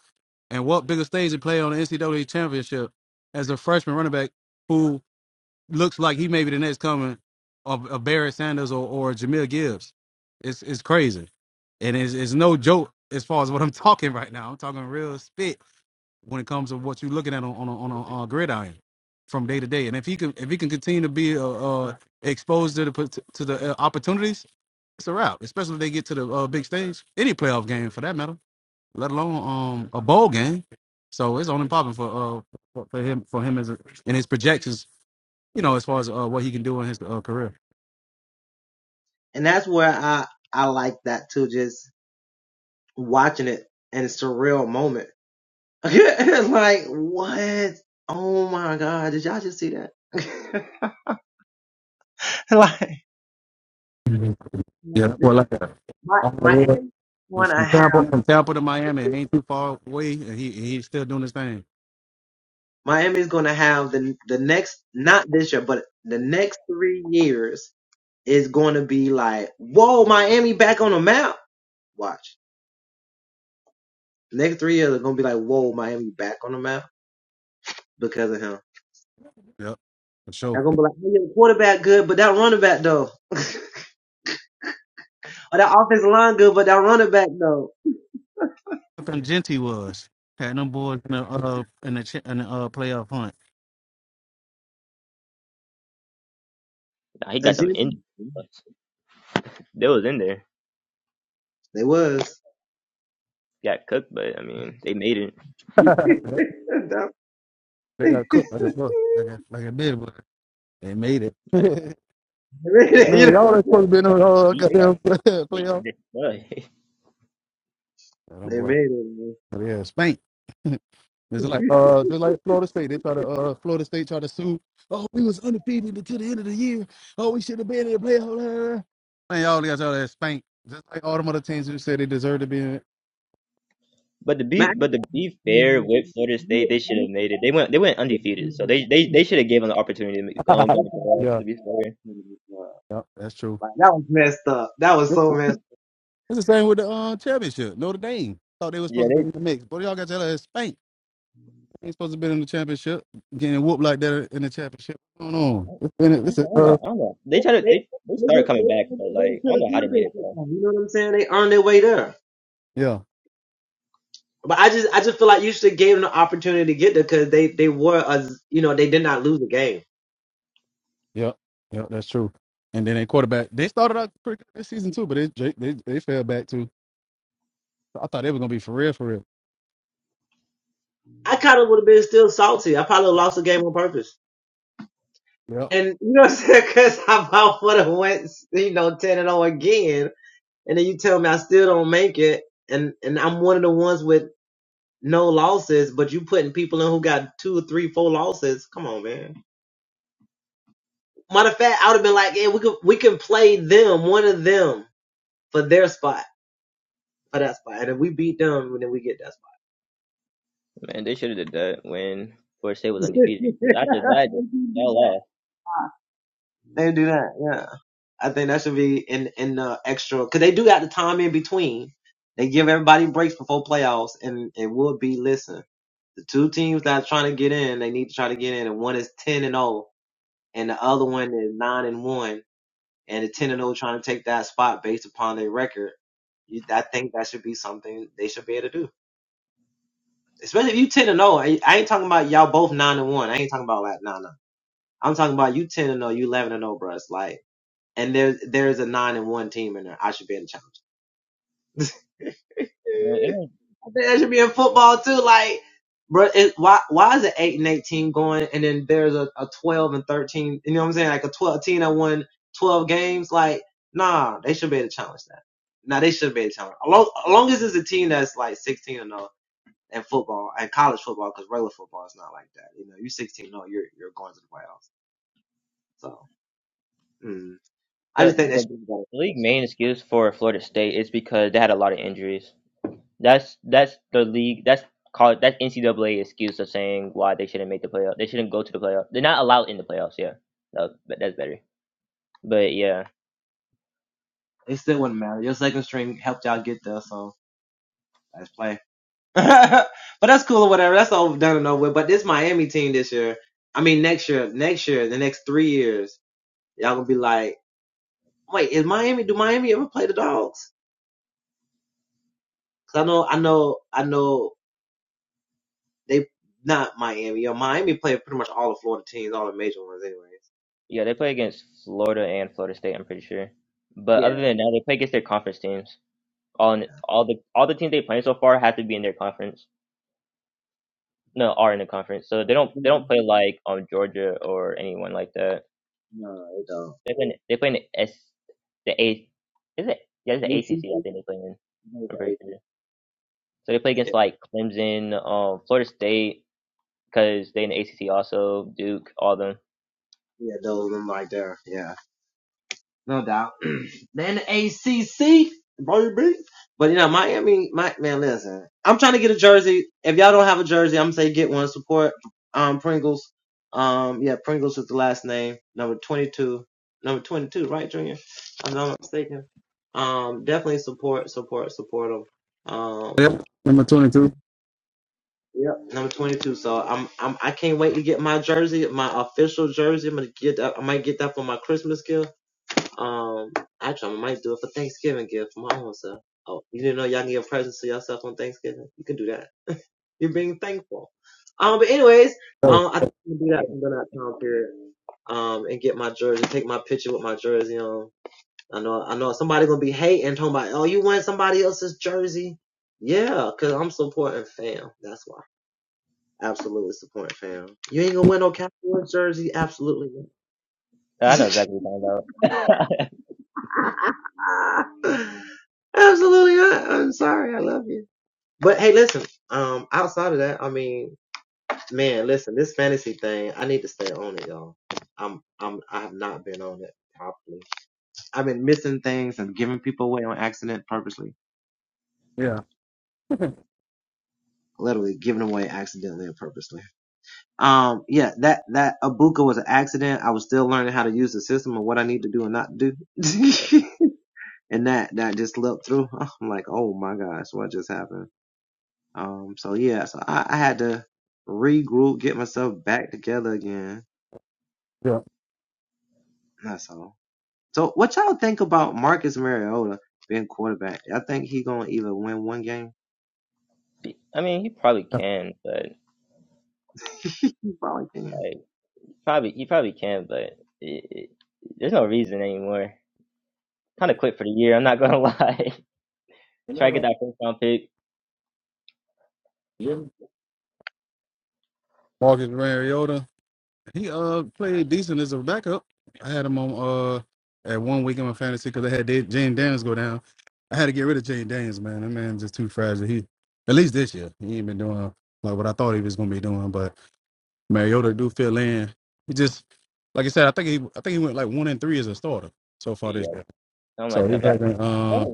[SPEAKER 1] And what bigger stage to play on the NCAA championship as a freshman running back who looks like he may be the next coming of, of Barry Sanders or, or Jamil Gibbs. It's it's crazy. And it's, it's no joke as far as what I'm talking right now. I'm talking real spit when it comes to what you're looking at on on a, on a, on a gridiron from day to day. And if he can if he can continue to be uh, uh, exposed to the pot- to the uh, opportunities, it's a wrap. Especially if they get to the uh, big stage, any playoff game for that matter, let alone um a bowl game. So it's only popping for uh for for him for him as a, and his projections you know, as far as uh, what he can do in his uh, career.
[SPEAKER 4] and that's where I I like that too. Just watching it in a surreal moment like what? Oh my god! Did y'all just see that? like,
[SPEAKER 1] Yeah, that's what I like that.
[SPEAKER 4] my
[SPEAKER 1] Oh, yeah.
[SPEAKER 4] Miami's
[SPEAKER 1] Well,
[SPEAKER 4] gonna
[SPEAKER 1] From
[SPEAKER 4] have
[SPEAKER 1] Tampa, from Tampa to Miami, it ain't too far away, and he he's still doing his thing.
[SPEAKER 4] Miami's gonna have the the next not this year, but the next three years is gonna be like whoa, Miami back on the map. Watch next three years are gonna be like whoa, Miami back on the map because of him.
[SPEAKER 1] Yep, for sure.
[SPEAKER 4] They're gonna be like, hey, your quarterback good, but that running back though, or that offensive line good, but that running back though.
[SPEAKER 1] I think Genty was had them boys in the uh in the chi- in the uh playoff hunt.
[SPEAKER 2] Nah, he
[SPEAKER 4] A
[SPEAKER 2] got them
[SPEAKER 4] genius.
[SPEAKER 2] in. They was in there.
[SPEAKER 4] They was.
[SPEAKER 2] Got cooked, but I mean they made it.
[SPEAKER 4] That
[SPEAKER 1] They got cooked like a bus- like a like a bid, but they made it.
[SPEAKER 2] Like
[SPEAKER 4] They
[SPEAKER 2] they
[SPEAKER 4] made
[SPEAKER 2] got
[SPEAKER 4] it. You
[SPEAKER 1] Man,
[SPEAKER 4] know
[SPEAKER 1] y'all
[SPEAKER 4] what I'm
[SPEAKER 1] ain't
[SPEAKER 2] they
[SPEAKER 4] saying?
[SPEAKER 2] got
[SPEAKER 1] supposed to be
[SPEAKER 2] they
[SPEAKER 1] in
[SPEAKER 2] got
[SPEAKER 1] the uh,
[SPEAKER 2] beat. They got
[SPEAKER 1] goddamn
[SPEAKER 2] straight
[SPEAKER 1] playoff.
[SPEAKER 2] destroyed.
[SPEAKER 1] Yeah, them
[SPEAKER 4] They made
[SPEAKER 1] boys,
[SPEAKER 4] it, man.
[SPEAKER 1] yeah, spanked. It's like uh, just like Florida State, they try to uh, Florida State try to sue. Oh, we was undefeated until the end of the year. Oh, we should have been in the playoffs. Man, y'all got y'all that spanked. Just like all them other teams who said they deserve to be in it.
[SPEAKER 2] But to be
[SPEAKER 4] Man, I-
[SPEAKER 2] but to be
[SPEAKER 4] man,
[SPEAKER 2] fair
[SPEAKER 4] you,
[SPEAKER 2] with Florida State,
[SPEAKER 4] you,
[SPEAKER 2] they should have
[SPEAKER 4] you-
[SPEAKER 2] made it. They went they went undefeated, so they they, they should have given the opportunity to make- um, going to playoffs.
[SPEAKER 1] Yeah,
[SPEAKER 2] To be fair,
[SPEAKER 1] yeah, that's true.
[SPEAKER 4] like, that was messed up. That was
[SPEAKER 1] It's
[SPEAKER 4] so messed
[SPEAKER 1] the same with the uh, championship. Notre Dame thought they were
[SPEAKER 2] yeah,
[SPEAKER 1] supposed to be
[SPEAKER 2] they.
[SPEAKER 1] in the mix, but y'all got y'all that spanked. They ain't supposed to be in the championship, getting whooped like that in the championship. What's going on? It's been a-
[SPEAKER 2] I
[SPEAKER 1] it's a,
[SPEAKER 2] don't
[SPEAKER 1] uh,
[SPEAKER 2] know. I don't know. They
[SPEAKER 4] up.
[SPEAKER 2] tried to
[SPEAKER 4] They,
[SPEAKER 2] they, they
[SPEAKER 4] they, they, they,
[SPEAKER 2] started coming back,
[SPEAKER 4] they,
[SPEAKER 2] but
[SPEAKER 4] they
[SPEAKER 2] like I
[SPEAKER 4] could
[SPEAKER 2] don't
[SPEAKER 4] have
[SPEAKER 2] know how they made it
[SPEAKER 4] championship
[SPEAKER 2] though.
[SPEAKER 4] though, You know what I'm saying? They earned their way there.
[SPEAKER 1] yeah,
[SPEAKER 4] But I just, I just feel like you should have gave them the opportunity to get there because they, they were, a, you know, they did not lose the game.
[SPEAKER 1] yeah, yeah, that's true. And then their quarterback, they started out pretty good this season too, but they they they, they fell back too. I thought it was gonna be for real, for real.
[SPEAKER 4] I kind of would have been still salty. I probably lost the game on purpose.
[SPEAKER 1] Yep.
[SPEAKER 4] And you know what I'm saying? Because I would have went, you know, 10 and 0 again and then you tell me I still don't make it, and and I'm one of the ones with no losses, but you putting people in who got two, three, four losses. Come on, man. Matter of fact, I would have been like, yeah, we could we can play them, one of them, for their spot, for that spot, and if we beat them, then we get that
[SPEAKER 2] Man, they should have did that when Florida State was undefeated. Cause
[SPEAKER 4] spot.
[SPEAKER 2] after that, it
[SPEAKER 4] They
[SPEAKER 2] just
[SPEAKER 4] do
[SPEAKER 2] fell
[SPEAKER 4] that.
[SPEAKER 2] off.
[SPEAKER 4] They do that, yeah. I think that should be in in the extra because they do got the time in between. They give everybody breaks before playoffs, and it will be listen. The two teams that's trying to get in, they need to try to get in, and one is ten and 0. and the other one is nine and one, and the ten and zero trying to take that spot based upon their record. You, I think that should be something they should be able to do, especially if you ten and zero. I, I ain't talking about y'all both nine and one. I ain't talking about like nah nah. I'm talking about you ten and zero, you eleven and zero, bro. It's like, and there's there's a nine and one team in there. I should be in the challenge.
[SPEAKER 2] You know,
[SPEAKER 4] that should be in football too. Like, bro, it, why why is it eight and eighteen going, and then there's a, a twelve and thirteen? You know what I'm saying? Like a twelve team that won twelve games. Like, nah, they should be able to challenge that. Nah, they should be able to challenge. As long, as long as it's a team that's like sixteen and no in football and college football, because regular football is not like that. You know, you sixteen and 0, you're you're going to the playoffs. So, mm, I just
[SPEAKER 2] the
[SPEAKER 4] think that should
[SPEAKER 2] the
[SPEAKER 4] be better.
[SPEAKER 2] league main excuse for Florida State is because they had a lot of injuries. That's that's the league. That's called that's NCAA excuse of saying why they shouldn't make the playoff. They shouldn't go to the playoff. They're not allowed in the playoffs. Yeah, no, but that's better. But yeah,
[SPEAKER 4] It still wouldn't matter. Your second string helped y'all get there, so let's play. but that's cool or whatever. That's all done and over with. But this Miami team this year, I mean next year, next year, the next three years, y'all gonna be like, wait, is Miami? Do Miami ever play the Dogs? Cause I know, I know, I know they not Miami. Yo, Miami play pretty much all the Florida teams, all the major ones, anyways.
[SPEAKER 2] yeah, they play against Florida and Florida State. I'm pretty sure. But other
[SPEAKER 4] Yeah.
[SPEAKER 2] than that, they play against their conference teams. All in, all the all the teams they play so far have to be in their conference. No, are in the conference. So they don't they
[SPEAKER 4] Mhm.
[SPEAKER 2] don't play like um Georgia or anyone like that.
[SPEAKER 4] No, they don't.
[SPEAKER 2] They play in, they play in the S the A is it yeah it's the ACC I
[SPEAKER 4] ACC?
[SPEAKER 2] think they play in.
[SPEAKER 4] No,
[SPEAKER 2] I'm pretty
[SPEAKER 4] the
[SPEAKER 2] sure.
[SPEAKER 4] ACC.
[SPEAKER 2] So they play
[SPEAKER 4] Yeah,
[SPEAKER 2] against like Clemson, um, Florida State, because they in the ACC also, Duke, all them.
[SPEAKER 4] yeah, those of them right there. Yeah. No doubt. Then the ACC, baby. But you know, Miami, my man, listen. I'm trying to get a jersey. If y'all don't have a jersey, I'm gonna say get one. Support um Pringles. Um, yeah, Pringles is the last name. Number 22, number 22, right, Junior? If I'm not mistaken. Um, definitely support, support, support them. Um,
[SPEAKER 1] Yep. Number 22.
[SPEAKER 4] yep, number 22. So I'm, I'm, I can't wait to get my jersey, my official jersey. I'm gonna get that. I might get that for my Christmas gift. Um, actually, I might do it for Thanksgiving gift for my own self. Oh, you didn't know y'all can give presents to yourself on Thanksgiving? You can do that. You're being thankful. Um, but anyways, um, I think I'm gonna
[SPEAKER 2] I
[SPEAKER 4] do
[SPEAKER 2] think-
[SPEAKER 4] that during that time period. Um, and get my jersey, take my picture with my jersey on. I know, I know somebody gonna be hating, talking about, oh, you want somebody else's jersey? Yeah, cause I'm supporting fam. That's why. Absolutely supporting fam. You ain't gonna win no Cowboys jersey. Absolutely
[SPEAKER 2] I know
[SPEAKER 4] not.
[SPEAKER 2] exactly what you're talking about.
[SPEAKER 4] Absolutely not. I'm sorry. I love you. But hey, listen. Um, outside of that, I mean, man, listen. This fantasy thing, I need to stay on it, y'all. I'm, I'm, I have not been on it properly. I've been missing things and giving people away on accident, purposely.
[SPEAKER 1] Yeah.
[SPEAKER 4] Literally giving away accidentally and purposely. Um, yeah, that that Abuka was an accident. I was still learning how to use the system and what I need to do and not do. and that that just looked through. I'm like, oh my gosh, what just happened? Um, so yeah, so I, I had to regroup, get myself back together again.
[SPEAKER 1] Yeah.
[SPEAKER 4] That's all. So what y'all think about Marcus Mariota being quarterback? I think he gonna either win one game.
[SPEAKER 2] I mean, he probably can, but
[SPEAKER 4] He probably can.
[SPEAKER 2] like probably he probably can, but it, it, there's no reason anymore. Kind of quit for the year. I'm not gonna lie.
[SPEAKER 1] You
[SPEAKER 2] Try
[SPEAKER 1] know
[SPEAKER 2] to get
[SPEAKER 1] what?
[SPEAKER 2] that first round pick,
[SPEAKER 1] Yeah. Marcus Mariota. He uh played decent as a backup. I had him on uh at one week in my fantasy because I had Da- Jane Daniels go down. I had to get rid of Jane Daniels, man. That man's just too fragile. He at least this year he ain't been doing like what I thought he was gonna be doing. But Mariota do fill in. He just like I said, I think he I think he went like one and three as a starter so far this
[SPEAKER 2] yeah,
[SPEAKER 1] year.
[SPEAKER 2] something
[SPEAKER 1] So
[SPEAKER 2] like
[SPEAKER 1] he
[SPEAKER 2] that. But
[SPEAKER 1] hasn't
[SPEAKER 2] I think
[SPEAKER 1] uh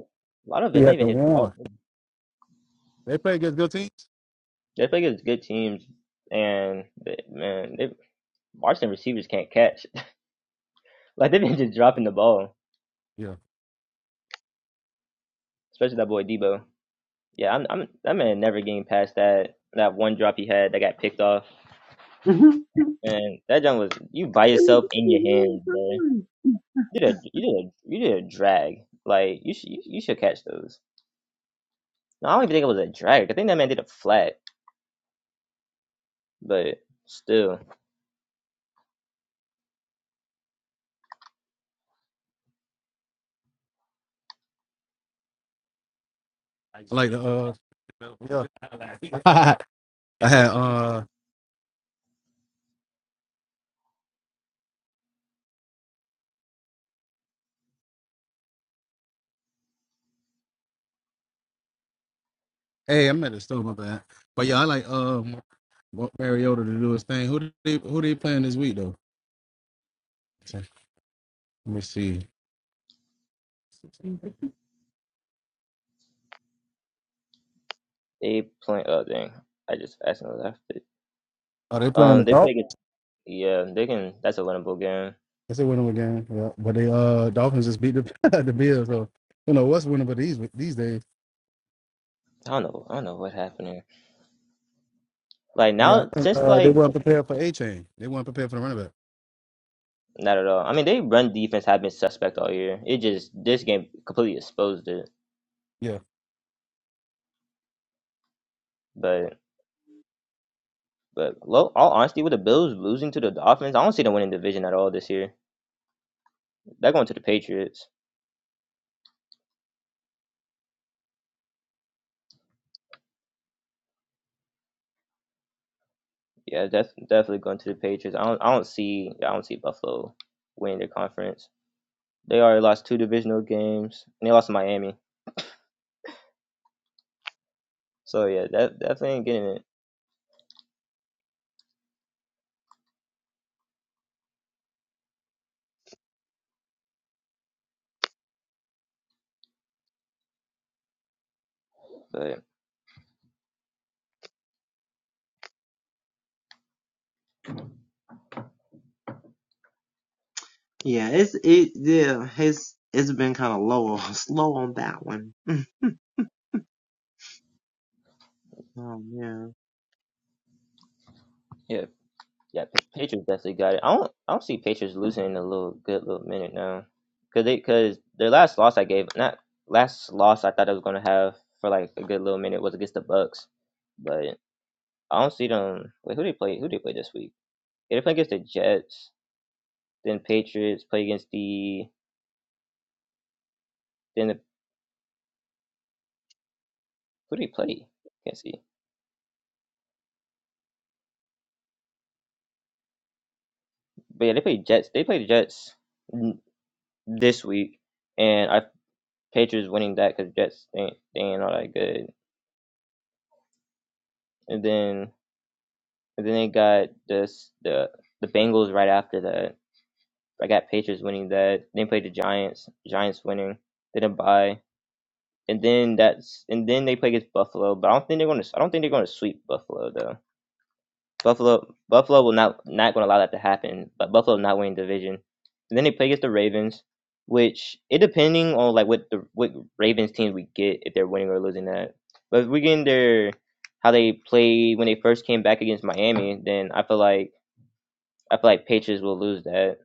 [SPEAKER 2] a lot of
[SPEAKER 1] he
[SPEAKER 2] it's not
[SPEAKER 1] hasn't
[SPEAKER 2] even his
[SPEAKER 1] won.
[SPEAKER 2] fault.
[SPEAKER 1] They play against good teams.
[SPEAKER 2] They play against good teams, and they, man, they, Washington receivers can't catch. Like they've been just dropping the ball.
[SPEAKER 1] Yeah,
[SPEAKER 2] especially that boy Debo. Yeah, I'm, I'm that man never getting past that that one drop he had that got picked off, and that jump was you by yourself in your hands, man. You did a you did a you did a drag. Like you should you, you should catch those. No, I don't even think it was a drag. I think that man did a flat, but still
[SPEAKER 1] like the uh, yeah. I had uh, hey, I'm at the store, my bad. But yeah, I like uh, want Mariota to do his thing. Who do they who they playing this week though? Let me see.
[SPEAKER 2] they play. Oh dang, I just accidentally left it.
[SPEAKER 1] Are they playing the
[SPEAKER 2] Um, they
[SPEAKER 1] Dolphins?
[SPEAKER 2] play against yeah, they can. That's a winnable game.
[SPEAKER 1] It's a winnable game. Yeah, but they uh Dolphins just beat the the Bills. So you know what's winnable these these days.
[SPEAKER 2] I don't know. I don't know what happened here. Like
[SPEAKER 1] Yeah, I
[SPEAKER 2] now,
[SPEAKER 1] think
[SPEAKER 2] since
[SPEAKER 1] uh, they
[SPEAKER 2] like
[SPEAKER 1] weren't prepared for a chain. They weren't prepared for the running back.
[SPEAKER 2] Not at all. I mean, they run defense have been suspect all year. It just this game completely exposed it.
[SPEAKER 1] Yeah,
[SPEAKER 2] But but low, all honesty, with the Bills losing to the Dolphins, I don't see them winning division at all this year. They're going to the Patriots. Yeah, that's definitely going to the Patriots. I don't I don't see I don't see Buffalo winning their conference. They already lost two divisional games and they lost to Miami. So yeah, that definitely ain't getting it. But
[SPEAKER 4] yeah, it's it yeah, his it's been kind of low, slow on that one. oh man,
[SPEAKER 2] yeah, Yeah, Pa- Patriots definitely got it. I don't, I don't see Patriots losing in a little good little minute now, cause they, cause their last loss I gave, not last loss I thought I was gonna have for like a good little minute was against the Bucks, but I don't see them. Wait, who they play? Who they play this week? Yeah, they play against the Jets, then Patriots play against the, then the, who do they play? Can't see. But yeah, they play Jets. They play the Jets n- this week, and I Patriots winning that because Jets they, they ain't all that good, and then. And then they got this the the Bengals right after that. I got Patriots winning that. Then played the Giants. Giants winning. Then a bye. And then that's and then they play against Buffalo. But I don't think they're gonna I don't think they're gonna sweep Buffalo though. Buffalo Buffalo will not not gonna allow that to happen. But Buffalo not winning the division. And then they play against the Ravens, which it depending on like what the what Ravens team we get if they're winning or losing that. But if we get in their how they played when they first came back against Miami, then I feel like I feel like Patriots will lose that.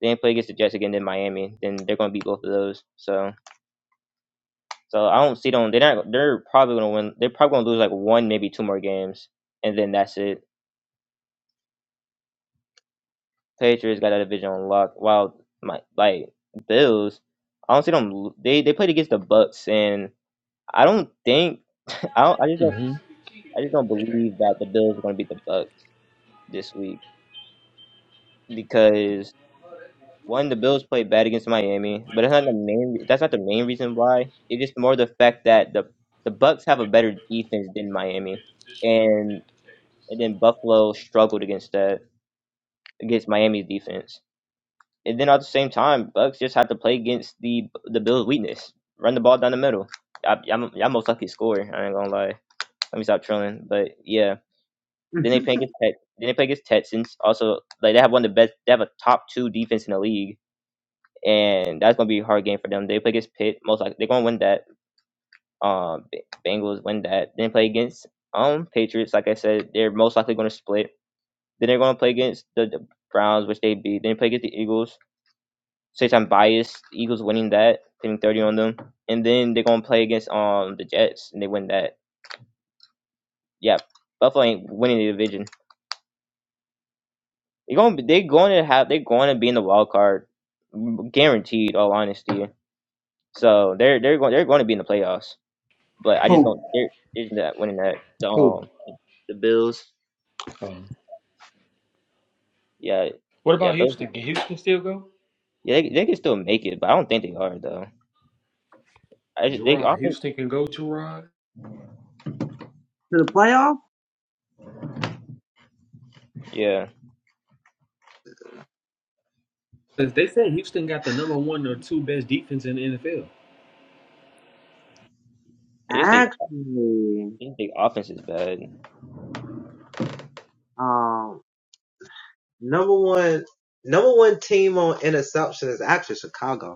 [SPEAKER 2] They didn't play against the Jets again, in Miami, then they're gonna beat both of those. So, so I don't see them. They're not. They're probably gonna win. They're probably gonna lose like one, maybe two more games, and then that's it. Patriots got a division on lock. While my like Bills, I don't see them. They they played against the Bucks, and I don't think I don't. I just don't.
[SPEAKER 5] hmm
[SPEAKER 2] I just don't believe that the Bills are gonna beat the Bucks this week because One, the Bills played bad against Miami, but that's not the main. That's not the main reason why. It's just more the fact that the the Bucks have a better defense than Miami, and and then Buffalo struggled against that against Miami's defense. And then at the same time, Bucks just had to play against the the Bills' weakness, run the ball down the middle. I, I'm I'm most lucky score. I ain't gonna lie. Let me stop trolling. But yeah, then they
[SPEAKER 4] to
[SPEAKER 2] play against Tex. Then they play against Texans. Also, like they have one of the best. They have a top two defense in the league and that's gonna be a hard game for them. They play against Pitt, most likely they're gonna win that. Um, B- Bengals win that. Then play against um Patriots, like I said, they're most likely gonna split. Then they're gonna play against the, the Browns, which they beat. Then play against the Eagles. Since I'm biased, Eagles winning that, putting thirty on them, and then they're gonna play against um the Jets, and they win that. Yeah, Buffalo ain't winning the division. They're gonna be- they're going to have they're going to be in the wild card, guaranteed. All honesty, so they're they're going they're going to be in the playoffs. but I just
[SPEAKER 5] Who?
[SPEAKER 2] don't. They're, they winning that. The,
[SPEAKER 5] Who?
[SPEAKER 2] um, the Bills,
[SPEAKER 5] Um,
[SPEAKER 2] yeah,
[SPEAKER 5] what
[SPEAKER 2] yeah,
[SPEAKER 5] about
[SPEAKER 2] those,
[SPEAKER 5] Houston? Can Houston still go?
[SPEAKER 2] yeah, they, they can still make it, but I don't think they are though. I just, they
[SPEAKER 5] Gerard,
[SPEAKER 2] offense,
[SPEAKER 5] Houston can go. Gerard.
[SPEAKER 4] the playoff
[SPEAKER 2] yeah,
[SPEAKER 5] 'Cause They said Houston got the number one or two best defense in the NFL.
[SPEAKER 2] it just they,
[SPEAKER 4] actually,
[SPEAKER 2] just they offense is bad.
[SPEAKER 4] um, number one, number one team on interception is actually Chicago.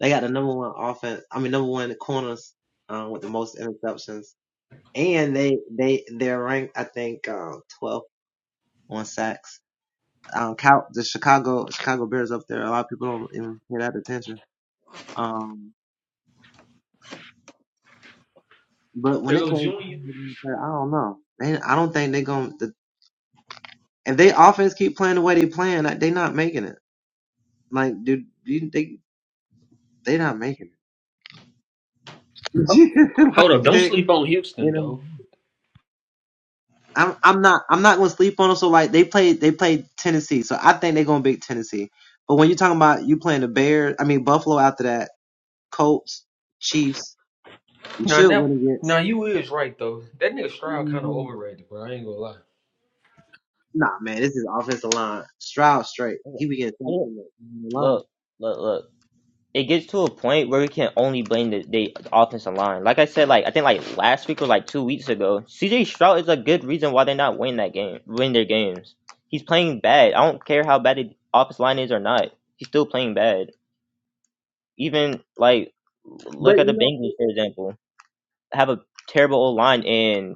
[SPEAKER 4] They got the number one offense. I mean, number one corners um, with the most interceptions, and they they they're ranked I think um, 12 on sacks. Um, Cal, the Chicago Chicago Bears up there. A lot of people don't even pay that attention. Um, but when it came, to I don't know. They, I don't think they're going. to if they offense keep playing the way they playing, like, they not making it. Like, dude, you, they they not making it.
[SPEAKER 5] Hold up,
[SPEAKER 4] like
[SPEAKER 5] don't
[SPEAKER 4] they,
[SPEAKER 5] sleep on
[SPEAKER 4] you
[SPEAKER 5] Houston
[SPEAKER 4] know.
[SPEAKER 5] though.
[SPEAKER 4] I'm I'm not I'm not gonna sleep on them. So like they played they played Tennessee, so I think they're gonna beat Tennessee. But when you're talking about you playing the Bears, I mean Buffalo after that, Colts, Chiefs, you
[SPEAKER 5] Now,
[SPEAKER 4] should
[SPEAKER 5] now,
[SPEAKER 4] win
[SPEAKER 5] now
[SPEAKER 4] against.
[SPEAKER 5] you is right though. That nigga Stroud kind of
[SPEAKER 4] Mhm.
[SPEAKER 5] overrated, bro. I ain't gonna lie.
[SPEAKER 4] Nah, man, this is offensive line. Stroud straight, he be getting sacked
[SPEAKER 2] Look,
[SPEAKER 4] in the from the line.
[SPEAKER 2] look, look, look. It gets to a point where we can only blame the, the offensive line. Like I said, like I think like last week or like two weeks ago, CJ Stroud is a good reason why they're not winning that game, winning their games. He's playing bad. I don't care how bad the offensive line is or not. He's still playing bad. Even like
[SPEAKER 4] But
[SPEAKER 2] look at
[SPEAKER 4] you
[SPEAKER 2] the
[SPEAKER 4] know,
[SPEAKER 2] Bengals for example. Have a terrible old line and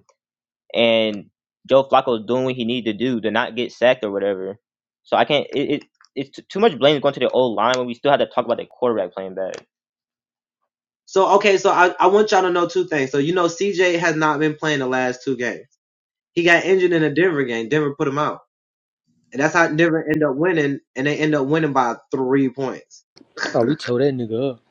[SPEAKER 2] and Joe Flacco is doing what he needed to do to not get sacked or whatever. So I can't. It, it it's t- too much blame going to the old line when we still had to talk about the quarterback playing bad.
[SPEAKER 4] so okay, so I I want y'all to know two things. So you know, CJ has not been playing the last two games. He got injured in a Denver game. Denver put him out, and that's how Denver end up winning, and they end up winning by three points.
[SPEAKER 5] Oh, we tore that nigga up.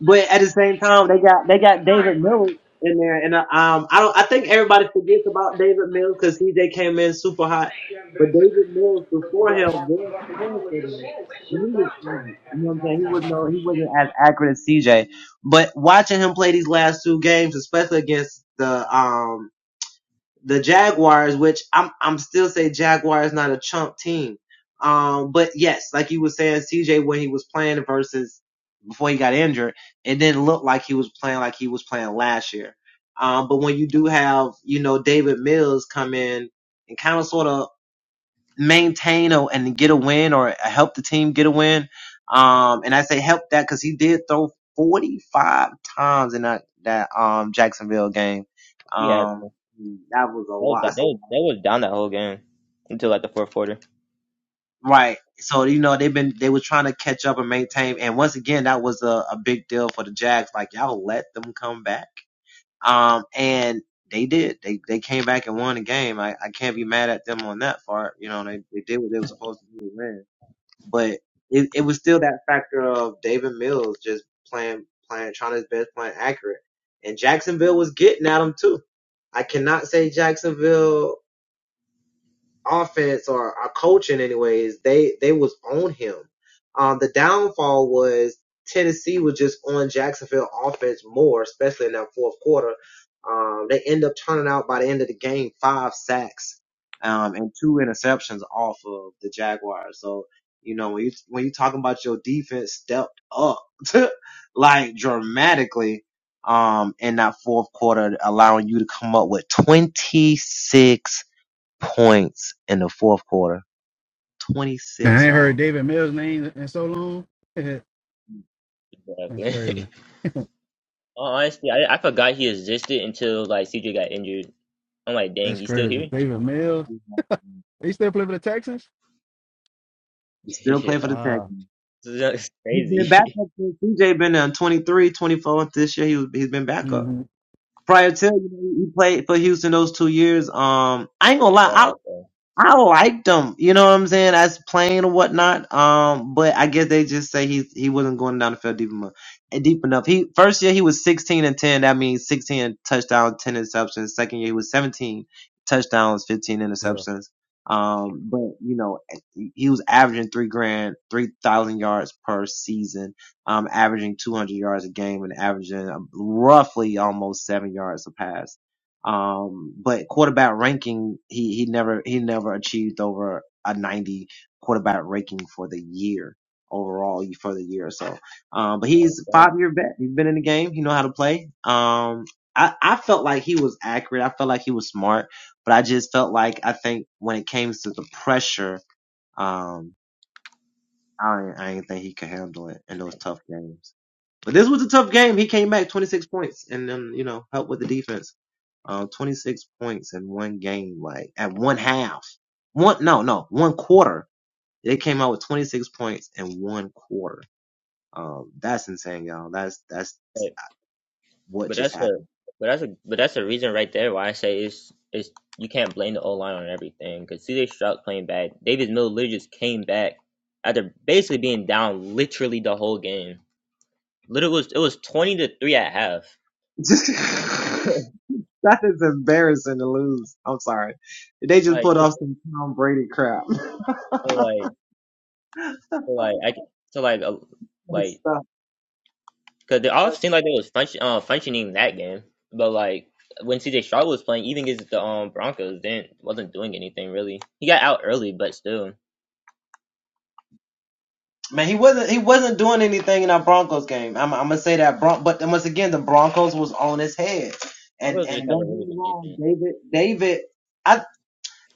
[SPEAKER 4] But at the same time, they got they got David Mills in there, and uh, um, I don't. I think everybody forgets about David Mills because CJ came in super hot. But David Mills before him was playing for them, and he was, average, you know what I'm saying. He wasn't no, he wasn't as accurate as CJ. But watching him play these last two games, especially against the um the Jaguars, which I'm I'm still say Jaguars not a chump team. Um, but yes, like you were saying, CJ when he was playing versus before he got injured, it didn't look like he was playing like he was playing last year. Um, but when you do have, you know, David Mills come in and kind of sort of maintain or, and get a win or help the team get a win, um, and I say help that because he did throw 45 times in that, that, um, Jacksonville game.
[SPEAKER 2] Yeah, that
[SPEAKER 4] Um, that was a
[SPEAKER 2] was,
[SPEAKER 4] lot.
[SPEAKER 2] that,
[SPEAKER 4] That's a
[SPEAKER 2] was,
[SPEAKER 4] lot.
[SPEAKER 2] that was down that whole game until like the fourth quarter.
[SPEAKER 4] Right. So, you know, they've been, they were trying to catch up and maintain. And once again, that was a, a big deal for the Jags. Like, y'all let them come back. Um, and they did. They they came back and won the game. I, I can't be mad at them on that part. You know, they, they did what they were supposed to do to win. But it, it was still that factor of David Mills just playing playing trying his best, playing accurate. And Jacksonville was getting at him too. I cannot say Jacksonville offense or our coaching anyways, they they was on him. Um the downfall was Tennessee was just on Jacksonville offense more, especially in that fourth quarter. Um they end up turning out by the end of the game five sacks um and two interceptions off of the Jaguars. So, you know, when you when you talking about your defense stepped up like dramatically um in that fourth quarter allowing you to come up with 26 points in the fourth quarter.
[SPEAKER 1] Man, I
[SPEAKER 4] 26,
[SPEAKER 1] ain't heard
[SPEAKER 4] y'all.
[SPEAKER 1] David Mills' name in so long. That's crazy.
[SPEAKER 2] Exactly. Honestly, I I forgot he existed until like CJ got injured. I'm like, dang,
[SPEAKER 1] That's
[SPEAKER 2] he's still
[SPEAKER 1] crazy.
[SPEAKER 2] here.
[SPEAKER 1] David Mills.
[SPEAKER 4] He
[SPEAKER 1] He still play for the Texans?
[SPEAKER 4] still play
[SPEAKER 2] yeah,
[SPEAKER 4] for the Texans.
[SPEAKER 1] Wow.
[SPEAKER 2] it's
[SPEAKER 4] He's
[SPEAKER 2] crazy.
[SPEAKER 4] been backup since CJ been there in 23, 24 this year. He was, he's been backup.
[SPEAKER 1] hmm
[SPEAKER 4] Prior to you know, he played for Houston those two years. Um, I ain't gonna
[SPEAKER 2] like, yeah,
[SPEAKER 4] lie.
[SPEAKER 2] okay.
[SPEAKER 4] I liked him, you know what I'm saying, as playing or whatnot. Um, but I guess they just say he he wasn't going down the field deep enough. eh, Deep enough. He first year he was 16 and 10. That means 16 touchdowns, 10 interceptions. Second year he was 17 touchdowns, 15
[SPEAKER 1] Yeah.
[SPEAKER 4] interceptions. Um, but you know eh, he he was averaging three grand, three thousand yards per season. Um, averaging 200 yards a game and averaging um, roughly almost seven yards a pass. Um, but quarterback ranking, he, he never, he never achieved over a 90 quarterback ranking for the year overall for the year or so. Um, but
[SPEAKER 2] No,
[SPEAKER 4] he's a five
[SPEAKER 2] thank-
[SPEAKER 4] year vet. He's been in the game. He know how to play. Um, I, I felt like he was accurate. I felt like he was smart, but I just felt like I think when it came to the pressure, um, I, I didn't think he could handle it in those tough games. This was a tough game. He came back 26 points and then, you know, helped with the defense. Um, 26 points in one game, like at one half. One, no, no, one quarter. They came out with 26 points in one quarter. Um, that's insane, y'all. That's, that's what
[SPEAKER 2] But
[SPEAKER 4] just
[SPEAKER 2] that's a
[SPEAKER 4] happened.
[SPEAKER 2] but that's a but that's the reason right there why I say it's it's you can't blame the O line on everything because CJ Stroud playing bad. Davis Miller literally just came back after basically being down literally the whole game. Literally was it was twenty to three at half.
[SPEAKER 4] that is embarrassing to lose. I'm sorry. They just
[SPEAKER 2] like
[SPEAKER 4] put
[SPEAKER 2] it,
[SPEAKER 4] off some Tom Brady crap.
[SPEAKER 2] so like so like I c- so like uh,
[SPEAKER 4] That's
[SPEAKER 2] like
[SPEAKER 4] so
[SPEAKER 2] because they all seemed like they was function, uh, functioning that game, but like when CJ Stroud was playing, even against the um Broncos, didn't wasn't doing anything really. He got out early, but still,
[SPEAKER 4] Man, he wasn't he wasn't doing anything in that Broncos game. I'm, I'm gonna say that, Bron- but once again, the Broncos was on his head. And
[SPEAKER 2] Broncos just
[SPEAKER 4] and
[SPEAKER 2] have a
[SPEAKER 4] don't get
[SPEAKER 2] really
[SPEAKER 4] me
[SPEAKER 2] good
[SPEAKER 4] wrong,
[SPEAKER 2] defense.
[SPEAKER 4] David. David, I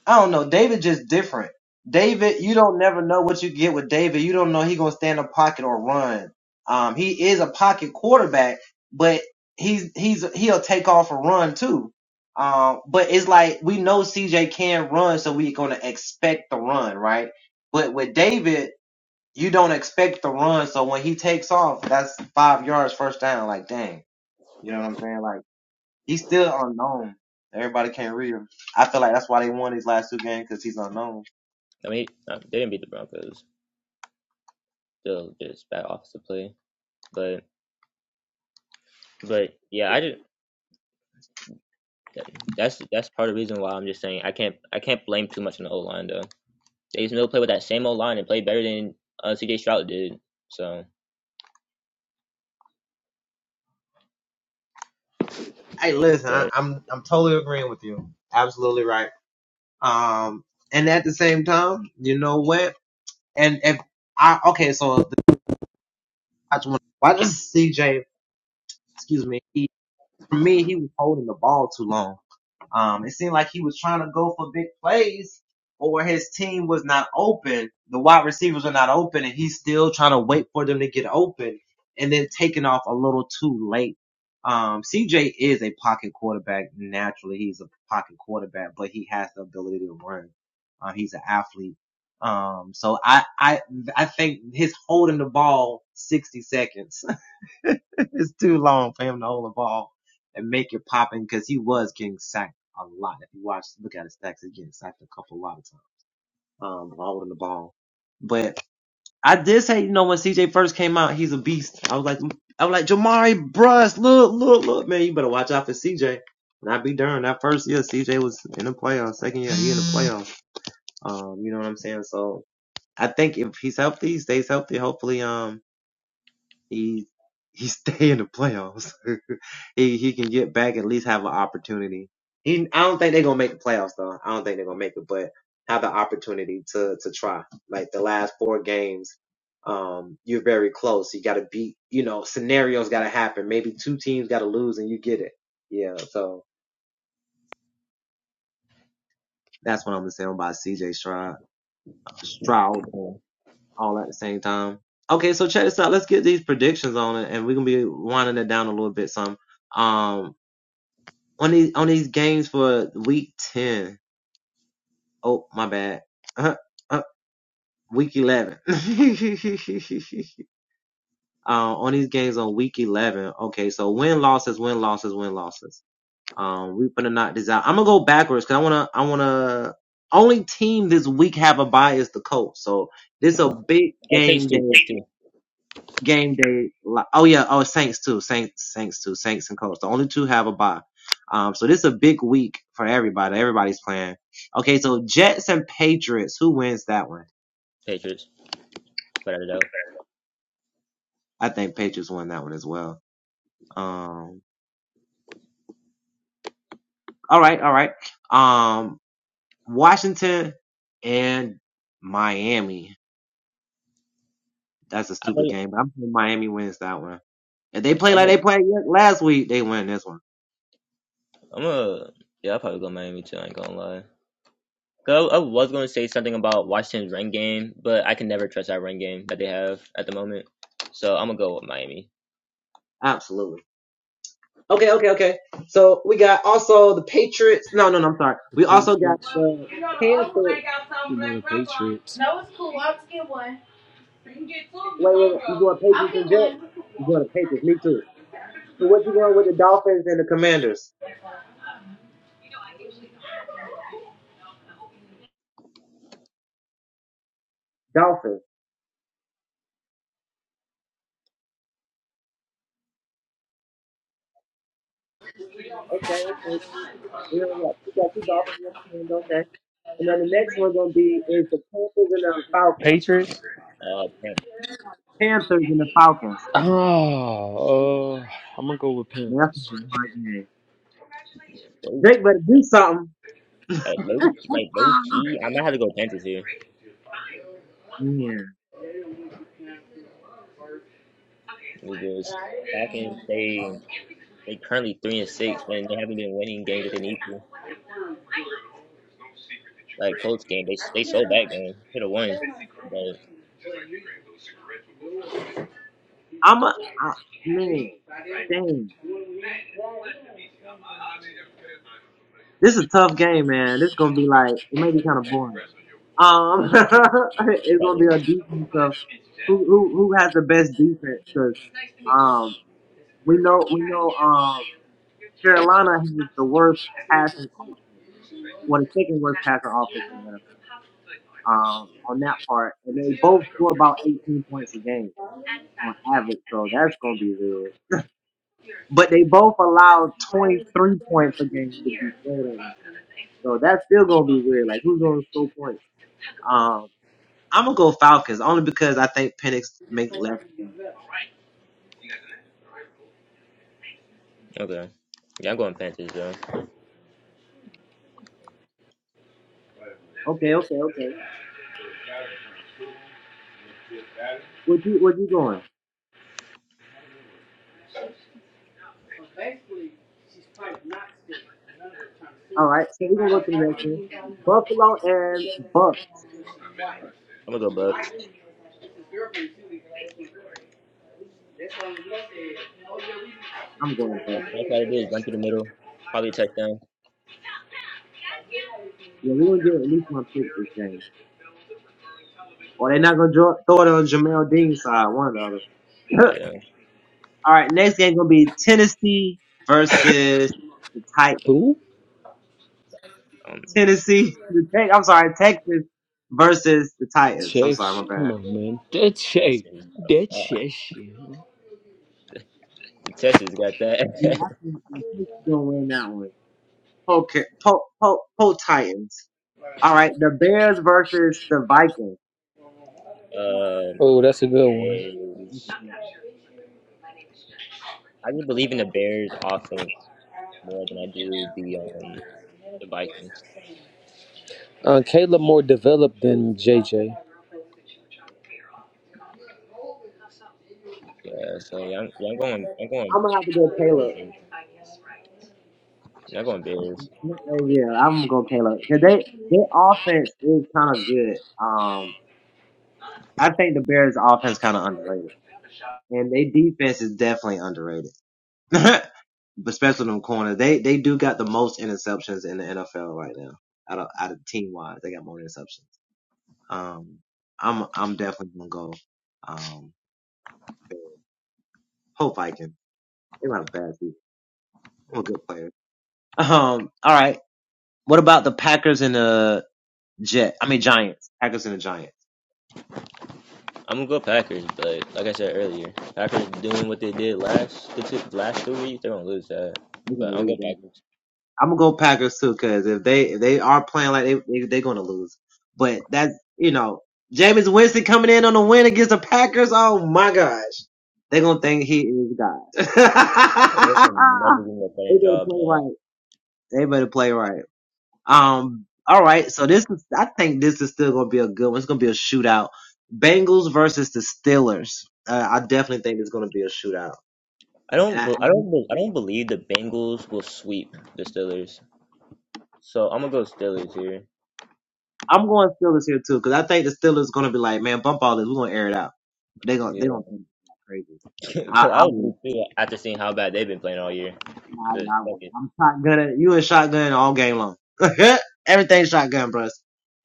[SPEAKER 4] I don't know. David just different. David, you don't never know what you get with David. You don't know he gonna stand in the pocket or run. Um, he is a pocket quarterback, but he's he's he'll take off a run too. Um, but it's like we know CJ can run, so we gonna expect the run, right? But with David you don't expect the run. So when he takes off, that's five yards first down. Like, dang, you know what I'm saying? Like, he's still unknown. Everybody can't read him. I feel like that's why they won these last two games because he's unknown.
[SPEAKER 2] I mean, uh, they didn't beat the Broncos. Still, just bad offensive play. But, but yeah, I just that's that's part of the reason why I'm just saying I can't I can't blame too much on the O line though. They still play with that same O line and play better than uh, C.J. Stroud did. So,
[SPEAKER 4] Hey, listen, I,
[SPEAKER 2] but
[SPEAKER 4] I'm I'm totally agreeing with you. Absolutely right. Um, and at the same time, you know what? And if I okay, so the, I just want- why does CJ? Excuse me. He, for me, he was holding the ball too long. Um, it seemed like he was trying to go for big plays, or his team was not open, the wide receivers were not open, and he's still trying to wait for them to get open and then taking off a little too late. Um, CJ is a pocket quarterback. Naturally, he's a pocket quarterback, but he has the ability to run. Uh, he's an athlete. Um, so I, I, I think his holding the ball 60 seconds it's too long for him to hold the ball and make it popping because he was getting sacked a lot. If you watch, look at his stats, he's getting sacked a couple a lot of times, um, while holding the ball. But I did say, you know, when CJ first came out, he's a beast. I was like, I was like, Jamari Bruss, look, look, look, man, you better watch out for CJ. And I be darned, that first year CJ was in the playoffs. Second year, he in the playoffs. Um, you know what I'm saying? So I think if he's healthy, stays healthy, hopefully, um, he he stay in the playoffs. he he can get back at least have an opportunity. He I don't think they're gonna make the playoffs though. I don't think they're gonna make it, but have the opportunity to to try. Like the last four games, um, you're very close. You gotta beat. You know, scenarios gotta happen. Maybe two teams gotta lose and you get it. Yeah. So that's what I'm gonna say about CJ Stroud. Stroud
[SPEAKER 2] yeah. oh,
[SPEAKER 4] all at the same time. Okay, so check this out. Let's get these predictions on it, and we're gonna be winding it down a little bit. Some. Um, on these on these games for week ten. Oh my bad. Uh, uh, week eleven. uh, on these games on week eleven. Okay, so win losses, win losses, win losses. Um, we gonna knock this out. I'm gonna go backwards because I wanna I wanna only team this week have a bye is the Colts. So this a big
[SPEAKER 2] takes
[SPEAKER 4] game
[SPEAKER 2] two,
[SPEAKER 4] day.
[SPEAKER 2] takes two,
[SPEAKER 4] game day. Oh yeah, oh Saints too, Saints, Saints too, Saints and Colts. The only two have a bye. Um, so this is a big week for everybody. Everybody's playing. Okay, so Jets and Patriots. Who wins that one?
[SPEAKER 2] Patriots without a doubt.
[SPEAKER 4] I think Patriots won that one as well. Um, all right, all right. Um, Washington and Miami. That's a
[SPEAKER 2] I
[SPEAKER 4] stupid
[SPEAKER 2] think
[SPEAKER 4] game, but I'm saying Miami wins that one. If they play
[SPEAKER 2] I'm
[SPEAKER 4] like they
[SPEAKER 2] a,
[SPEAKER 4] played last week, they win this one.
[SPEAKER 2] I'm a yeah, I'll probably go Miami too. I ain't gonna lie. 'Cause I, I was gonna say something about Washington's run game, but I can never trust that run game that they have at the moment. So I'm gonna go with Miami.
[SPEAKER 4] Absolutely. Okay, okay, okay. So we got also the Patriots. No, no, no, I'm sorry.
[SPEAKER 5] The
[SPEAKER 4] We also got
[SPEAKER 5] Patriots.
[SPEAKER 4] the Panthers.
[SPEAKER 5] You know the Patriots. No, it's cool. I'll just get one.
[SPEAKER 4] Wait, wait, wait. You going Patriots and Jets? You going to Patriots? Me too. So what you going with the Dolphins and the Commanders? Dolphins. Okay, okay. cool. We do got we got two Dolphins and the Commanders. Okay. And then the next one gonna be is the Panthers and the Falcons.
[SPEAKER 5] Patriots?
[SPEAKER 2] Uh, Pan-
[SPEAKER 4] Panthers and the Falcons.
[SPEAKER 5] Oh, uh, I'm gonna go with
[SPEAKER 4] Yeah, that's a
[SPEAKER 5] Panthers.
[SPEAKER 4] hard game.
[SPEAKER 2] low,
[SPEAKER 4] Jake better do something.
[SPEAKER 2] like low, like low key. I might have to go Panthers here
[SPEAKER 4] Man,
[SPEAKER 2] because Falcons they they currently three and six and they haven't been winning games that they need to. Like Colts game, they they sold back game, hit a one, but
[SPEAKER 4] I'm a I, man. Dang. This is a tough game, man. This is gonna be like it may be kind of boring. Um,
[SPEAKER 2] they
[SPEAKER 4] it's
[SPEAKER 2] got
[SPEAKER 4] gonna be a
[SPEAKER 2] lose.
[SPEAKER 4] defense of who who who has the best defense because um we know we know um Carolina has the worst passing offense, well the second worst passing offense in the NFL. Um, on that part, and they both score about 18 points a game on average, so that's gonna be weird. But they both allow 23 points a game to be scored on, so that's still gonna be weird. Like who's gonna score points? Um. I'm gonna go Falcons only because I think Penix make less. than-
[SPEAKER 2] Okay, yeah, I'm going Panthers though.
[SPEAKER 4] Okay, okay, okay. Where you where you going? All right, so we're gonna go to the next one. Buffalo and Bucks.
[SPEAKER 2] I'm gonna go Bucks.
[SPEAKER 4] I'm going
[SPEAKER 2] Uh,
[SPEAKER 4] Bucks.
[SPEAKER 2] best way to do is run through the middle, probably a touchdown.
[SPEAKER 4] Yeah, we're gonna get at least one pick this game, or they're not gonna draw, throw it on Jamel Dean's side. One or the other.
[SPEAKER 2] Yeah,
[SPEAKER 4] All right, next game gonna be Tennessee versus the Titans.
[SPEAKER 5] Who?
[SPEAKER 2] um,
[SPEAKER 4] Tennessee, the Tex- I'm sorry, Texas versus the Titans. I'm sorry, my
[SPEAKER 5] Chase, come
[SPEAKER 4] bad.
[SPEAKER 5] on, man. That
[SPEAKER 2] that's
[SPEAKER 5] Chase, that
[SPEAKER 2] it.
[SPEAKER 5] Chase shit.
[SPEAKER 2] Texas got that.
[SPEAKER 4] Yeah, I think the Texans gonna win that one. Poke, poke, poke, poke Titans. All right, the Bears versus the Vikings.
[SPEAKER 2] um,
[SPEAKER 5] Oh, that's a good one.
[SPEAKER 2] is
[SPEAKER 4] I'm
[SPEAKER 2] I just believe in the Bears offense more than I do the um the Vikings.
[SPEAKER 5] Uh, Caleb more developed than JJ.
[SPEAKER 2] Yeah, so yeah, I'm, yeah, I'm going, I'm going,
[SPEAKER 4] gonna have to go
[SPEAKER 2] I'm going
[SPEAKER 4] Caleb.
[SPEAKER 2] Bears. Yeah, I'm going Bears.
[SPEAKER 4] Yeah, I'm gonna go Caleb. 'Cause they their offense is kind of good. Um, I think the Bears' offense kind of underrated, and their defense is definitely underrated, especially them corners. They they do got the most interceptions in the NFL right now. Out of out of team wise, they got more interceptions. Um, I'm I'm definitely gonna go um Bears. Hope Vikings. They might have a bad season. I'm a good player. Um, all right. What about the Packers and the Jet? I mean Giants. Packers and the Giants.
[SPEAKER 2] I'm gonna go Packers, but like I said earlier, Packers doing what they did last the two, last two weeks, they're gonna lose that.
[SPEAKER 4] They're gonna
[SPEAKER 2] But I'm
[SPEAKER 4] lose.
[SPEAKER 2] going
[SPEAKER 4] aren't they?
[SPEAKER 2] Packers.
[SPEAKER 4] I'm gonna go Packers too, cause if they if they are playing like they, they they're gonna lose. But that's you know Jameis Winston coming in on a win against the Packers. Oh my gosh, they're gonna think he is God. they
[SPEAKER 2] Russell Wilson never doing a better
[SPEAKER 4] better
[SPEAKER 2] job,
[SPEAKER 4] play
[SPEAKER 2] dog.
[SPEAKER 4] right. They better play right. Um. All right. So this is. I think this is still gonna be a good one. It's gonna be a shootout. Bengals versus the Steelers. Uh, I definitely think it's gonna be a shootout.
[SPEAKER 2] I
[SPEAKER 4] And
[SPEAKER 2] don't,
[SPEAKER 4] I,
[SPEAKER 2] be- I don't, be- I don't believe the Bengals will sweep the Steelers. So I'm gonna go Steelers here.
[SPEAKER 4] I'm going Steelers here too, because I think the Steelers going to be like, man, bump all this. We're going to air it out. they going to
[SPEAKER 2] Yeah.
[SPEAKER 4] they gonna think it's not crazy. I,
[SPEAKER 2] Because I
[SPEAKER 4] I
[SPEAKER 2] would
[SPEAKER 4] will.
[SPEAKER 2] do too after seeing how bad they've been playing all year.
[SPEAKER 4] Nah, I,
[SPEAKER 2] The
[SPEAKER 4] I will.
[SPEAKER 2] second,
[SPEAKER 4] I'm shotgunning. You and shotgun all game long. Everything shotgun, bros.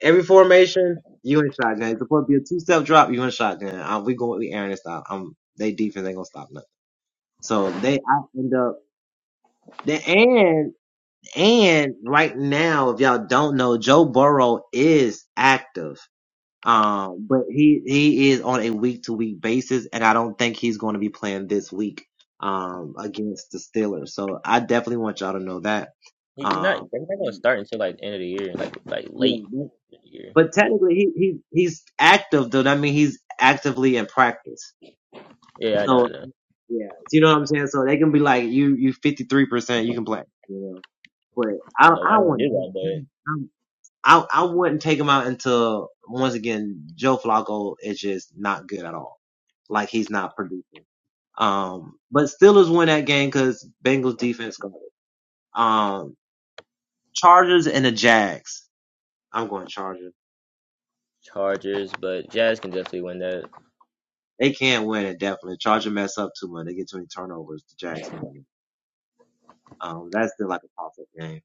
[SPEAKER 4] Every formation, you and shotgun. It's supposed to be a two step drop, you and shotgun. Uh we going we airing this out. Um, they defense ain't going to stop nothing. So they, I end up. The, and and right now, if y'all don't know, Joe Burrow is active. Um, but he he is on a week to week basis, and I don't think he's going to be playing this week um against the Steelers. So I definitely want y'all to know that.
[SPEAKER 2] he, he's not.
[SPEAKER 4] Um,
[SPEAKER 2] They're not gonna start until like the end of the year, like like
[SPEAKER 4] yeah,
[SPEAKER 2] late
[SPEAKER 4] but,
[SPEAKER 2] in the year.
[SPEAKER 4] but technically he he he's active though. That means he's actively in practice.
[SPEAKER 2] Yeah, I know, I
[SPEAKER 4] So
[SPEAKER 2] know. I
[SPEAKER 4] yeah, you know what I'm saying. So they can be like you you 53 percent, you can play. You know, but I
[SPEAKER 2] don't know why
[SPEAKER 4] I
[SPEAKER 2] they don't
[SPEAKER 4] want.
[SPEAKER 2] do that, but
[SPEAKER 4] I I wouldn't take him out until once again Joe Flacco is just not good at all. Like he's not producing. Um, but Steelers win that game because Bengals defense got it. Um, Chargers and the Jags. I'm going Chargers.
[SPEAKER 2] Chargers, but Jazz can definitely win that.
[SPEAKER 4] They can't win it definitely. Chargers mess up too much. They get too many turnovers. The Jags can win it. Um, that's still like a toss up game.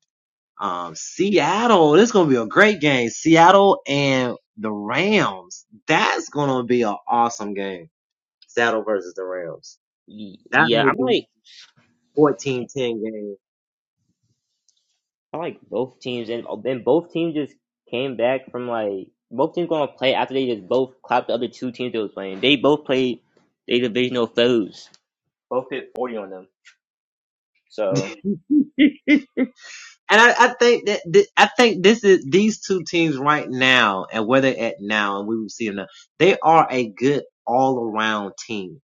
[SPEAKER 4] Um, Seattle. This is gonna be a great game. Seattle and the Rams. That's gonna be an awesome game. Seattle versus the Rams.
[SPEAKER 2] Y-
[SPEAKER 4] That
[SPEAKER 2] Yeah,
[SPEAKER 4] may
[SPEAKER 2] I'm
[SPEAKER 4] be
[SPEAKER 2] like
[SPEAKER 4] fourteen ten 10
[SPEAKER 2] I like both teams, and and both teams just came back from like both teams gonna play after they just both clapped the other two teams they was playing. They both played they divisional foes. Both hit forty on them. So
[SPEAKER 4] game. And I, I think that th- I think this is these two teams right now and where they're at now and we will see them now. They are a good all around team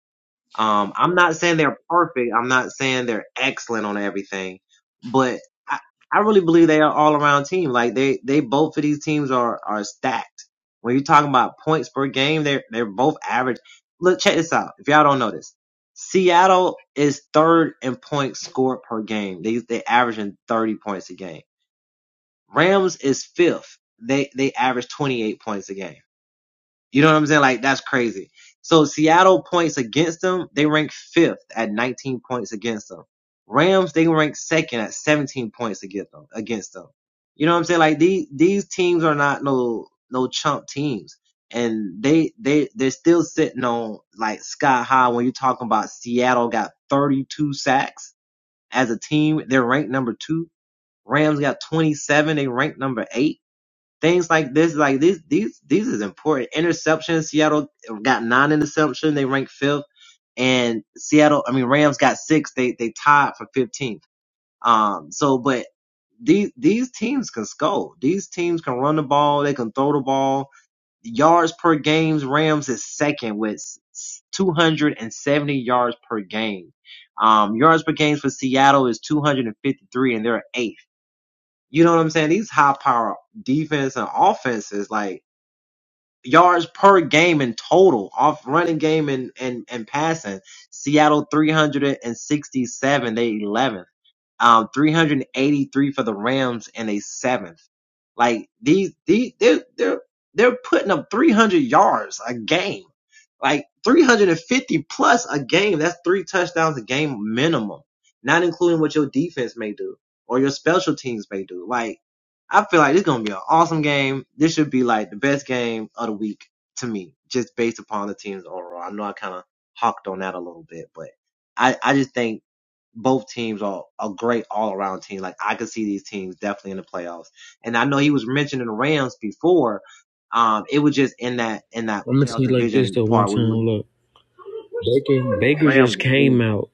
[SPEAKER 4] Um, I'm not saying they're perfect. I'm not saying they're excellent on everything, but I, I really believe they are all around team. Like they, they both of these teams are, are stacked. When you're talking about points per game, they're, they're both average. Look, check this out. If y'all don't know this, Seattle is third in points scored per game. They, they averaging 30 points a game. Rams is fifth. They, they average 28 points a game. You know what I'm saying? Like that's crazy. So Seattle points against them, they rank fifth at 19 points against them. Rams, they rank second at 17 points against them. Against them. You know what I'm saying? Like these these teams are not no no chump teams, and they they they're still sitting on like sky high. When you're talking about Seattle got 32 sacks as a team, they're ranked number two. Rams got 27, they ranked number eight. Things like this, like these, these, these is important. Interception. Seattle got nine interception. They ranked fifth, and Seattle, I mean Rams got six. They they tied for 15th. Um. So, but these these teams can score. These teams can run the ball. They can throw the ball. Yards per games. Rams is second with 270 yards per game. Um, yards per game for Seattle is 253, and they're eighth. You know what I'm saying? These high power defense and offenses, like yards per game in total off running game and, and, and passing. Seattle 367, they 11th. Um, 383 for the Rams and they seventh. Like these, these, they're, they're, they're putting up 300 yards a game, like 350 plus a game. That's three touchdowns a game minimum, not including what your defense may do or your special teams may do. Like, I feel like this gonna be an awesome game. This should be like the best game of the week to me, just based upon the teams overall. I know I kind of hawked on that a little bit, but I, I just think both teams are a great all around team. Like I could see these teams definitely in the playoffs. And I know he was mentioning the Rams before. Um, it was just in that in that
[SPEAKER 5] I'm gonna tell
[SPEAKER 4] playoff
[SPEAKER 5] you like this
[SPEAKER 4] division
[SPEAKER 5] though. One
[SPEAKER 4] part. We
[SPEAKER 5] time,
[SPEAKER 4] look
[SPEAKER 5] look, Baker, Baker
[SPEAKER 4] Rams.
[SPEAKER 5] just
[SPEAKER 4] is
[SPEAKER 5] came out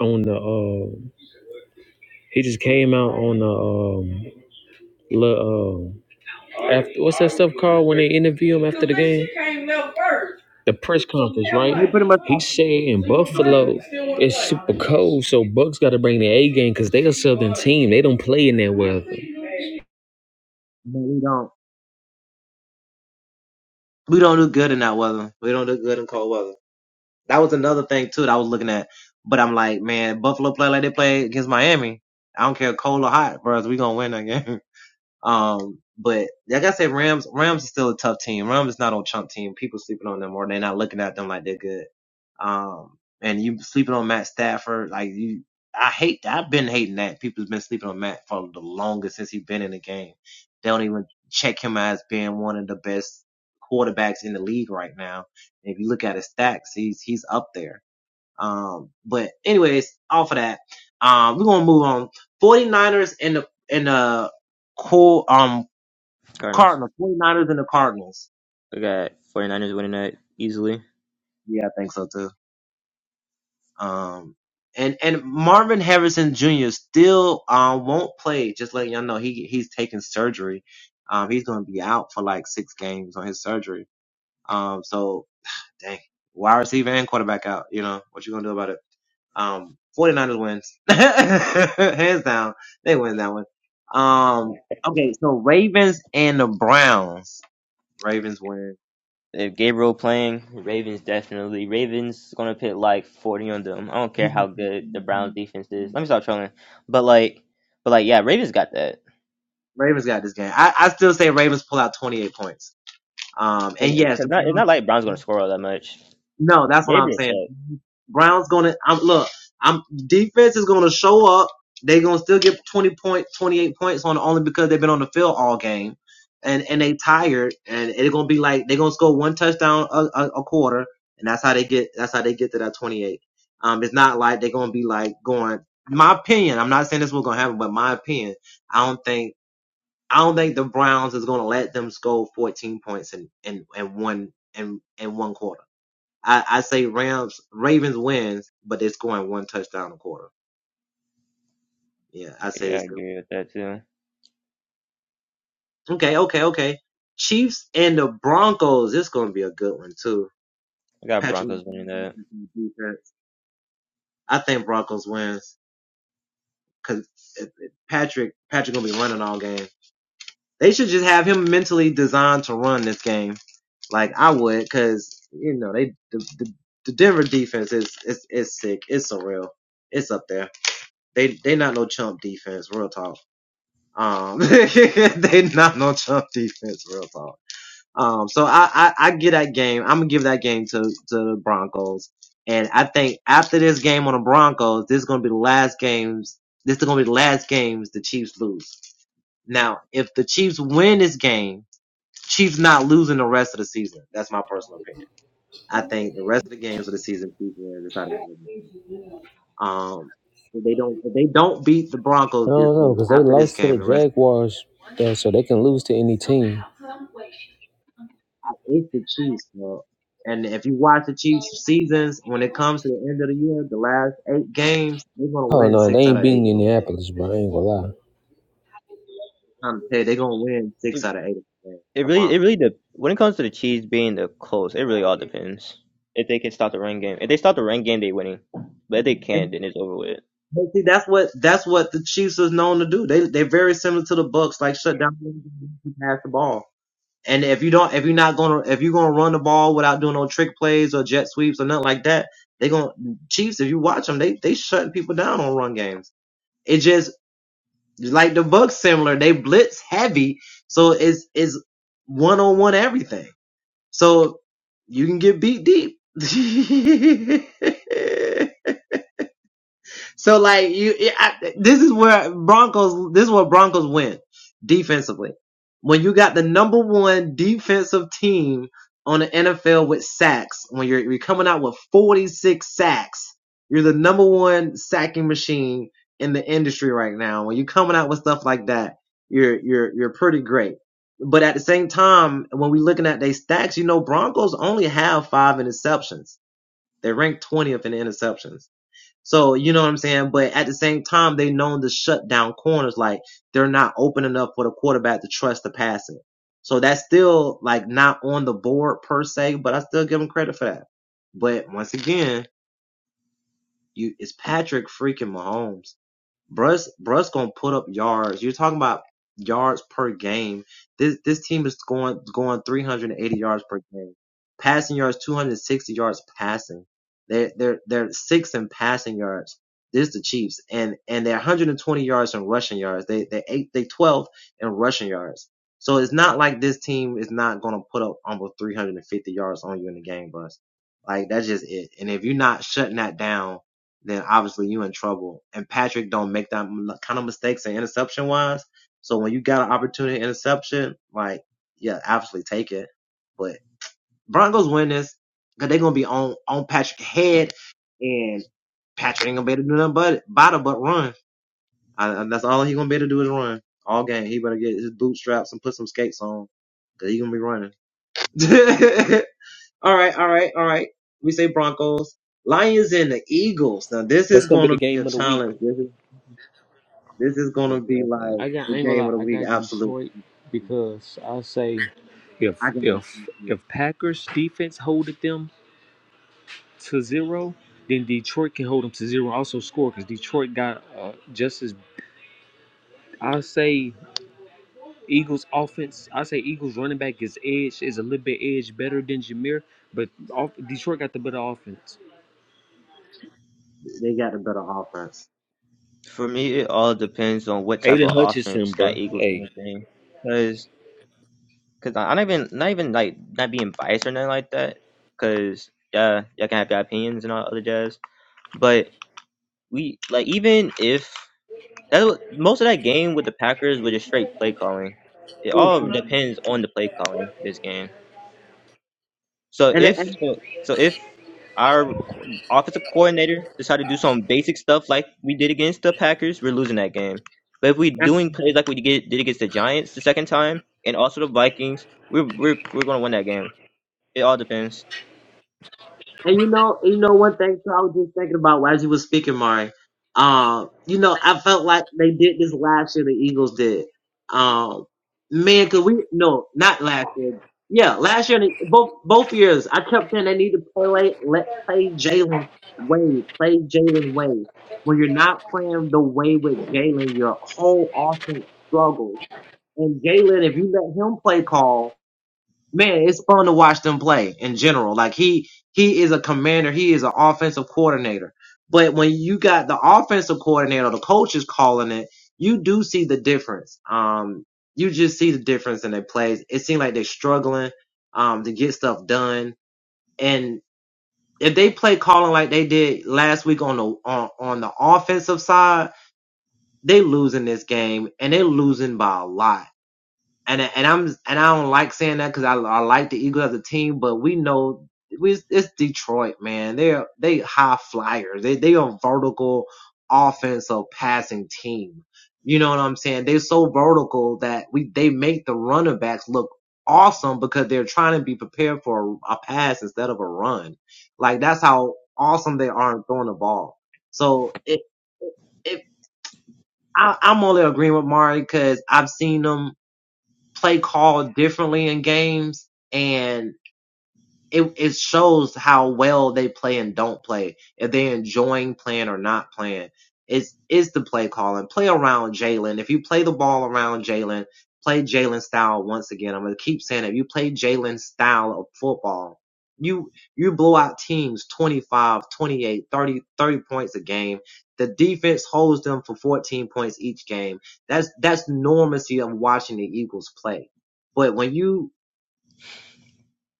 [SPEAKER 5] on the uh, He just came out on the um, little, um after, what's that stuff called when they interview him after the game? The press conference,
[SPEAKER 4] They
[SPEAKER 5] right?
[SPEAKER 4] pretty much
[SPEAKER 5] He said in Buffalo it's super cold, so Bucks got to bring the A game because they're a Southern team. They don't play in that weather. I
[SPEAKER 4] but we don't we don't do good in that weather. We don't do good in cold weather. That was another thing too that I was looking at. But I'm like, man, Buffalo play like they play against Miami. I don't care cold or hot, bros. We gonna win that game. Um, but like I said, Rams, Rams is still a tough team. Rams is not on chump team. People sleeping on them or they're not looking at them like they're good. Um, and you sleeping on Matt Stafford, like you, I hate that. I've been hating that. People's been sleeping on Matt for the longest since he's been in the game. They don't even check him as being one of the best quarterbacks in the league right now. If you look at his stacks, he's he's up there. Um, but anyways, off of that, um, we're gonna move on. 49ers and the and the cool um
[SPEAKER 2] Cardinals.
[SPEAKER 4] Cardinals. 49ers and the Cardinals.
[SPEAKER 2] I got 49ers winning that easily.
[SPEAKER 4] Yeah, I think so too. Um, and and Marvin Harrison Jr. still um won't play. Just letting y'all know he he's taking surgery. Um, he's gonna be out for like six games on his surgery. Um, so dang, wide receiver and quarterback out. You know what you gonna do about it? Um, 49ers wins. Hands down. They win that one. Um, okay. So Ravens and the Browns. Ravens win.
[SPEAKER 2] If Gabriel playing, Ravens definitely. Ravens gonna put like forty on them. I don't care how good the Browns defense is. Let me stop trolling. But like, but like, yeah, Ravens got that.
[SPEAKER 4] Ravens got this game. I, I still say Ravens pull out 28 points. Um,
[SPEAKER 2] Cause
[SPEAKER 4] and yes, the
[SPEAKER 2] not, it's
[SPEAKER 4] Browns.
[SPEAKER 2] not like Browns gonna score all that much.
[SPEAKER 4] No, that's what I'm
[SPEAKER 2] Gabriel
[SPEAKER 4] saying.
[SPEAKER 2] suck.
[SPEAKER 4] Brown's gonna I'm look, I'm defense is gonna show up. They're gonna still get twenty point twenty eight points on only because they've been on the field all game. And and they tired and it's gonna be like they're gonna score one touchdown a, a, a quarter and that's how they get that's how they get to that twenty eight. Um it's not like they're gonna be like going my opinion, I'm not saying this was gonna happen, but my opinion, I don't think I don't think the Browns is gonna let them score fourteen points in, in, in one in, in one quarter. I, I say Rams Ravens wins, but they're scoring one touchdown a quarter. Yeah, I say
[SPEAKER 2] Yeah,
[SPEAKER 4] they
[SPEAKER 2] I
[SPEAKER 4] still
[SPEAKER 2] agree with that too.
[SPEAKER 4] okay, okay, okay. Chiefs and the Broncos. This gonna be a good one too.
[SPEAKER 2] I got
[SPEAKER 4] Patrick
[SPEAKER 2] Broncos winning that.
[SPEAKER 4] defense. I think Broncos wins because Patrick Patrick gonna be running all game. They should just have him mentally designed to run this game, like I would, because you know they the, the, the Denver defense is is is sick. It's surreal. It's up there. They they not no chump defense. Real talk. Um, they not on Trump defense, real talk. Um, so I, I, I give that game, I'm gonna give that game to, to the Broncos. And I think after this game on the Broncos, this is gonna be the last games, this is gonna be the last games the Chiefs lose. Now, if the Chiefs win this game, Chiefs not losing the rest of the season. That's my personal opinion. I think the rest of the games of the season, Chiefs win. That's how they win. Um, if they don't, if they don't beat the Broncos this
[SPEAKER 5] don't know
[SPEAKER 4] game
[SPEAKER 5] because they
[SPEAKER 4] after this
[SPEAKER 5] lost to
[SPEAKER 4] game,
[SPEAKER 5] the
[SPEAKER 4] the rest.
[SPEAKER 5] Jaguars, yeah, so they can lose to any team.
[SPEAKER 4] I hate the Chiefs, bro. And if you watch the Chiefs seasons, when it comes to the end of the year, the last eight games, they're gonna
[SPEAKER 5] Oh
[SPEAKER 4] win
[SPEAKER 5] no, they
[SPEAKER 4] six out
[SPEAKER 5] ain't
[SPEAKER 4] of eight
[SPEAKER 5] beating
[SPEAKER 4] of them games.
[SPEAKER 5] Indianapolis, bro. I ain't gonna lie.
[SPEAKER 4] I'm telling you, they're gonna win six
[SPEAKER 2] It,
[SPEAKER 4] out of eight of them games.
[SPEAKER 2] it
[SPEAKER 4] I
[SPEAKER 2] really, it
[SPEAKER 4] promise.
[SPEAKER 2] really. De- when it comes to the Chiefs being the Colts, it really all depends. If they can stop the run game, if they stop the run game, they winning. But if they
[SPEAKER 4] And
[SPEAKER 2] can't, then it's over with.
[SPEAKER 4] but see, that's what that's what the Chiefs is known to do. They they're very similar to the Bucks, like shut down, pass the ball. And if you don't, if you're not gonna, if you're gonna run the ball without doing no trick plays or jet sweeps or nothing like that, they gonna Chiefs. If you watch them, they they shutting people down on run games. It just Like the Bucks similar, they blitz heavy, so it's it's one on one everything. So you can get beat deep. So like you, it, I, this is where Broncos. This is where Broncos win defensively. When you got the number one defensive team on the NFL with sacks, when you're you're coming out with 46 sacks, you're the number one sacking machine in the industry right now. When you're coming out with stuff like that, you're you're you're pretty great. But at the same time, when we're looking at their stacks, you know Broncos only have five interceptions. They rank 20th in interceptions. So, you know what I'm saying? But at the same time, they known to shut down corners. Like they're not open enough for the quarterback to trust the pass it. So that's still like not on the board per se, but I still give him credit for that. But once again, you, it's Patrick freaking Mahomes. Bruss Bruss gonna put up yards. You're talking about yards per game. This this team is going going 380 yards per game. Passing yards 260 yards passing. They they're they're sixth in passing yards. This is the Chiefs and and they're 120 yards in rushing yards. They they eight they 12 in rushing yards. So it's not like this team is not gonna put up almost 350 yards on you in the game, Bruss. Like that's just it. And if you're not shutting that down then obviously you in trouble. And Patrick don't make that kind of mistakes in interception wise. So when you got an opportunity in interception, like yeah, absolutely take it. But Broncos win this because they're gonna be on on Patrick's head, and Patrick ain't gonna be able to do nothing but by the but run. I, that's all he gonna be able to do is run all game. He better get his bootstraps and put some skates on because he gonna be running. All right, all right, all right. We say Broncos, Lions, and the Eagles. Now this is
[SPEAKER 5] That's gonna be
[SPEAKER 4] going
[SPEAKER 5] the
[SPEAKER 4] to be a
[SPEAKER 5] game of the week.
[SPEAKER 4] challenge. This is this is going to
[SPEAKER 2] Most
[SPEAKER 4] be
[SPEAKER 2] definitely.
[SPEAKER 4] like
[SPEAKER 5] I got
[SPEAKER 4] the
[SPEAKER 5] I ain't gonna
[SPEAKER 4] game
[SPEAKER 5] lie,
[SPEAKER 4] of the
[SPEAKER 5] I
[SPEAKER 4] week.
[SPEAKER 5] got
[SPEAKER 4] Absolutely,
[SPEAKER 5] Detroit because I say
[SPEAKER 4] I
[SPEAKER 5] if
[SPEAKER 4] got to
[SPEAKER 5] if
[SPEAKER 4] be
[SPEAKER 5] if Packers defense holded them to zero, then Detroit can hold them to zero and also score because Detroit got uh, just as I say Eagles offense. I say Eagles running back is edge is a little bit edge better than Jameer, but off, Detroit got the better offense.
[SPEAKER 4] They got a better offense,
[SPEAKER 2] For me, it all depends on what type
[SPEAKER 5] Aiden
[SPEAKER 2] of offense
[SPEAKER 5] Hutchinson,
[SPEAKER 2] that
[SPEAKER 5] bro.
[SPEAKER 2] Eagles
[SPEAKER 5] Hey,
[SPEAKER 2] gonna bring. Cause, cause I- I'm not even not even like not being biased or nothing like that. Cause yeah, y'all can have your opinions and all other jazz. But we like even if that wa- most of that game with the Packers was just straight play calling. It
[SPEAKER 4] and
[SPEAKER 2] all depends on the play calling this game. So if
[SPEAKER 4] and
[SPEAKER 2] so, so if our co- offensive coordinator decide to do some basic stuff like we did against the Packers, we're losing that game. But if we're doing plays like we did did against the Giants the second time and also the Vikings, we're we're we're gonna win that game. It all depends.
[SPEAKER 4] And you know, you know one thing too, I was just thinking about as you was speaking, Mari. Um, you know, I felt like they did this last year. The Eagles did. Um, man, could we? No, not last year. Yeah, last year, and both both years, I kept saying they need to play. Let play Jalen Wade. Play Jalen Wade. When you're not playing the way with Jalen, your whole offense struggles. And Jalen, if you let him play call, man, it's fun to watch them play in general. Like he he is a commander, he is an offensive coordinator. But when you got the offensive coordinator, the coach is calling it, you do see the difference. Um, you just see the difference in their plays. It seems like they're struggling um to get stuff done. And if they play calling like they did last week on the on, on the offensive side, they losing this game and they losing by a lot and and I'm and I don't like saying that because I, I like the Eagles as a team, but we know we it's Detroit, man. They're they high flyers. They they a vertical offensive passing team. You know what I'm saying? They're so vertical that we they make the running backs look awesome because they're trying to be prepared for a, a pass instead of a run. Like that's how awesome they are in throwing the ball. So it, it it I, I'm only agreeing with Mari because I've seen them play called differently in games and it it shows how well they play and don't play. If they're enjoying playing or not playing. It's it's the play calling. Play around Jalen. If you play the ball around Jalen, play Jalen style once again. I'm gonna keep saying it. If you play Jalen style of football, you you blow out teams 25, 28, 30 30 points a game. The defense holds them for 14 points each game. That's that's normalcy of watching the Eagles play. But when you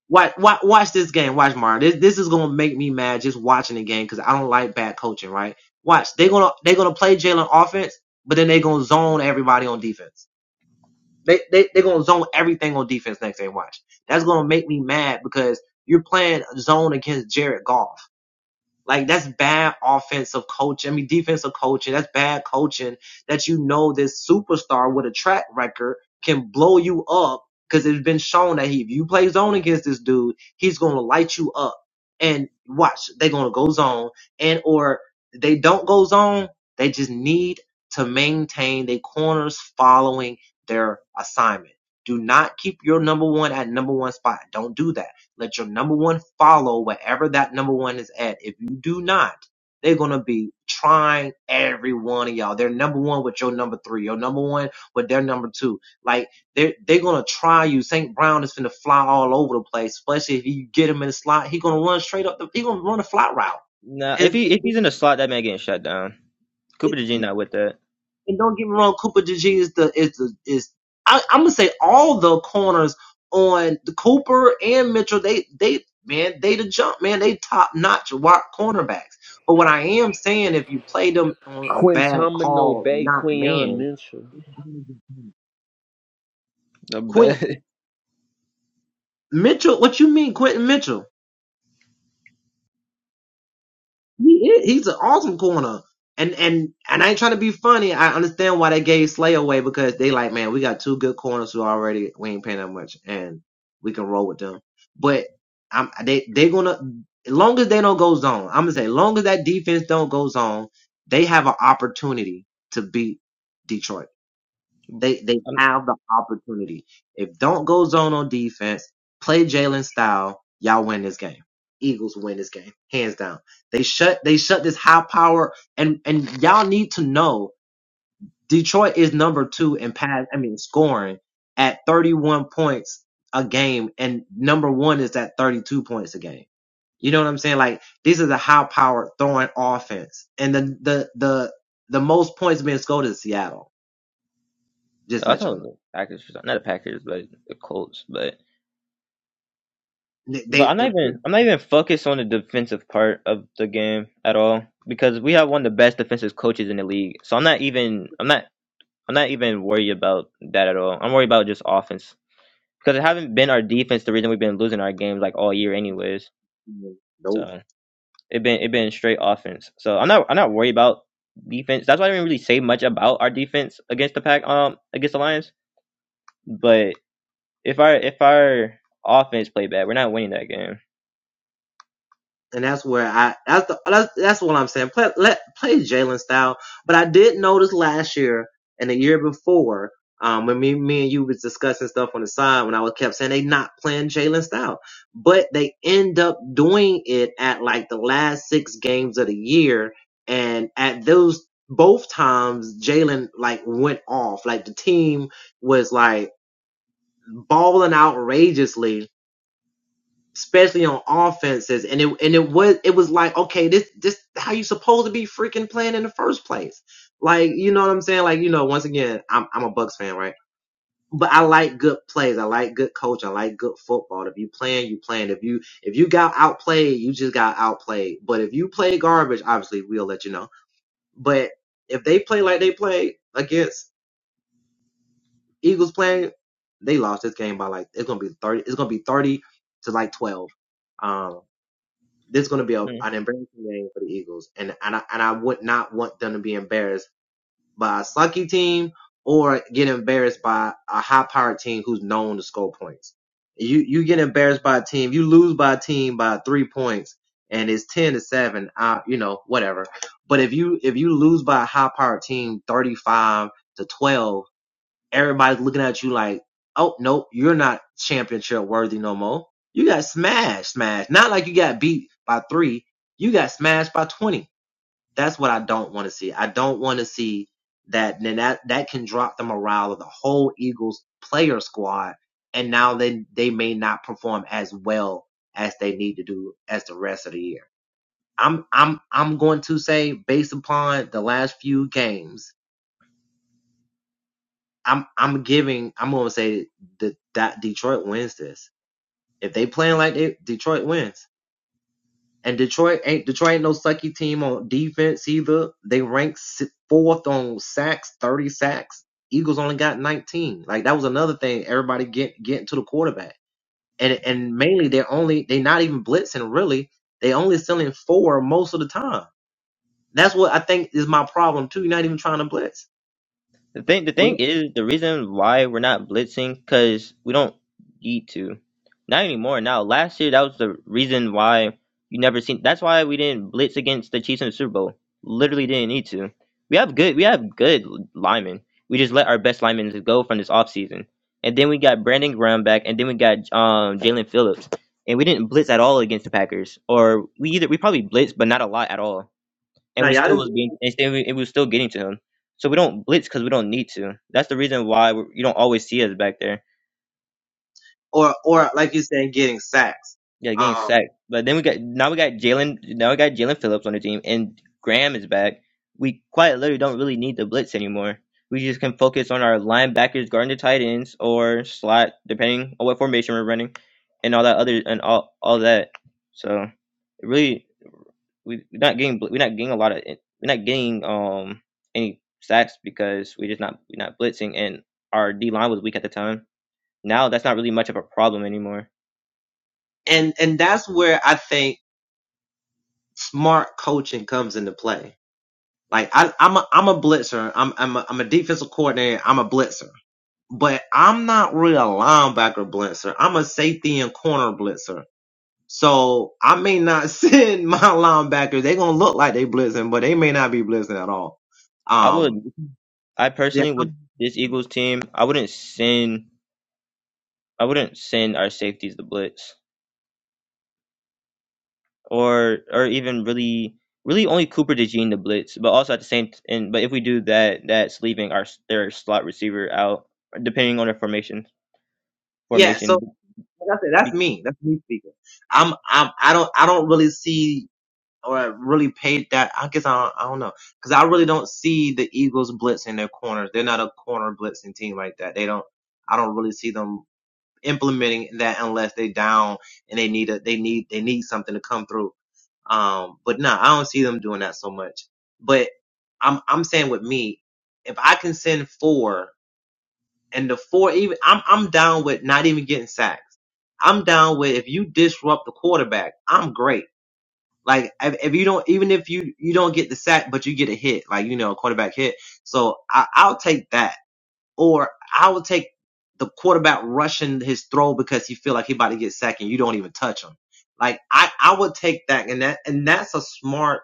[SPEAKER 4] Watch, watch, watch this game. Watch Mario. This, this is gonna make me mad just watching the game because I don't like bad coaching. Right? Watch. They're gonna they're gonna play Jalen offense, but then they're gonna zone everybody on defense. They they they're gonna zone everything on defense next game. Watch. That's gonna make me mad because you're playing zone against Jared Goff. Like that's bad offensive coaching. I mean defensive coaching. That's bad coaching that you know this superstar with a track record can blow you up because it's been shown that he, if you play zone against this dude, he's gonna light you up. And watch, they're gonna go zone and or they don't go zone. They just need to maintain their corners following their assignment. Do not keep your number one at number one spot. Don't do that let your number one follow wherever that number one is at. If you do not, they're gonna be trying every one of y'all. They're number one with your number three. Your number one with their number two. Like they're they're gonna try you. Saint Brown is gonna fly all over the place. Especially if you get him in the slot, he gonna run straight up. The, he gonna run a flat route.
[SPEAKER 2] Now, if
[SPEAKER 4] And,
[SPEAKER 2] he if he's in the slot, that man getting shut down.
[SPEAKER 4] and,
[SPEAKER 2] Cooper DeJean not with that.
[SPEAKER 4] And don't get me wrong, Cooper DG is the is the, is I, I'm gonna say all the corners on the Cooper and Mitchell. They they man they the jump man they top notch wide cornerbacks. But what I am saying, if you play them on a bad
[SPEAKER 5] Quintamino
[SPEAKER 4] call,
[SPEAKER 5] Bay,
[SPEAKER 4] not
[SPEAKER 5] Quinion
[SPEAKER 4] man,
[SPEAKER 5] Mitchell.
[SPEAKER 2] I
[SPEAKER 4] Quentin
[SPEAKER 2] bet.
[SPEAKER 4] Mitchell. What you mean, Quentin Mitchell? He is, he's an awesome corner. And and and I ain't trying to be funny. I understand why they gave Slay away because they like, man, we got two good corners who already we ain't paying that much and we can roll with them. But I'm they they gonna as long as they don't go zone, I'm gonna say as long as that defense don't go zone, they have an opportunity to beat Detroit. They they have the opportunity. If don't go zone on defense, play Jalen style, y'all win this game. Eagles win this game, hands down. They shut they shut this high power and and y'all need to know Detroit is number two in pass. I mean scoring at 31 points a game, and number one is at 32 points a game. You know what I'm saying? Like this is a high powered throwing offense, and the the the the most points being scored is Seattle. Just
[SPEAKER 2] i I
[SPEAKER 4] let
[SPEAKER 2] thought it
[SPEAKER 4] y'all
[SPEAKER 2] was
[SPEAKER 4] know.
[SPEAKER 2] the Packers, for some- not the Packers, but the Colts. But
[SPEAKER 4] They,
[SPEAKER 2] But
[SPEAKER 4] they-
[SPEAKER 2] I'm not
[SPEAKER 4] they're
[SPEAKER 2] even I'm not even focused on the defensive part of the game at all because we have one of the best defensive coaches in the league. So I'm not even I'm not I'm not even worried about that at all. I'm worried about just offense because it haven't been our defense the reason we've been losing our games like all year anyways.
[SPEAKER 4] nope,
[SPEAKER 2] So it been it been straight offense. So I'm not I'm not worried about defense. That's why I didn't really say much about our defense against the pack um against the Lions. But if our if our offense play bad, we're not winning that game.
[SPEAKER 4] and that's where I that's the, that's, that's what I'm saying. Play let play Jalen style, but I did notice last year and the year before. Um, when me, me and you was discussing stuff on the side, when I was kept saying they not playing Jalen style, but they end up doing it at like the last six games of the year, and at those both times Jalen like went off, like the team was like balling outrageously, especially on offenses. And it and it was it was like, okay, this this how you supposed to be freaking playing in the first place. Like, you know what I'm saying? Like, you know, once again, I'm I'm a Bucks fan, right? But I like good plays. I like good coach. I like good football. If you playing, you playing. If you if you got outplayed, you just got outplayed. But if you play garbage, obviously we'll let you know. But if they play like they play against Eagles playing, they lost this game by like it's gonna be thirty. It's gonna be thirty to like twelve. Um, This is going to be a, an embarrassing game for the Eagles, and and I, and I would not want them to be embarrassed by a sucky team or get embarrassed by a high powered team who's known to score points. You you get embarrassed by a team, you lose by a team by three points, and it's ten to seven. Uh, you know whatever. But if you if you lose by a high powered team, thirty five to twelve Everybody's looking at you like, oh nope, you're not championship worthy no more. You got smashed, smashed. Not like you got beat by three. You got smashed by twenty. That's what I don't want to see. I don't want to see that. Then that that can drop the morale of the whole Eagles player squad, and now then they may not perform as well as they need to do as the rest of the year. I'm I'm I'm going to say based upon the last few games I'm I'm giving I'm gonna say that that Detroit wins this. If they playing like they, Detroit wins, and Detroit ain't Detroit ain't no sucky team on defense either. They ranked si, fourth on sacks, thirty sacks. Eagles only got nineteen. Like that was another thing. Everybody get getting to the quarterback, and and mainly they're only they not even blitzing really. They only selling four most of the time. That's what I think is my problem too. You're not even trying to blitz.
[SPEAKER 2] The thing, the
[SPEAKER 4] But
[SPEAKER 2] thing is, the reason why we're not blitzing because we don't need to, not anymore. Now, last year that was the reason why you never seen. That's why we didn't blitz against the Chiefs in the Super Bowl. Literally didn't need to. We have good, we have good linemen. We just let our best linemen just go from this offseason. and then we got Brandon Graham back, and then we got um Jalen Phillips, and we didn't blitz at all against the Packers. Or we either we probably blitzed, but not a lot at all and
[SPEAKER 4] now
[SPEAKER 2] we
[SPEAKER 4] y'all
[SPEAKER 2] still
[SPEAKER 4] didn't
[SPEAKER 2] was being and still, we, and we was still getting to him. So we don't blitz because we don't need to. That's the reason why we you don't always see us back there.
[SPEAKER 4] or or like you're saying, getting sacks.
[SPEAKER 2] Yeah, getting
[SPEAKER 4] Um,
[SPEAKER 2] sacked. But then we got now we got Jalen now we got Jalen Phillips on the team and Graham is back. We quite literally don't really need the blitz anymore. We just can focus on our linebackers guarding the tight ends or slot, depending on what formation we're running, and all that other and all all that. So it really we we're not getting bl- we're not getting a lot of we're not getting um any sacks because we're just not we're not blitzing and our D line was weak at the time. Now that's not really much of a problem anymore.
[SPEAKER 4] and and that's where I think smart coaching comes into play. Like I, I'm a I'm a blitzer. I'm I'm a, I'm a defensive coordinator. I'm a blitzer, but I'm not really a linebacker blitzer. I'm a safety and corner blitzer. So I may not send my linebackers. They're gonna look like they blitzing, but they may not be blitzing at all.
[SPEAKER 2] I would
[SPEAKER 4] Um,
[SPEAKER 2] I
[SPEAKER 4] yeah,
[SPEAKER 2] personally with
[SPEAKER 4] I'm-
[SPEAKER 2] this Eagles team I wouldn't send I wouldn't send our safeties to blitz or or even really really only Cooper DeJean the blitz, but also at the same t- and but if we do that that's leaving our their slot receiver out depending on their formation
[SPEAKER 4] yeah. So
[SPEAKER 2] formation.
[SPEAKER 4] like I said, that's me. That's me speaking. I'm, I'm, I don't, I don't really see or really paid that. I guess I don't, I don't know because I really don't see the Eagles blitzing their corners. They're not a corner blitzing team like that. They don't. I don't really see them implementing that unless they down and they need a they need they need something to come through. Um, but no, I don't see them doing that so much. But I'm I'm saying with me, if I can send four and the four even I'm I'm down with not even getting sacks. I'm down with if you disrupt the quarterback, I'm great like if, if you don't, even if you you don't get the sack, but you get a hit, like you know, a quarterback hit. So I, I'll take that, or I will take the quarterback rushing his throw because he feel like he about to get sacked and you don't even touch him. Like I I would take that, and that and that's a smart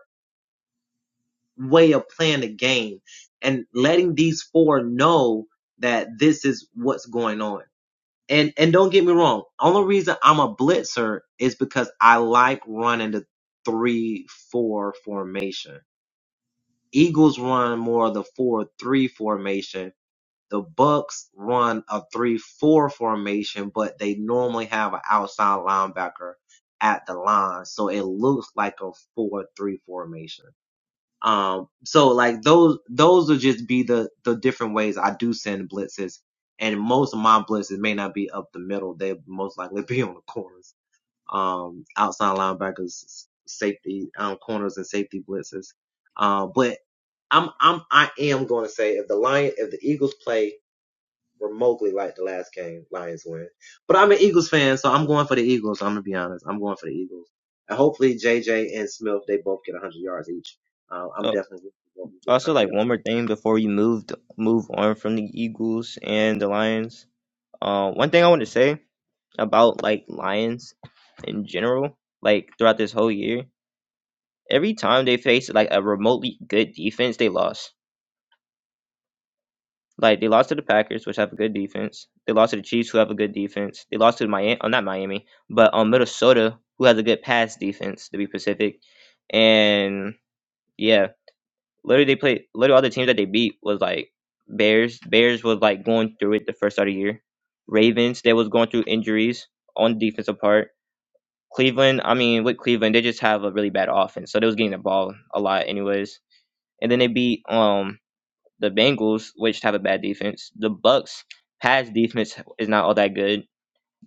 [SPEAKER 4] way of playing the game and letting these four know that this is what's going on. And and don't get me wrong. Only reason I'm a blitzer is because I like running the three four formation. Eagles run more of the four three formation. The Bucks run a three four formation, but they normally have an outside linebacker at the line, so it looks like a four three formation. Um, so like those, those would just be the, the different ways I do send blitzes. And most of my blitzes may not be up the middle. They most likely be on the corners. Um, outside linebackers, safety, um, corners and safety blitzes. Um, uh, but I'm, I'm, I am going to say if the Lion, if the Eagles play remotely like the last game Lions win. But I'm an Eagles fan, so I'm going for the Eagles. I'm gonna be honest. I'm going for the Eagles. And hopefully JJ and Smith they both get 100 yards each. Uh, I'm definitely going to get
[SPEAKER 2] Also,
[SPEAKER 4] 100
[SPEAKER 2] like
[SPEAKER 4] yards.
[SPEAKER 2] one more thing before we moved move on from the Eagles and the Lions. Uh, one thing I want to say about like Lions in general, like throughout this whole year, every time they faced like a remotely good defense, they lost. Like they lost to the Packers, which have a good defense. They lost to the Chiefs, who have a good defense. They lost to Miami, oh, not Miami, but um Minnesota, who has a good pass defense to be Pacific, and yeah. literally they played literally all the teams that they beat was like Bears. Bears was like going through it the first start of the year. Ravens, they was going through injuries on the defensive part. Cleveland, I mean, with Cleveland, they just have a really bad offense. So they was getting the ball a lot anyways. And then they beat um the Bengals, which have a bad defense. The Bucks pass defense is not all that good,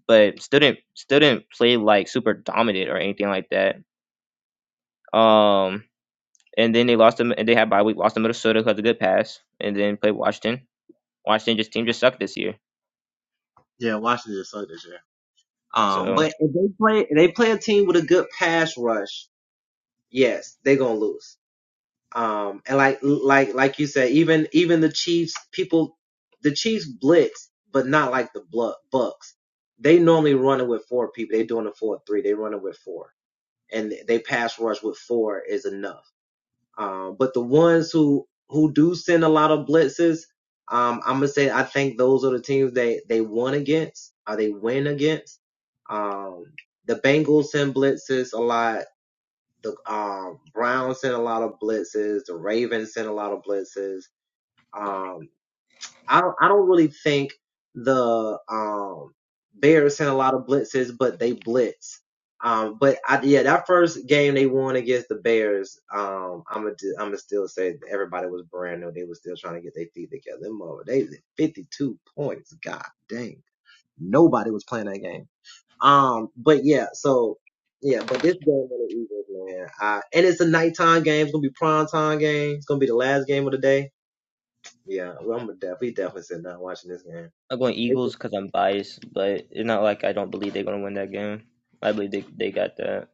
[SPEAKER 2] but still didn't still didn't play like super dominant or anything like that. Um and then they lost them and they had bye week, lost to Minnesota because of good pass, and then played Washington Washington's team just sucked this year.
[SPEAKER 4] Yeah, Washington just sucked this year. Um,
[SPEAKER 2] So
[SPEAKER 4] but if they play if they play a team with a good pass rush, yes, they're gonna lose. Um, and like like like you said, even even the Chiefs people, the Chiefs blitz, but not like the Blu- Bucks. They normally running with four people. They doing a four three. They running with four. and they pass rush with four is enough. Um, but the ones who who do send a lot of blitzes, um, I'm gonna say I think those are the teams they they won against or they win against. Um, the Bengals send blitzes a lot. The um, Browns send a lot of blitzes. The Ravens send a lot of blitzes. Um, I don't- I don't really think the um Bears sent a lot of blitzes, but they blitz. Um, but I, yeah, that first game they won against the Bears, um, I'm gonna I'm gonna still say everybody was brand new. They was still trying to get their feet together. Them mother- They was at 52 points. God dang, nobody was playing that game. Um, but yeah, so yeah, but this game of the Eagles, man, I, and it's a nighttime game. It's gonna be prime time game. It's gonna be the last game of the day. Yeah, well, I'm a def- we definitely said not watching this game.
[SPEAKER 2] I'm going
[SPEAKER 4] It's a,
[SPEAKER 2] Eagles because I'm biased, but it's not like I don't believe they're going to win that game. I believe they they got that.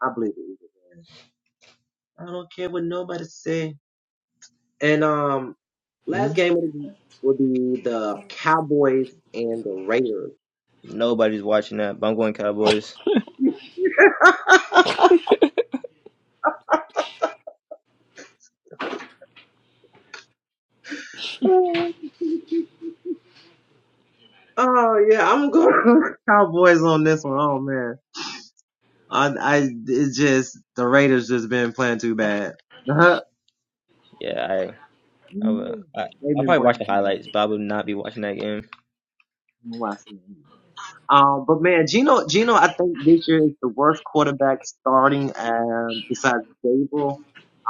[SPEAKER 4] I believe it. is a game. I don't care what nobody say. And um, last
[SPEAKER 5] Mm-hmm.
[SPEAKER 4] game will be, will be the Cowboys and the Raiders.
[SPEAKER 2] Nobody's watching that, but I'm going Cowboys.
[SPEAKER 4] oh yeah, I'm going Cowboys on this one. Oh man, I I it's just the Raiders just been playing too bad.
[SPEAKER 2] Yeah, I I will. I,
[SPEAKER 4] They've
[SPEAKER 2] I'll
[SPEAKER 4] been
[SPEAKER 2] probably watch
[SPEAKER 4] playing
[SPEAKER 2] the
[SPEAKER 4] too bad.
[SPEAKER 2] highlights, but I will not be watching that game.
[SPEAKER 4] I'm watching. Um, but man, Gino, Gino, I think this year is the worst quarterback starting, um, besides Gabriel,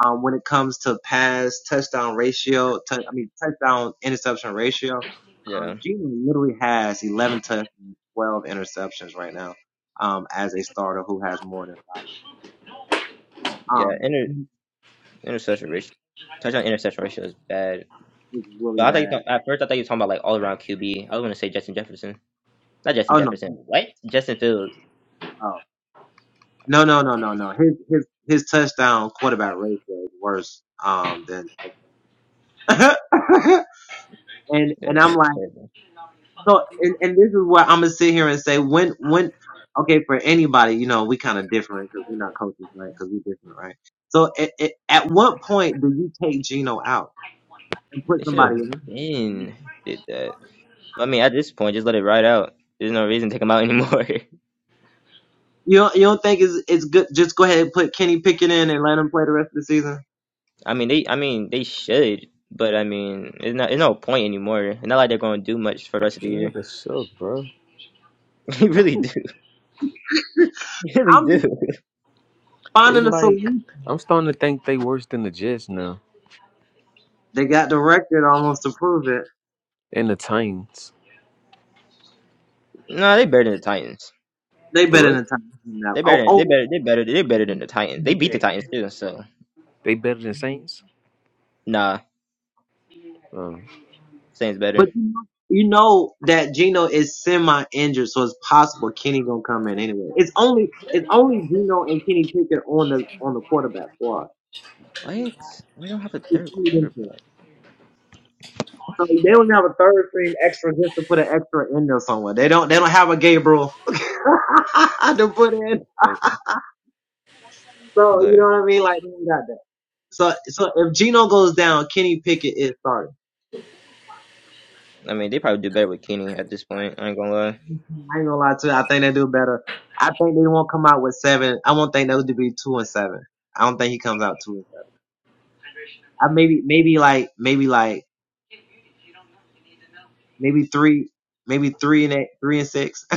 [SPEAKER 4] um, when it comes to pass touchdown ratio, tou- I mean, touchdown interception ratio. Um,
[SPEAKER 2] Yeah,
[SPEAKER 4] Gino literally has 11 to 12 interceptions right now, um, as a starter who has more than five.
[SPEAKER 2] yeah.
[SPEAKER 4] Um,
[SPEAKER 2] Inter,
[SPEAKER 4] he
[SPEAKER 2] interception ratio, touchdown interception ratio is bad.
[SPEAKER 4] is
[SPEAKER 2] But
[SPEAKER 4] really
[SPEAKER 2] I thought you
[SPEAKER 4] bad.
[SPEAKER 2] thought, at first I thought you were talking about like all around QB. I was going to say Justin Jefferson, not Justin
[SPEAKER 4] Oh no,
[SPEAKER 2] Jefferson.
[SPEAKER 4] he-
[SPEAKER 2] What? Justin Fields.
[SPEAKER 4] oh. No, no, no, no, no. His, his, his touchdown quarterback ratio is worse, um, than, and
[SPEAKER 2] Yeah,
[SPEAKER 4] and I'm
[SPEAKER 2] that's
[SPEAKER 4] like.
[SPEAKER 2] terrible.
[SPEAKER 4] So, and, and this is where I'm gonna sit here and say, when, when, okay, for anybody, you know, we kind of different because we're not coaches, right? Because we different, right? So, at it, at what point do you take Gino out and put
[SPEAKER 2] They should have
[SPEAKER 4] somebody?
[SPEAKER 5] That
[SPEAKER 4] in?
[SPEAKER 2] been did that. I mean, at this point, just let it ride out. There's no reason to take them out anymore.
[SPEAKER 4] You don't, you don't think it's it's good? Just go ahead and put Kenny Pickett in and let him play the rest of the season.
[SPEAKER 2] I mean, they, I mean, they should, but I mean, it's not, it's no point anymore. It's not like they're going to do much for the rest of the year.
[SPEAKER 5] nigga suck, bro.
[SPEAKER 2] They really do. They really
[SPEAKER 4] I'm
[SPEAKER 2] do.
[SPEAKER 4] just
[SPEAKER 5] They
[SPEAKER 4] finding a
[SPEAKER 5] like
[SPEAKER 4] solution.
[SPEAKER 5] I'm starting to think they worse than the Jets now.
[SPEAKER 4] They got the record almost to prove it.
[SPEAKER 5] And the Titans.
[SPEAKER 2] No, they better than the Titans.
[SPEAKER 4] They
[SPEAKER 5] The
[SPEAKER 4] better
[SPEAKER 5] right?
[SPEAKER 4] than time that.
[SPEAKER 2] They
[SPEAKER 4] Oh,
[SPEAKER 2] better. Than,
[SPEAKER 4] oh.
[SPEAKER 2] They better. They better. They better
[SPEAKER 4] mm-hmm,
[SPEAKER 2] than the Titans. They
[SPEAKER 4] mm-hmm,
[SPEAKER 2] beat the
[SPEAKER 5] Okay.
[SPEAKER 2] Titans too. So
[SPEAKER 5] They better than
[SPEAKER 4] mm-hmm.
[SPEAKER 5] Saints?
[SPEAKER 2] nah,
[SPEAKER 5] Um
[SPEAKER 2] Saints better.
[SPEAKER 4] But you know you know that Gino is semi injured, so it's possible Kenny gonna come in anyway. It's only it's only Gino and Kenny Pickett on the on the quarterback squad.
[SPEAKER 2] What? We don't have a
[SPEAKER 4] It's
[SPEAKER 2] third
[SPEAKER 4] only them two.
[SPEAKER 2] quarterback.
[SPEAKER 4] So they don't have a third stream extra just to put an extra in there somewhere. They don't they don't have a Gabriel to put in.
[SPEAKER 2] Everything.
[SPEAKER 4] So you
[SPEAKER 2] But
[SPEAKER 4] know what I mean? Like they don't got that. So so if Gino goes down, Kenny Pickett is starting.
[SPEAKER 2] I mean, they probably do better with Kenny at this point. I ain't gonna lie.
[SPEAKER 4] I ain't gonna lie to you. I think they do better. I think they won't come out with seven. I won't think they'll be two and seven. I don't think he comes out two. and seven. I maybe maybe like maybe like maybe three maybe three and eight three and six.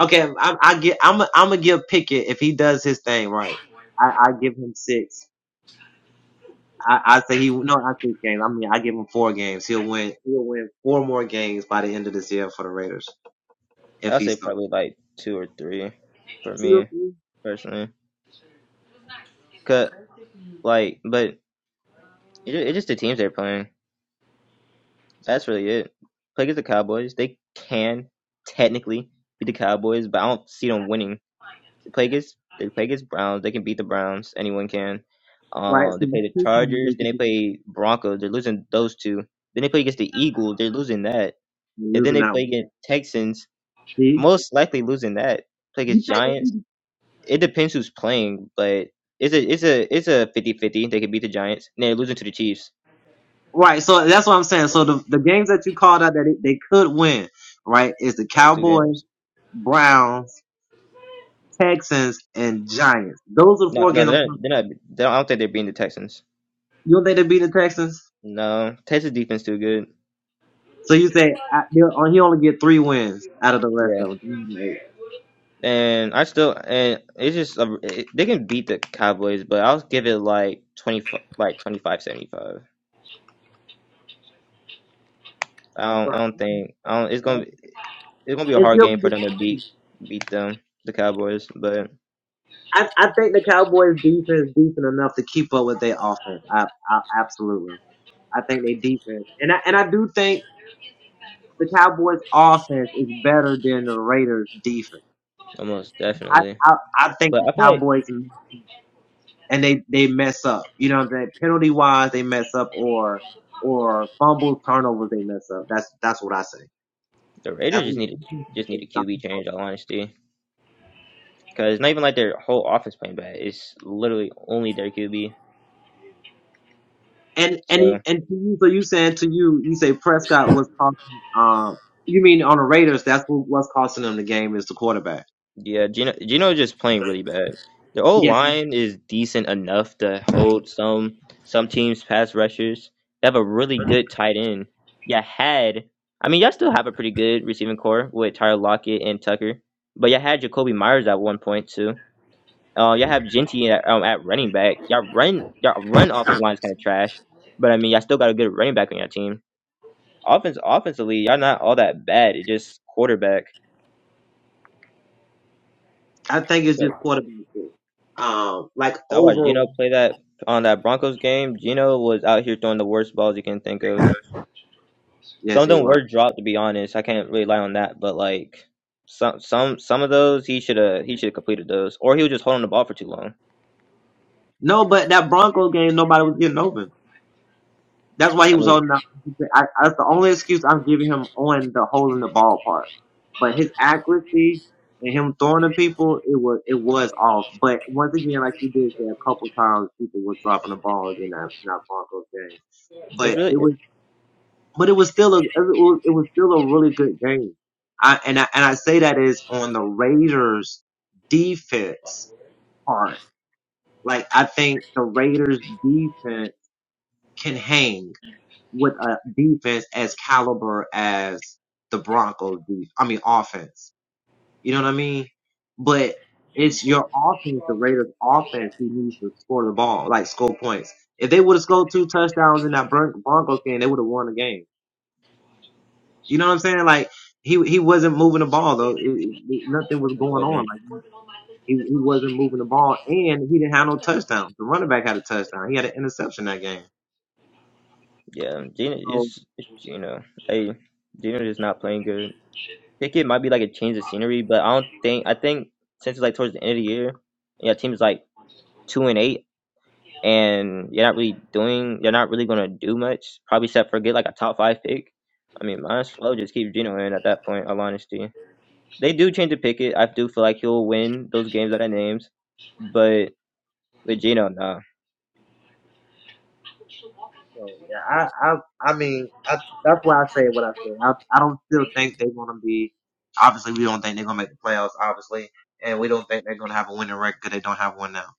[SPEAKER 4] okay, I, I get I'm i I'm gonna give Pickett if he does his thing right. I, I give him six. I, I say he no, not six games. I mean I give him four games. He'll win. He'll win four more games by the end of this year for the Raiders if
[SPEAKER 2] I'll
[SPEAKER 4] he
[SPEAKER 2] say
[SPEAKER 4] starts.
[SPEAKER 2] probably like two or three for
[SPEAKER 4] Two or
[SPEAKER 2] me
[SPEAKER 4] three,
[SPEAKER 2] personally. Cause Like, but it, it's just the teams they're playing. That's really it. Play against the Cowboys. They can technically beat the Cowboys, but I don't see them winning. They play against they play against Browns. They can beat the Browns. Anyone can.
[SPEAKER 4] right?
[SPEAKER 2] Uh, they
[SPEAKER 4] So
[SPEAKER 2] play the
[SPEAKER 4] two teams they
[SPEAKER 2] Chargers. Then
[SPEAKER 4] could
[SPEAKER 2] they
[SPEAKER 4] be
[SPEAKER 2] play Broncos. They're losing those two. Then they play against the Eagles. They're losing that. And then
[SPEAKER 4] losing
[SPEAKER 2] they
[SPEAKER 4] that
[SPEAKER 2] play
[SPEAKER 4] one.
[SPEAKER 2] against Texans.
[SPEAKER 4] See,
[SPEAKER 2] Most likely losing that. Play
[SPEAKER 4] you
[SPEAKER 2] against
[SPEAKER 4] think?
[SPEAKER 2] Giants. It depends who's playing, but it's a it's a it's a fifty fifty. They could beat the Giants. And they're losing to the Chiefs
[SPEAKER 4] Right. So that's what I'm saying. So the, the games that you called out that they, they could win, right, is the
[SPEAKER 2] like two
[SPEAKER 4] Cowboys,
[SPEAKER 2] games.
[SPEAKER 4] Browns, Texans, and Giants. Those are the
[SPEAKER 2] No,
[SPEAKER 4] four
[SPEAKER 2] no,
[SPEAKER 4] games I'm
[SPEAKER 2] they're,
[SPEAKER 4] talking about.
[SPEAKER 2] they're not. They don't, I don't think they're beating the Texans.
[SPEAKER 4] You don't think they beat the Texans?
[SPEAKER 2] No, Texas defense too good.
[SPEAKER 4] So you say I, they'll- oh, he only get three wins out of the rest
[SPEAKER 2] Yeah,
[SPEAKER 4] of them. three and eight.
[SPEAKER 2] and I still and it's just a, it, they can beat the Cowboys, but I'll give it like twenty like twenty-five, seventy-five. I don't I
[SPEAKER 4] Right.
[SPEAKER 2] don't think I don't. It's gonna
[SPEAKER 4] Okay.
[SPEAKER 2] be, it's gonna be a
[SPEAKER 4] It's
[SPEAKER 2] hard
[SPEAKER 4] still,
[SPEAKER 2] game for them to beat beat them the Cowboys, but
[SPEAKER 4] I, I think the Cowboys defense is decent enough to keep up with their offense. I, I absolutely. I think they defense, and I and I do think the Cowboys offense is better than the Raiders defense.
[SPEAKER 2] almost
[SPEAKER 4] I,
[SPEAKER 2] definitely.
[SPEAKER 4] I I think
[SPEAKER 2] But
[SPEAKER 4] the
[SPEAKER 2] I feel like
[SPEAKER 4] Cowboys and they they mess up. You know what I'm saying? Penalty wise, they mess up, or or fumble turnovers, they mess up. That's that's what I say.
[SPEAKER 2] the Raiders
[SPEAKER 4] That's
[SPEAKER 2] just need to just need a QB
[SPEAKER 4] what,
[SPEAKER 2] change. in All honesty, because not even like their whole offense playing bad. It's literally only their QB.
[SPEAKER 4] and and
[SPEAKER 2] So.
[SPEAKER 4] he- and to you, so you saying to you, you say Prescott was costing. Um, you mean on the Raiders? That's what what's costing them the game is the quarterback.
[SPEAKER 2] Yeah, Gino Gino is just playing really bad. The old
[SPEAKER 4] Yes,
[SPEAKER 2] line is decent enough to hold some some teams pass rushers. They have a really good tight end. You had I mean y'all still have a pretty good receiving core with Tyler Lockett and Tucker. But you had Jacoby Myers at one point too. Uh you have Genty at, um, at running back. Y'all run y'all run offensive line is kinda trash. But I mean y'all still got a good running back on your team. Offense offensively, y'all not all that bad. It's just quarterback.
[SPEAKER 4] I think it's just quarterback. Um, like
[SPEAKER 2] I watched Gino
[SPEAKER 4] overall.
[SPEAKER 2] play that on that Broncos game. Gino was out here throwing the worst balls you can think of. Some
[SPEAKER 4] Yes,
[SPEAKER 2] of
[SPEAKER 4] he
[SPEAKER 2] them
[SPEAKER 4] was.
[SPEAKER 2] were dropped, to be honest. I can't really lie on that, but like some some some of those, he should have he should have completed those, or he was just holding the ball for too long.
[SPEAKER 4] No, but that Bronco game, nobody was getting open. That's why he
[SPEAKER 2] I
[SPEAKER 4] was
[SPEAKER 2] mean,
[SPEAKER 4] holding up. I, that's the only excuse I'm giving him on the holding the ball part. But his accuracy and him throwing at people, it was it was off. But once again, like you did say, a couple times people were dropping the balls in that in that Broncos game.
[SPEAKER 2] it's
[SPEAKER 4] But
[SPEAKER 2] really it,
[SPEAKER 4] it
[SPEAKER 2] it
[SPEAKER 4] was but it was still a it was, it was still a really good game. I and I and I say that is on the Raiders defense part. Like I think the Raiders defense can hang with a defense as caliber as the Broncos defense, I mean offense. You know what I mean? But it's your offense, the Raiders offense who needs to score the ball, like score points. If they would have scored two touchdowns in that Bron- Broncos game, they would have won the game. You know what I'm saying? Like he he wasn't moving the ball though. It, it, nothing was going on.
[SPEAKER 2] wasn't.
[SPEAKER 4] Like he, he wasn't moving the ball and he didn't have no touchdowns. The running back had a touchdown. He had an interception that game.
[SPEAKER 2] Yeah, Gino
[SPEAKER 4] So
[SPEAKER 2] is it's Gino. Hey, Gino is not playing good. Pickett might be like a change of scenery, but I don't think I think since it's like towards the end of the year, yeah, team's like two and eight. and you're not really doing, you're not really gonna do much. Probably except for get like a top five pick. I mean, might as well just keep Geno in at that point. All honesty, they do change the picket. I do feel like he'll win those games that I named, but with Geno, nah.
[SPEAKER 4] So yeah, I I I mean I, that's why I say what I say. I I don't still think they're gonna be. Obviously, we don't think they're gonna make the playoffs. Obviously, and we don't think they're gonna have a winning record. 'cause They don't have one now.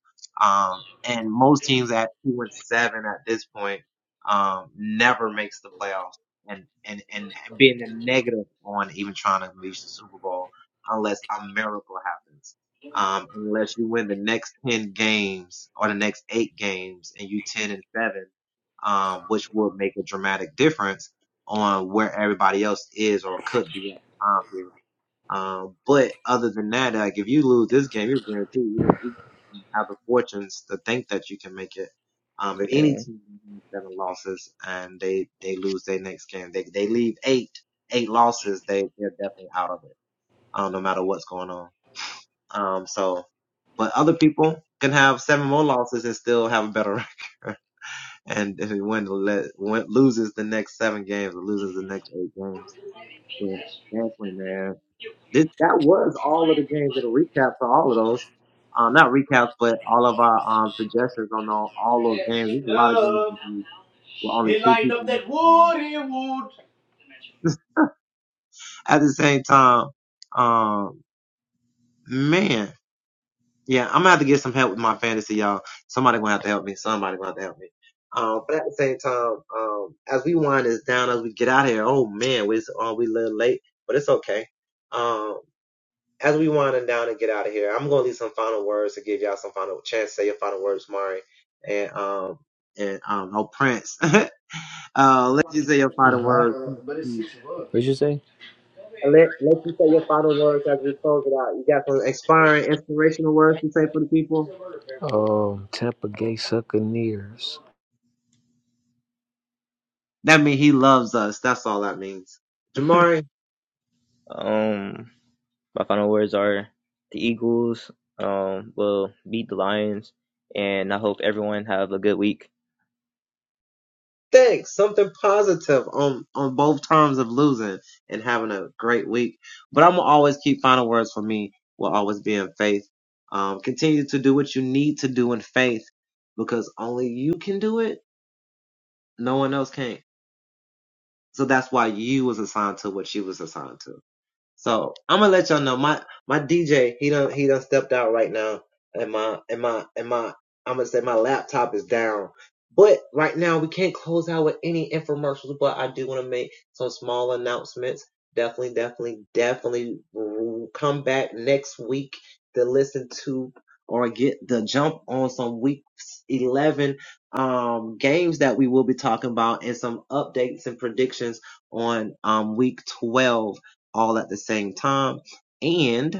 [SPEAKER 4] Um, and most teams at two and seven at this point, um, never makes the playoffs. And and and being a negative on even trying to reach the Super Bowl unless a miracle happens. Um, unless you win the next ten games or the next eight games and you ten and seven um, which will make a dramatic difference on where everybody else is or could be at the time period. Um, but other than that, like if you lose this game, you're guaranteed you're, you can have the fortunes to think that you can make it. Um, if
[SPEAKER 2] Yeah.
[SPEAKER 4] any team has seven losses and they they lose their next game, they they leave eight eight losses, they they're definitely out of it. Um, no matter what's going on. Um, so, but other people can have seven more losses and still have a better record. And if he wins, let, win, loses the next seven games or loses the next eight games. But definitely, man. This, that was all of the games with a recap for all of those. Um, not recaps, but all of our um, suggestions on all, all those games. There's a lot of games with only two people. At the same time, um, man. Yeah, I'm gonna have to get some help with my fantasy, y'all. Somebody gonna have to help me. Somebody gonna have to help me. Um, but at the same time, um, as we wind this down, as we get out of here, oh man, we uh, we a little late, but it's okay. Um, as we wind it down and get out of here, I'm gonna leave some final words to give y'all some final chance to say your final words, Mari, and um and um oh Prince, uh, let you say your final
[SPEAKER 5] hmm
[SPEAKER 4] words.
[SPEAKER 5] What'd you say?
[SPEAKER 4] Let let you say your final words as we close it out. You got some inspiring, inspirational words to say for the people.
[SPEAKER 5] um Tampa Gay Succaneers.
[SPEAKER 4] That means he loves us. That's all that means. Jamari,
[SPEAKER 2] um, my final words are the Eagles um will beat the Lions, and I hope everyone have a good week.
[SPEAKER 4] thanks. Something positive on on both terms of losing and having a great week. But I'm gonna always keep final words for me will always be in faith. Um, continue to do what you need to do in faith because only you can do it. No one else can. So that's why you was assigned to what you was assigned to. So I'm gonna let y'all know my my DJ he done he done stepped out right now, and my and my and my I'm gonna say my laptop is down. But right now we can't close out with any infomercials. But I do want to make some small announcements. Definitely, definitely, definitely come back next week to listen to or get the jump on some week 11 um games that we will be talking about and some updates and predictions on um week 12 all at the same time. And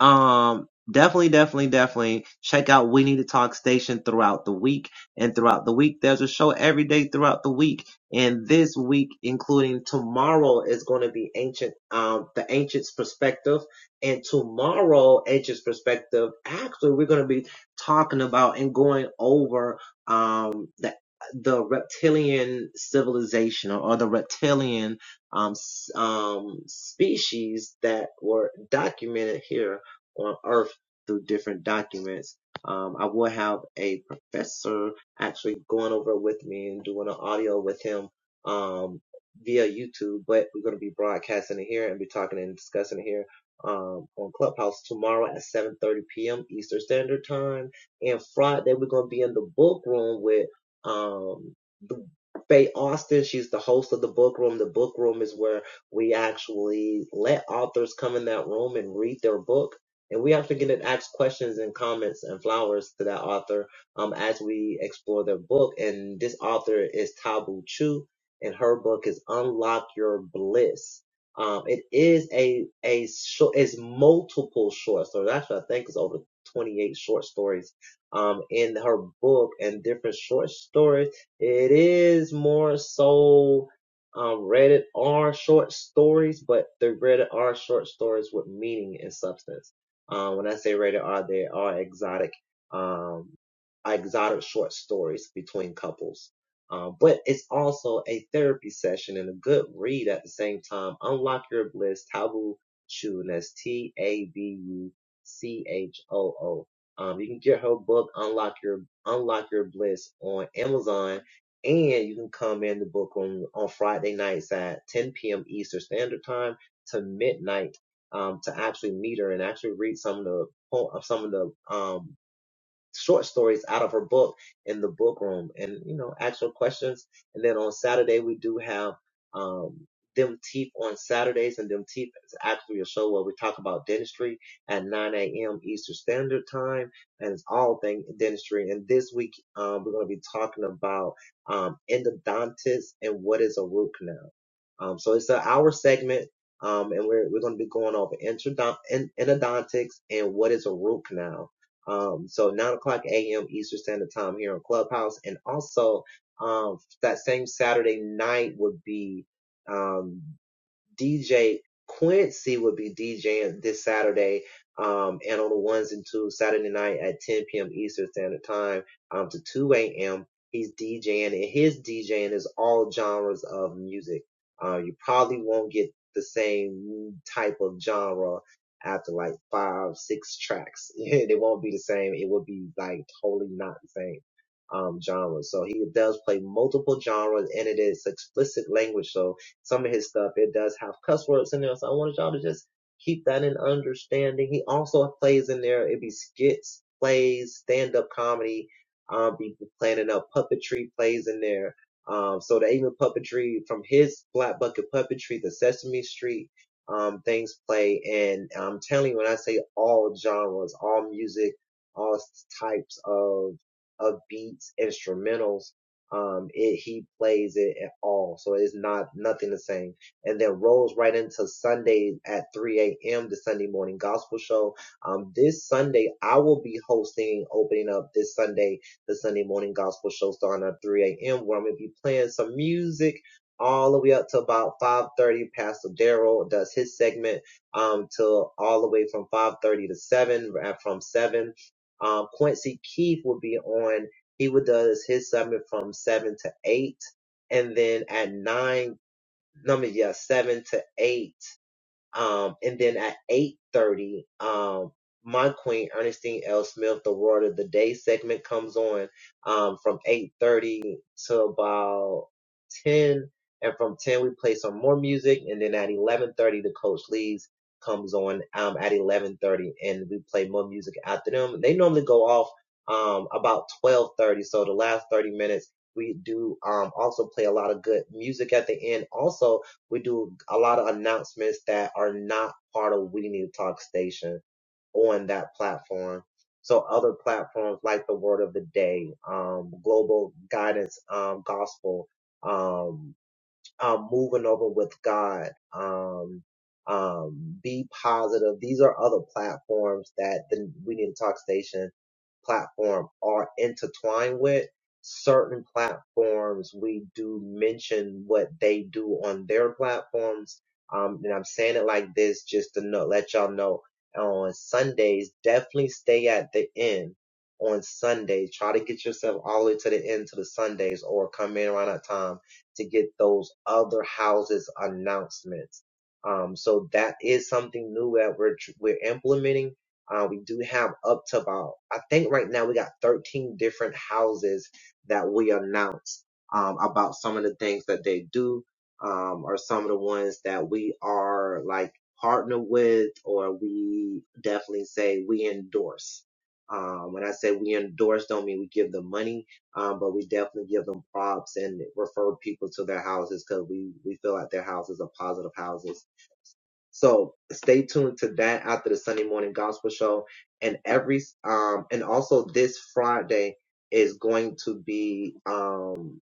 [SPEAKER 4] um definitely definitely definitely check out we need to talk station throughout the week and throughout the week there's a show every day throughout the week and this week including tomorrow is going to be ancient um the ancients perspective and tomorrow ancients perspective actually we're going to be talking about and going over um the the reptilian civilization or, or the reptilian um, s- um, species that were documented here on earth through different documents. Um, I will have a professor actually going over with me and doing an audio with him um, via YouTube, but we're going to be broadcasting it here and be talking and discussing it here um, on Clubhouse tomorrow at 7:30 p.m. Eastern Standard Time, and Friday we're going to be in the book room with um, the Faye Austin. She's the host of the book room. The book room is where we actually let authors come in that room and read their book and we actually get to ask questions and comments and flowers to that author um, as we explore their book. And this author is Tabu Chu, and her book is Unlock Your Bliss. Um, it is a a short, it's multiple short stories. Actually, I think it's over 28 short stories um, in her book and different short stories. It is more so um, rated R short stories, but they're rated R short stories with meaning and substance. Uh, when I say rated R, they are exotic, um, exotic short stories between couples. Uh, but it's also a therapy session and a good read at the same time. Unlock your bliss, Taboo Choo, and that's T A B U C H O O. Um, you can get her book, Unlock Your Unlock Your Bliss, on Amazon, and you can come in the book on on Friday nights at 10 p.m. Eastern Standard Time to midnight um, to actually meet her and actually read some of the some of the um, short stories out of her book in the book room and you know actual questions and then on saturday we do have um them teeth on saturdays and them teeth is actually a show where we talk about dentistry at 9 a.m eastern standard time and it's all thing dentistry and this week um we're going to be talking about um endodontics and what is a root canal um so it's an hour segment um and we're, we're going to be going over introdon- en- endodontics and what is a root canal um, so 9 o'clock a.m. Eastern Standard Time here on Clubhouse. And also, um, that same Saturday night would be, um, DJ Quincy will be DJing this Saturday, um, and on the ones and twos Saturday night at 10 p.m. Eastern Standard Time, um, to 2 a.m. He's DJing, and his DJing is all genres of music. Uh, you probably won't get the same type of genre after like five, six tracks. it won't be the same. It will be like totally not the same um genre. So he does play multiple genres and it is explicit language. So some of his stuff, it does have cuss words in there. So I wanted y'all to just keep that in understanding. He also plays in there. It'd be skits, plays, stand up comedy. Um, be planning out puppetry plays in there. Um, so the even puppetry from his Black Bucket puppetry, the Sesame Street, um, things play. And I'm telling you, when I say all genres, all music, all types of, of beats, instrumentals, um it he plays it at all so it's not nothing the same and then rolls right into sunday at 3 a.m the sunday morning gospel show um this sunday i will be hosting opening up this sunday the sunday morning gospel show starting at 3 a.m where i'm gonna be playing some music all the way up to about 5.30 pastor daryl does his segment um till all the way from 5.30 to 7 from 7 um, Quincy Keith will be on he would does his summit from seven to eight, and then at nine, no, I mean, yeah, seven to eight. Um, and then at 8.30, um, my queen, Ernestine L. Smith, the Word of the Day segment comes on um, from 8.30 to about 10. And from 10, we play some more music. And then at 11.30, the Coach Leaves comes on um, at 11.30 and we play more music after them. They normally go off um, about 12.30. So the last 30 minutes, we do um, also play a lot of good music at the end. Also, we do a lot of announcements that are not part of We Need to Talk Station on that platform. So other platforms like the Word of the Day, um, Global Guidance um, Gospel, um, um, moving over with God. Um, um, be positive. These are other platforms that the We Need to Talk Station platform are intertwined with. Certain platforms we do mention what they do on their platforms. Um, and I'm saying it like this just to know, let y'all know on Sundays, definitely stay at the end on Sundays. Try to get yourself all the way to the end to the Sundays or come in around that time to get those other houses announcements. Um, so that is something new that we're, we're implementing. Uh, we do have up to about, I think right now we got 13 different houses that we announce, um, about some of the things that they do, um, or some of the ones that we are like partner with or we definitely say we endorse. Um, when I say we endorse, don't mean we give them money um, but we definitely give them props and refer people to their houses because we, we feel like their houses are positive houses. So stay tuned to that after the Sunday morning gospel show. And every, um, and also this Friday is going to be, um,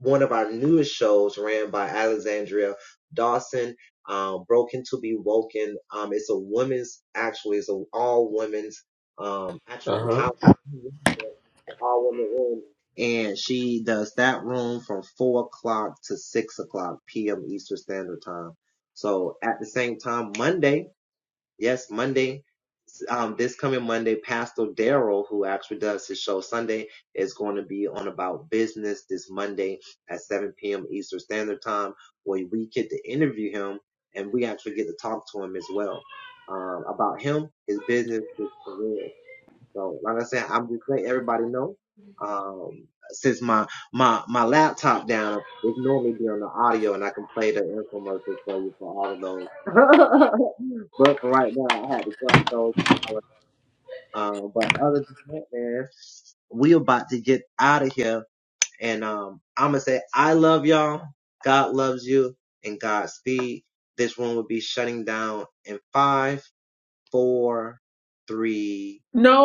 [SPEAKER 4] one of our newest shows ran by Alexandria Dawson, um, Broken to Be Woken. Um, it's a women's, actually, it's an all women's, um, actually, how all women room. And she does that room from four o'clock to six o'clock p.m. Eastern Standard Time. So at the same time, Monday, Yes, Monday, um, this coming Monday, Pastor Daryl, who actually does his show Sunday, is going to be on about business this Monday at 7 p.m. Eastern Standard Time, where we get to interview him and we actually get to talk to him as well um, about him, his business, his career. So, like I said, I'm just letting everybody know. Um, since my my my laptop down, it's normally be on the audio, and I can play the infomercials for you for all of those. but for right now, I had to drop those. Um, but other than that, man, we about to get out of here, and um, I'm gonna say I love y'all. God loves you, and Godspeed. This one will be shutting down in five, four, three,
[SPEAKER 5] No,